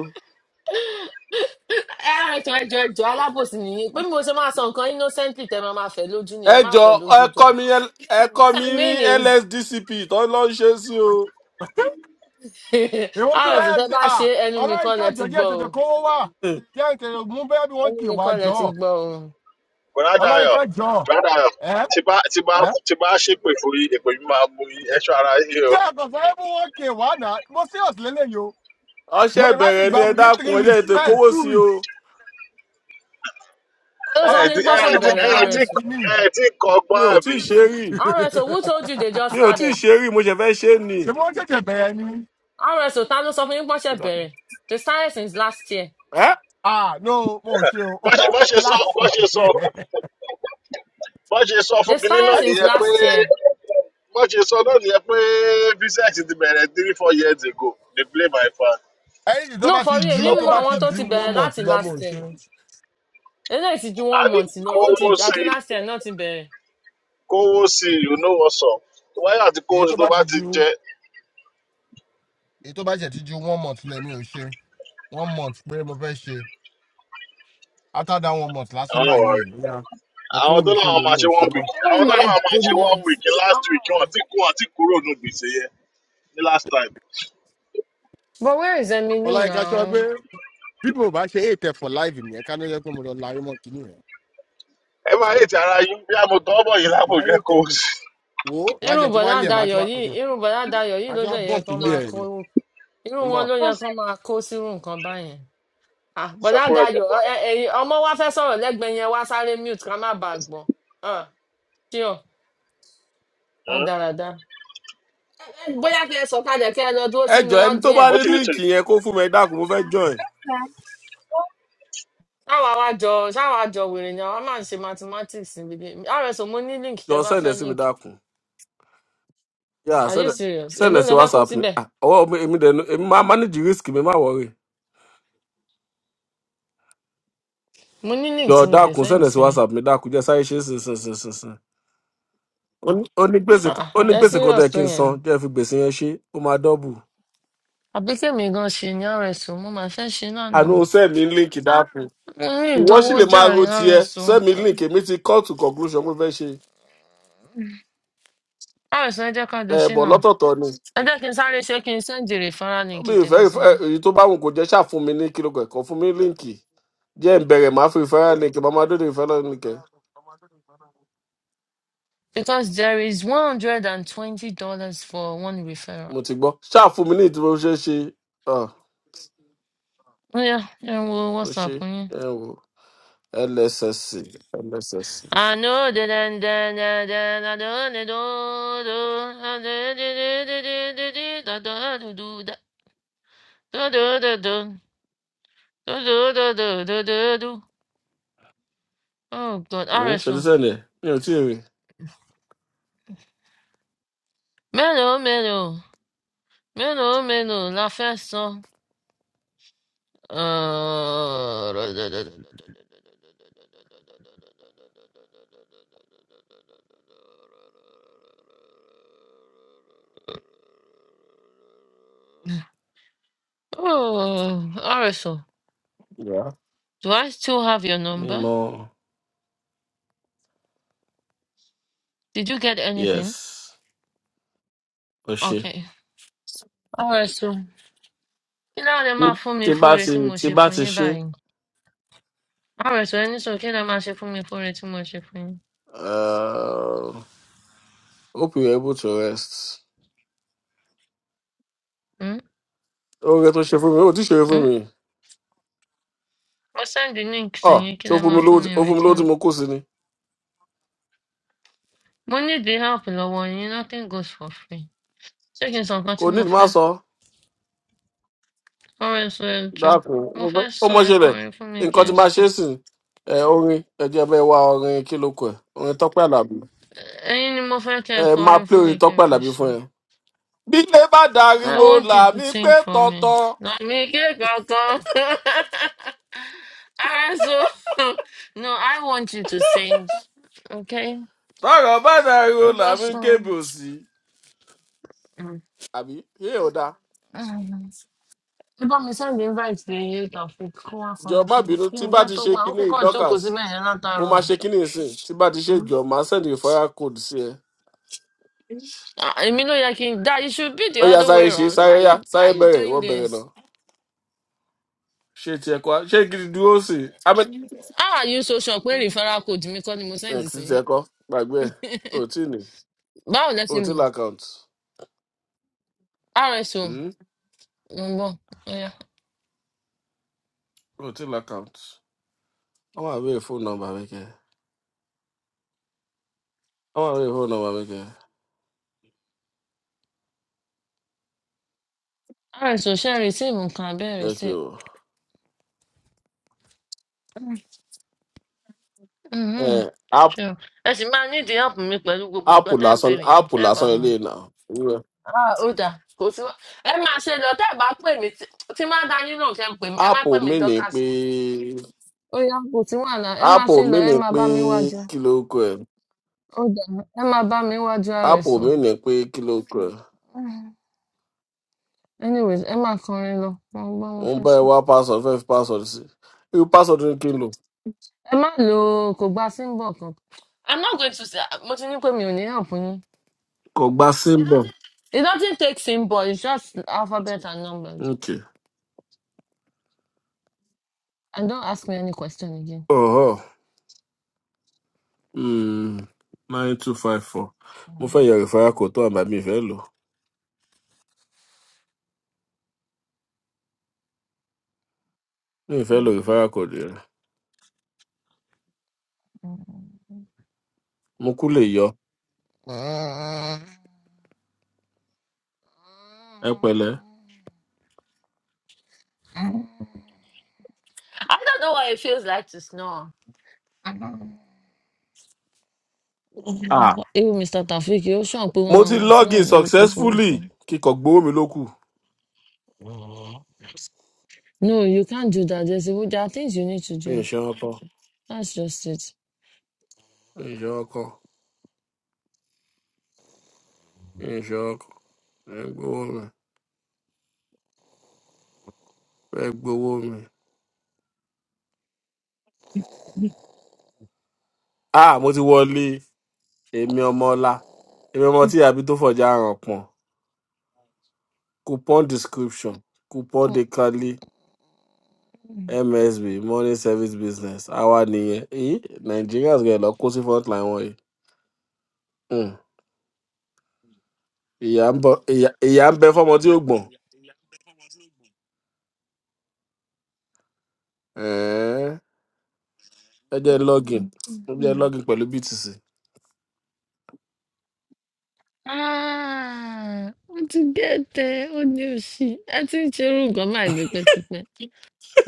S1: Ẹ á jọ ẹjọ́ ẹjọ́ alábòsí nìyí. Pé bí mo ṣe máa sọ nǹkan innocently tẹ máa máa fẹ́ lójú ni ẹ
S2: ẹ
S1: má
S2: jọ
S1: fẹ́
S2: ẹ
S1: lójú jọ.
S2: kọ mi L- ẹ kọ́
S1: All
S2: mi
S1: I
S2: ní
S1: mean is
S2: lsdcp tó lọ ń ṣe sí o
S10: èwo tún dé
S11: Ah,
S1: rs tẹ
S10: sí
S1: bá ṣe
S10: à
S1: é, ẹnu mi kọ́
S10: ọláyínká
S1: lẹ
S10: jọ
S1: ti
S10: jẹ́
S1: gbọ́
S10: ètò
S1: o
S10: kówó wà
S2: Hmm.
S10: jẹ́ ètò mú bẹ́ẹ̀ bí wọ́n
S1: ẹnu
S10: kì
S1: mi
S10: wá
S1: kọ́ lẹ
S10: jọ
S1: ti gbọ́ o
S11: brother yẹn
S10: ọláyínká jọ
S11: brother yẹn
S10: ẹ́
S11: tí bá tí bá
S10: ẹ́
S11: tí bá ṣépè fún yín èpè mi máa mú yín ẹṣọ ara yín o
S10: jẹ́ àkọsọ ẹ̀ bí wọ́n kì wá náà mo serious lélẹ́yìí o
S2: ọṣẹ
S10: mo dẹ̀ láti
S2: ìbẹrẹ ni
S10: gbà
S2: ẹ
S10: within
S2: dákun
S10: three
S2: ẹjẹ
S10: weeks
S2: ètò
S10: ẹ̀
S2: ìkówó
S10: two
S2: sí
S10: weeks
S2: o
S1: ta ló
S11: ẹ
S1: sọ
S11: ẹ
S1: fún
S11: ti
S1: yín
S10: ọláyínká
S11: ẹ
S10: náà
S11: ẹ
S1: pọ́nṣẹ́
S10: ló
S11: ti
S10: máa
S1: bẹ̀rẹ̀
S11: ẹ
S10: fún
S11: ẹ̀
S10: wa
S11: tí
S10: ní
S1: rs
S10: kínní
S11: ẹ ti kọ
S2: mi
S11: ọgbọ́n
S2: ò tí
S11: àbí
S2: ì ṣe rí
S1: o rs o who
S10: ṣé
S1: told you they just
S2: mi ò tí ì
S1: started
S2: ṣe rí mo ṣe fẹ ṣe ni
S10: wọ́n ṣẹ̀ṣẹ̀ bẹ̀rẹ̀ ni
S1: rs o ta ló sọ fún yín pọ́nṣẹ́ bẹ̀rẹ̀ they started since last year
S2: ẹ
S10: ah no mo ò ṣe o
S11: bọ́ṣe bọ́ṣe sọ
S10: láti
S11: bọ́ṣe sọ
S10: bẹ̀rẹ̀
S11: bọ́n ṣe sọ fún
S1: they
S11: kinní
S1: started
S11: náà
S1: since
S11: nìyẹn pé
S1: last year
S11: bọ́n ṣe sọ náà nìyẹn pé visa ti ti bẹ̀rẹ̀ three four years ago they play my fan
S10: ẹ̀yìn tó
S1: no
S10: bá
S1: for
S10: ti
S1: real
S10: ju
S1: mi
S10: tó
S1: mọ
S11: lọ́pọ̀
S10: bá ti
S1: àwọn tó
S10: ju
S1: ti
S10: one
S1: bẹ̀rẹ̀
S10: month
S1: láti
S10: lọ mo
S1: last
S10: ò
S1: year
S10: ṣe
S1: eléyìí ti ju
S11: a
S1: one
S11: ní
S1: month lọ ó ti
S11: kówó sí
S1: àti
S11: i
S1: last year náà ti bẹ̀rẹ̀
S11: kówó sí i you know what's up tó báyà àti kówó
S10: èyí
S11: sí
S10: tó
S11: i tó
S10: bá
S11: bá
S10: ti
S11: ti
S10: ju
S11: jẹ
S10: èyí tó bá ṣẹ̀ ti ju one month lọ mi ò ṣe one month pé mo fẹ́ ṣe after that one month lásán
S11: àwọn
S10: báyìí
S11: ọ̀rẹ́
S10: ìyá ẹ
S11: àwọn
S10: kúrò
S11: tó
S10: mi fún
S11: láwọn
S10: mi mo
S11: máa ṣe
S10: ò ṣe
S11: one
S10: mọ́
S11: week
S1: oh
S11: àwọn tó
S1: my
S11: láwọn máa ṣe one
S1: goodness
S11: week last week wọn
S1: oh
S11: ti kú wọn ti kúrò ní gbèsè yẹn ní last time
S1: but where is emily
S10: ọláyínká ṣọ
S1: now
S10: pé bí mo bá ṣe ètè for life nìyẹn ká ló yẹ pé mo lọ la ayé mọ́ kínní rẹ̀
S11: ẹ máa yé ti ara yín bí a mo tọ́ bọ̀ yìí lápò
S10: máa
S11: jẹ́ kówó
S10: ètè
S11: sí
S10: wo má
S1: irú
S10: jẹ ti wá
S1: bọ̀dá
S10: lé ẹ má ti
S1: Dayọ̀
S10: wá
S1: yìí irú bọ̀dá Dayọ̀ yìí
S10: má
S1: ló
S10: ti wá
S1: dẹ̀ yẹ
S10: bọ́ǹkì
S1: kán
S10: lé
S1: máa
S10: ẹ
S1: kó
S10: ni.
S1: irú wọn ló yẹ kán máa kó sírú nǹkan báyẹn Ah,
S11: i
S1: bọ̀dá
S11: sakura
S1: Dayọ̀
S11: ìjọba
S1: ọ- ẹ- ẹ̀yin ọmọ wa fẹ́ sọ̀rọ̀ lẹ́gbẹ̀ẹ́ yẹn wá sáré mute ká má bàa gbọ́ Ah, ṣé ọ rádaràda Eh, bóyá kẹ́ ẹ sọ kalẹ̀ kẹ́ ẹ lọ dúró
S2: ẹ
S1: sínú
S2: jọ ẹni tó bá ní
S11: what
S1: audience
S11: do you think?
S2: líǹkì yẹn kó fún mi ẹ dákun mo fẹ join
S1: ṣáwa wá jọ ṣáwa jọ wèrè ni àwa máa ń ṣe mathematics níbi rso mo ní link
S2: jọ
S1: tẹ bá
S2: sẹ́ǹdẹ̀
S1: fẹ́
S2: sí mi
S1: link
S2: dákun. Yeah,
S1: are
S2: send
S1: you
S2: it.
S1: serious
S2: send
S1: èló
S2: us a
S1: lẹ fẹ́ kó
S2: WhatsApp me.
S1: síbẹ̀
S2: Ah, oh, me me then eh, me ma manage the risk me ma worry.
S1: mo ní link tí
S2: Yo,
S1: mo lè
S2: dákun send
S1: send
S2: us a
S1: sí yín
S2: WhatsApp me dákun jẹ́ sáré ṣe sin sin sin sin sin. Ó ní gbèsè
S1: Ah ah,
S2: ó ní
S1: ẹ
S2: gbèsè kan tó
S1: serious
S2: yẹ
S1: tó
S2: kí n
S1: yẹn ni
S2: san jẹ́ fi gbèsè yẹn ṣe ó máa dọ́bù.
S1: àbí kèmí gan ṣì ní àrẹ̀sọ mo mà fẹ́ ṣe lánàá mo
S2: Àná o send mi link dákun.
S1: ní
S2: Ìwọ sì
S1: ìdánwò
S2: lè máa
S1: jàre
S2: ro tiẹ̀
S1: àrẹ̀sọ
S2: send mi link èmi ti call to conclusion pé fẹ́ ṣe.
S1: àrẹ̀sọ ẹ jẹ́ ká jọ
S2: Ẹ
S1: ṣe
S2: bọ̀
S1: náà
S2: lọ́tọ̀ọ̀tọ̀ ni.
S1: ẹ jẹ́ kí n sáré ṣe kí n sẹ́ǹdì referral link
S2: Mi ì fẹ́
S1: tèmi sí
S2: ìfẹ́-
S1: yín
S2: èyí tó bá wù kó jẹ́ ṣáà fún mi ní kíló kẹ̀kọ́ fún mi ní líǹkì. Jẹ́ ìbẹ̀rẹ̀ máa fi ìfẹ́ link màmá dóde ìfẹ́ lọ́nìkẹ́.
S1: because there is one hundred and twenty dollars for one referral.
S2: Mo ti gbọ́. Ṣáà fún mi ní ìdúró ṣeé ṣe. é ṣe. Ah.
S1: ó yá ẹ wo
S2: mo ṣe
S1: whatsapp yín.
S2: ẹ wo lssc lssc
S1: àná òde dẹ́ndẹ́ndẹ́ndẹ́ dàdó ní dòdò dàdédédédédédé dàdó àdúdú dàdó dòdò dòdò dòdò dòdò. dòdò. Oh God,
S2: Hmm, ṣe ló
S1: RSO.
S2: sẹ́ni ẹ̀ mi ò tí ì rí
S1: Melo, melo, melo, melo, la festa. Uh, oh, Arisu,
S2: ìyá
S1: do I still have your
S2: mi
S1: number?
S2: mọ
S1: Did you get
S2: yes
S1: anything?
S2: mo ṣe
S1: Okay. Arisu, kí ló lè
S2: tí
S1: máa fún mi
S2: tí
S1: fún
S2: bá
S1: oore
S2: ti
S1: tí mo
S2: tí
S1: ṣe
S2: bá
S1: fún
S2: ti
S1: yín
S2: ṣe
S1: báyìí? Arisu, ẹni sọ kí lè máa ṣe fún mi fún oore tí mo ṣe fún yín?
S2: uh, hope you are able to rest
S1: Hmm?
S2: oore tó ṣe fún mi ó ti ṣe fún
S1: Hmm?
S2: mi
S1: Mo send the link sí
S2: ọ
S1: yín kí
S2: ṣé ó
S1: lè
S2: fún
S1: máa
S2: mi lówó
S1: fún mi
S2: tí- ó
S1: in
S2: fún mi lówó tí
S1: return.
S2: mo kó sí ni
S1: Mo need the help lọ́wọ́ yín, nothing goes for free. Ṣé kí n sọ nǹkan
S2: kò
S1: tí
S2: ní
S1: mo
S2: má
S1: fẹ́?
S2: sọ
S1: Arisu, ẹ jọ,
S2: dákun
S1: mo
S2: mo fẹ́
S1: fẹ́
S2: ó
S1: sùn
S2: mọ
S1: ẹ
S2: ṣẹlẹ̀
S1: kọrin fún mi kí
S2: nǹkan tí
S1: n
S2: máa ṣe
S1: sùn.
S2: é sìn ẹ orin ẹjẹ bẹ́ẹ̀ wá orin kí ló kọ ẹ orin Tọ́pẹ́ Àlàbí
S1: Ẹyin ni mo fẹ́ kẹ́
S2: ẹ
S1: ẹ
S2: máa
S1: kọrin
S2: play
S1: fún mi
S2: orin
S1: kí n
S2: Tọ́pẹ́
S1: fi
S2: Àlàbí fún
S1: sùn.
S2: ẹ bílé bá
S1: No, I
S2: dariwo
S1: want you to
S2: làmí pé
S1: sing for me.
S2: tọ̀tọ̀
S1: Àmì kí kankan. Ara so. No, I want you to sing. Okay?
S2: tọ̀rọ̀ bá dariwo
S1: Ó bọ́
S2: làmí
S1: sọ.
S2: kébè òsì.
S1: Mm.
S2: àbí yé ò dáa
S1: Ẹ bá mi send invite sí Taofik kó wá
S2: jọ
S1: kọrin
S2: má
S1: fún mi.
S2: bínú
S1: Kí
S2: tí
S1: ni
S2: bá
S1: iṣẹ́
S2: ti
S1: tó
S2: ṣe
S1: gbà? Ó
S2: kinní
S1: kúkọ̀ jókòó
S2: dorcas
S1: síbẹ̀ yẹn
S2: mo máa
S1: látàárọ̀.
S2: ṣe kinní ìsìn tí bá ti ṣe
S1: Hmm?
S2: jọ máa sẹ́ndì ìfọ́yà code sí ẹ.
S1: Ah, Èmi ló yẹ kí n dá. You should be the
S2: ó yá
S1: other
S2: sáré
S1: way
S2: ṣe
S1: round.
S2: sáré
S1: Why
S2: ó yá
S1: you, why
S2: sáré
S1: you
S2: bẹ̀rẹ̀ ìwọ
S1: doing
S2: bẹ̀rẹ̀ náà
S1: this?
S2: ṣé tiẹ̀ kọ́ ṣé gidi dúró sí i. àmì
S1: How are you so sure pé referral code mi kọ́ ni mo send
S2: ẹ̀ kì
S1: sí
S2: í
S1: yín?
S2: tiẹ̀ kọ́ gbàgbé ẹ̀ o ò tí ì ní
S1: Báwo lẹ
S2: o
S1: ṣe
S2: ò tí ì
S1: mọ̀?
S2: l'account
S1: rso mo
S2: Hmm?
S1: ń bọ̀ ọ̀yá
S2: o ò tí ì l'account. wọ́n máa béèrè fóònù nọ́mbà mi kẹ́ wọ́n máa béèrè fóònù nọ́mbà mi kẹ́
S1: rso ṣe rìsíìmù nǹkan abẹ́
S2: ẹ kì í
S1: rìsíìmù Mhm.
S2: wò.
S1: ṣé o ẹ sì máa nídìí help mi pẹ̀lú gbogbo nǹkan
S2: áàpù
S1: tẹ́ ń
S2: lásán
S1: béèrè yẹn
S2: áàpù
S1: tẹ́ ẹ bá
S2: lásán
S1: mú un.
S2: ilé náà
S1: ó dà kò sí wá- ẹ máa ṣe lọ tẹ́ ẹ bá pè mí tí tí má dá yín náà ṣe ń pè mí ẹ má pè
S2: áàpù
S1: mí
S2: mi ni
S1: dọ́kàs
S2: pé
S1: mọ́. ó yá kò sí wàhálà ẹ máa
S2: áàpù
S1: ṣe
S2: mi
S1: lọ ẹ
S2: ni
S1: máa
S2: pé
S1: bá mi wájú
S2: kí ló kọ ẹ
S1: ó dà ẹ máa bá mi wájú
S2: áàpù
S1: rso
S2: mi ni pé kí ló kọ ẹ
S1: anyways ẹ máa kọrin lọ mo ń gbọ́ mo
S2: mo ń
S1: fẹ́
S2: bá ẹ
S1: sùn.
S2: wá password fẹ́ fi password sí irú password ni kí n lò.
S1: ẹ má lo kò gba símbọ̀ kankan. i'm not going to say mo ti ní pé mi ò ní help yín
S2: kò gba symbol.
S1: It doesn't take symbol. It's just alphabet and numbers.
S2: ok
S1: And don't ask me any question again.
S2: ọ̀họ́ nine two five four mo fẹ́ yọ referral code tó àmà mi ìfẹ́ lò mi ìfẹ́ lò referral code rẹ̀ mo kú lè yọ
S1: I
S2: ẹ pẹ̀lẹ́.
S1: don't know what it feels like to snore.
S2: Ah,
S1: Even Mr. Tafik, you sure put
S2: mo
S1: one
S2: ti
S1: mama
S2: log in
S1: snore, broku,
S2: successfully
S1: broku.
S2: kíkọ gbowó mi ló kù
S1: No, you can't do that. There's, there are things you need to
S2: mi ò
S1: do.
S2: ṣe wọn tán.
S1: That's just it.
S2: Ìṣe ọkọ, ìṣe ọkọ, ẹ gbowó mi, ẹ gbowó mi. À mo ti wọlé èmi ọmọ ọlá, èmi ọmọ tí àbí tó fọjá ràn pọ̀n. Coupon description, coupon decali,
S1: Mm-mm.
S2: MSB, money service business, àwa nìyẹn. Èyí Nigerians gẹ̀ lọ kó sí front line wọ̀nyí. Hmm, Ìyà ń bọ̀, ìyà ìyà ń bẹ fọ́mọ tí ó gbọ̀n. Ẹ̀ẹ́n, Ẹ jẹ́ login, ẹ jẹ́ login pẹ̀lú BTC.
S1: Ah, ó ti gẹ̀tẹ̀ ó ní òṣì ẹ ti ń ṣerú nǹkan báyìí tipẹ́tipẹ́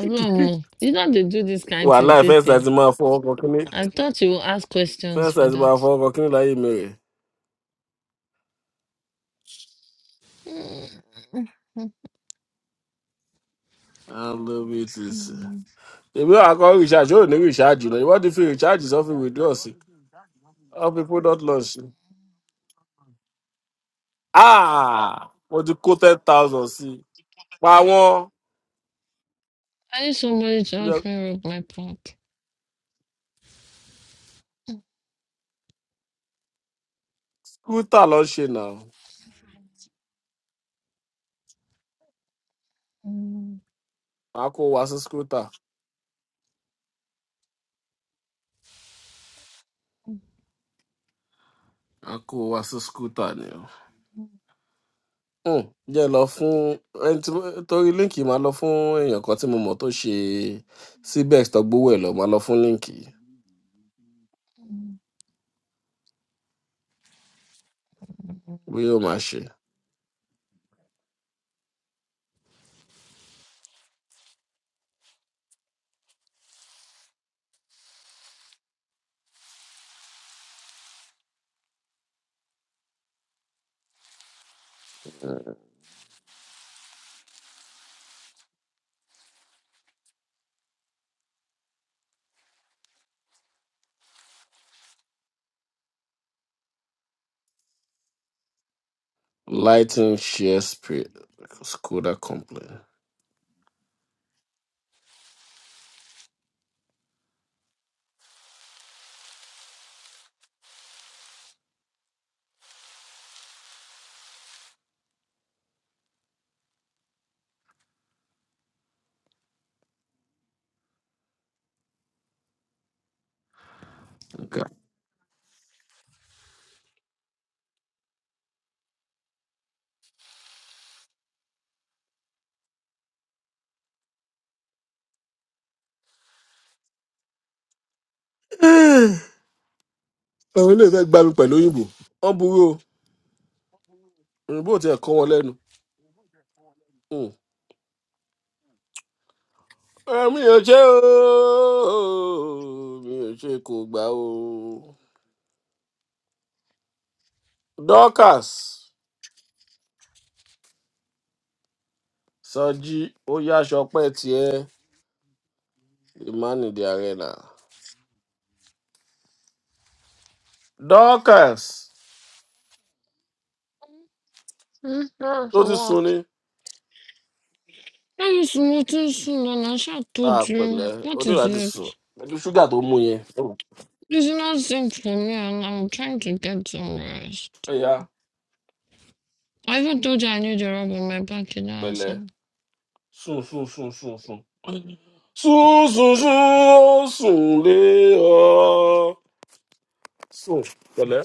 S1: ọlọ́run mọ̀, you know they do this kind thing
S2: Wàhálà first
S1: tètè
S2: time tí máa fọwọ́ kọ kíní,
S1: I thought you would ask questions
S2: first
S1: for
S2: time tí máa
S1: that.
S2: fọwọ́ kọ kíní láyé mi rè. I love it. Listen.
S1: Mm,
S2: Èmi náà akọ recharge yóò ní recharge lọ. Ìwọ́n ti fi recharge sọ fi withdraw sí. All people not lunch. Ah! Mo ti kó ten thousand sí. i. Pa wọ́n.
S1: I need somebody to help
S2: Yọ-
S1: me with my part.
S2: Skútà lọ ṣe nà.
S1: mm.
S2: Màá kó wa sí skútà. Màá kó wa sí skútà ni o. Hmm, Jẹ́ lọ fún ẹni tí mo- torí líǹkì máa lọ fún èèyàn kan tí mo mọ̀ tó ṣe CBEX tó gbowó ẹ̀ lọ. Máa lọ fún líǹkì. Bóyá ó máa ṣe. Lighting share spirit. Skoda complain. àwọn ilé ìfẹ́ gbá mi pẹ̀lú òyìnbó wọ́n burú o òyìnbó ò tiẹ̀ kọ́ wọn lẹ́nu. Hmm. Ah, mi ò ṣe o mi ò ṣe kò gbà o. dorcas sanji ó yáṣọ pẹ́ tiẹ̀ emmanuel arena. dorcas
S1: Hmm?
S2: tó
S1: That's
S2: ti sun
S1: what?
S2: ni
S1: I used to notice soon and I should
S2: Ah,
S1: told you.
S2: pẹ̀lẹ́ ó
S1: What is
S2: dìgbà ti
S1: it?
S2: sùn pẹ̀lú ṣúgà tó mú yẹn. Hmm.
S1: It's not same for me and I'm trying to get some rest.
S2: ó yá
S1: I even told you I need a rub on my back in the
S2: pẹ̀lẹ́
S1: house.
S2: sùn sùn sùn sùn sùn sùn sùn sùn ó sùn lé ọ so pẹ̀lẹ́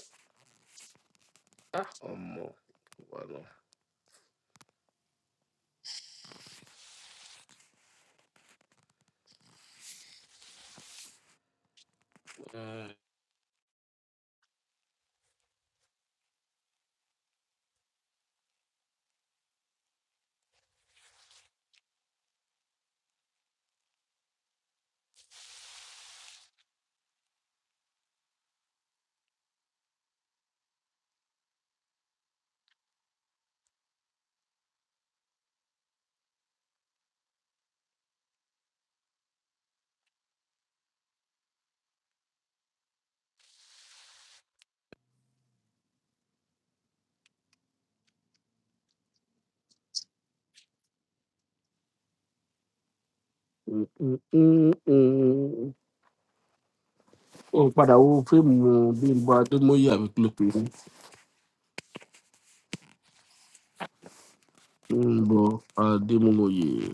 S2: Ah, ọmọ wà lọ. ó padà wo fíìmù bímbọ adémọye àbí kí ló pè é bímbọ adémọye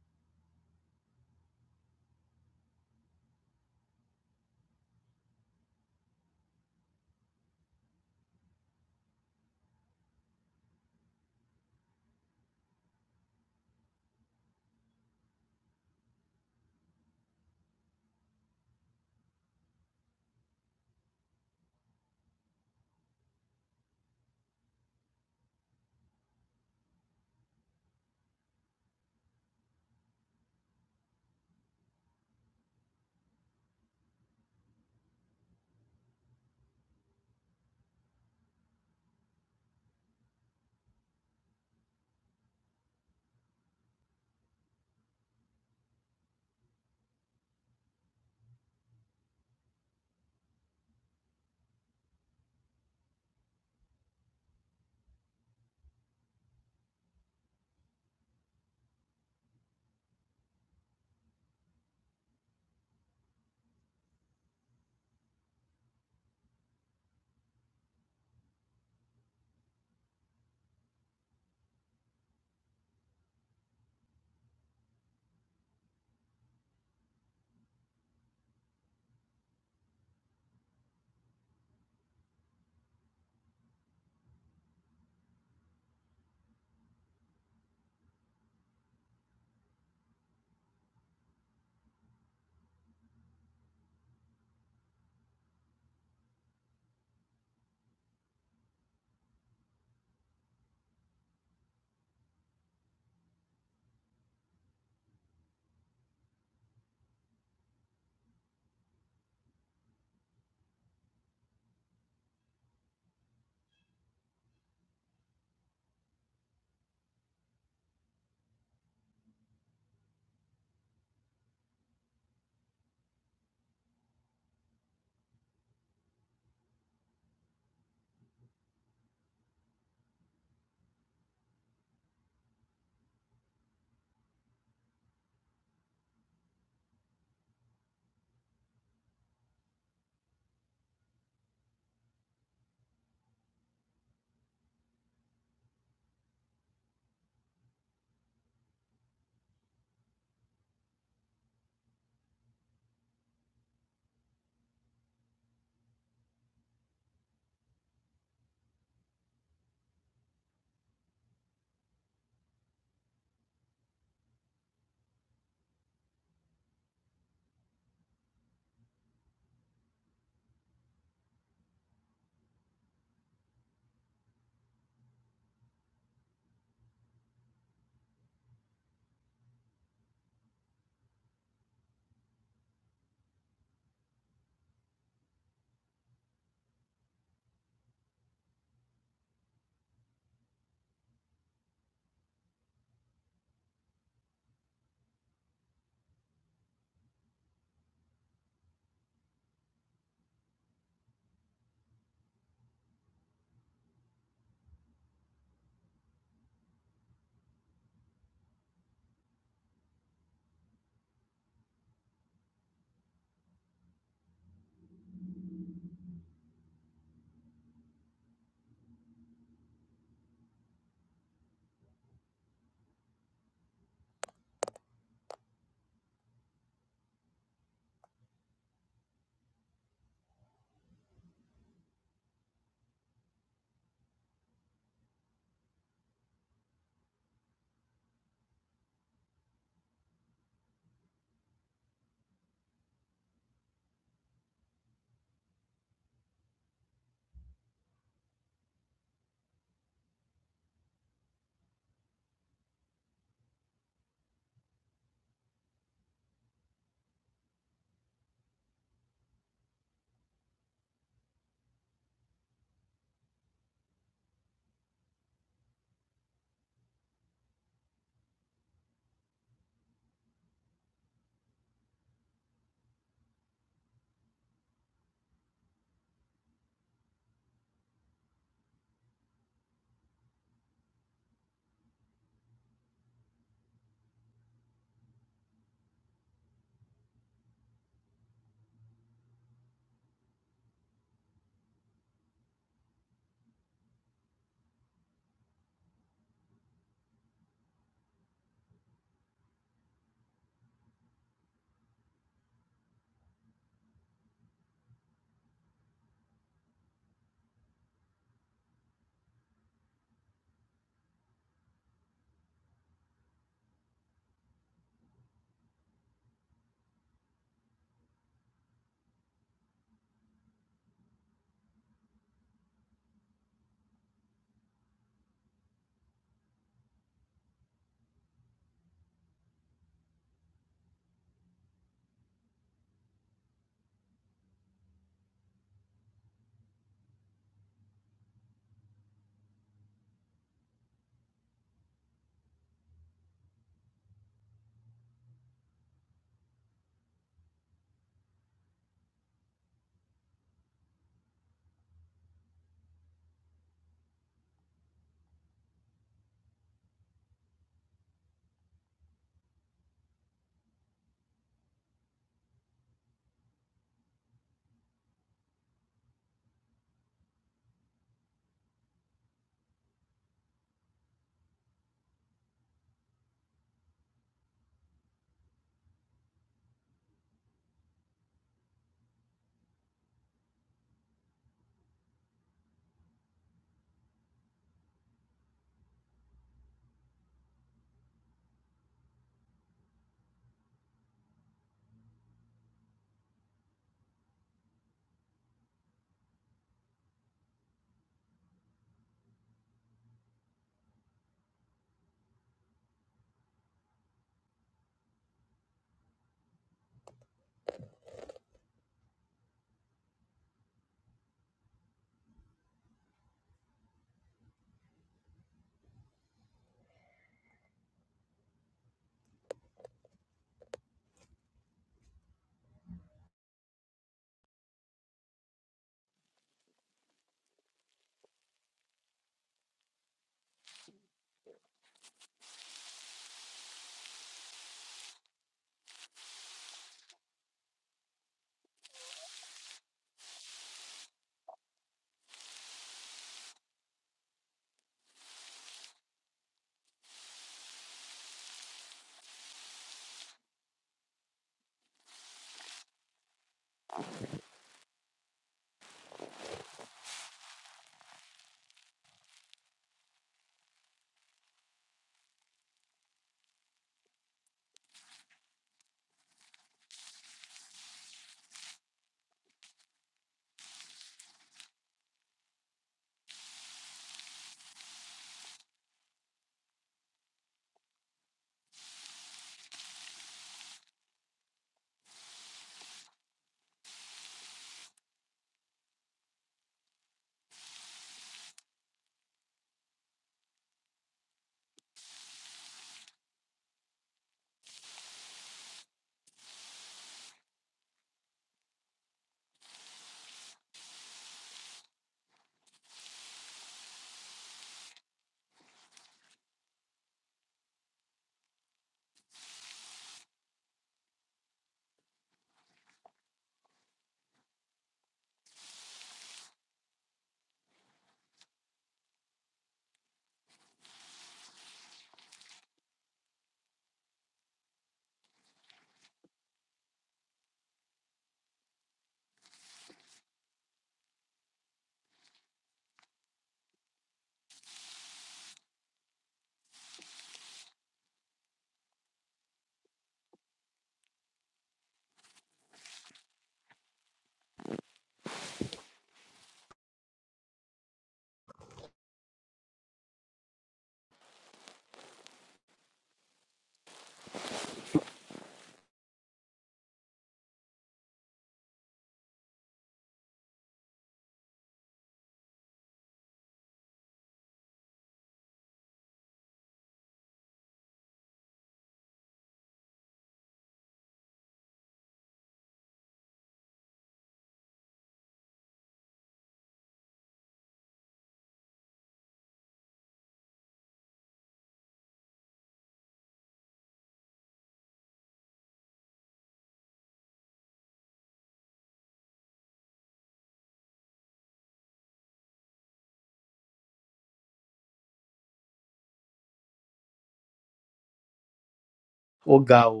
S12: ó ga ọ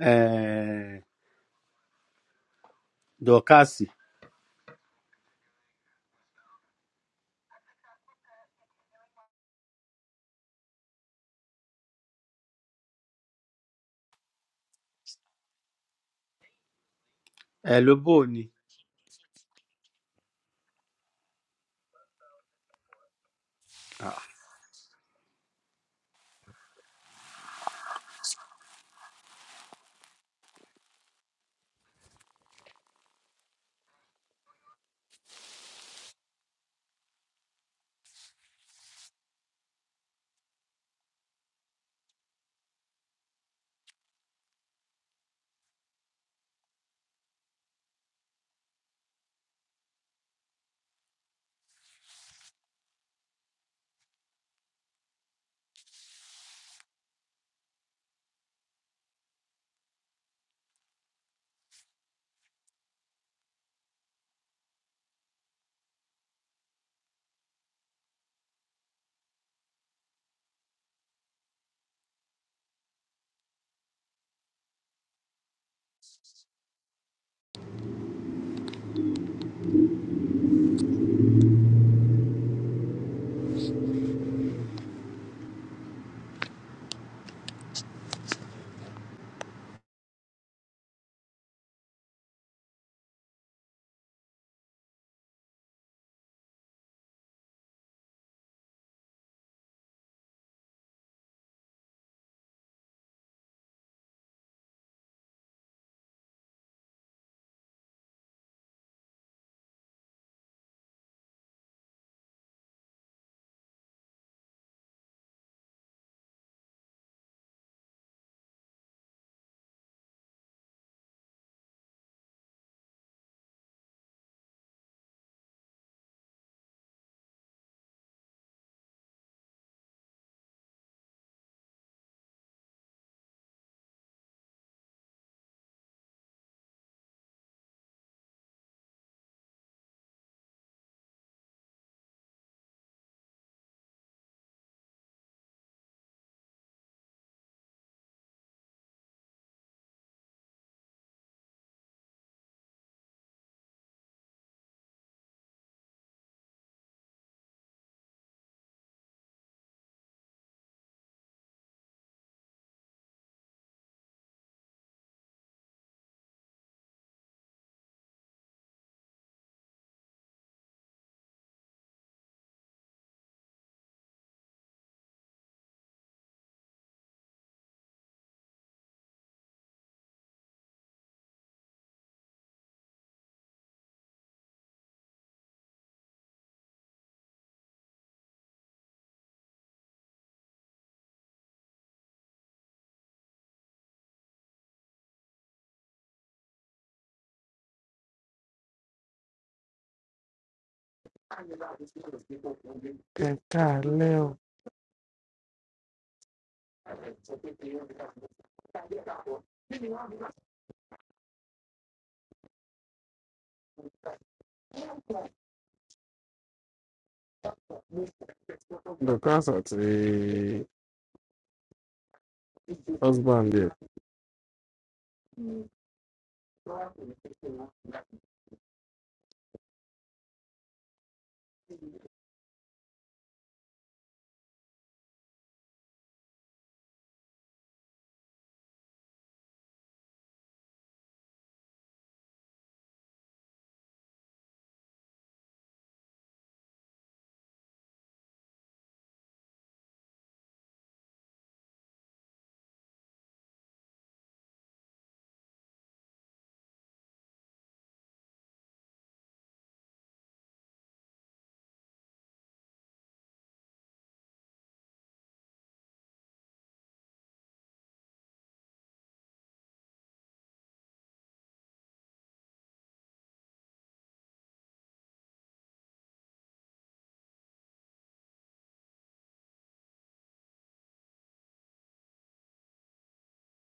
S12: um dorcas um ló bò ó ní
S13: Ẹ káalẹ́ o. Dọ̀kásà àti husband ẹ̀.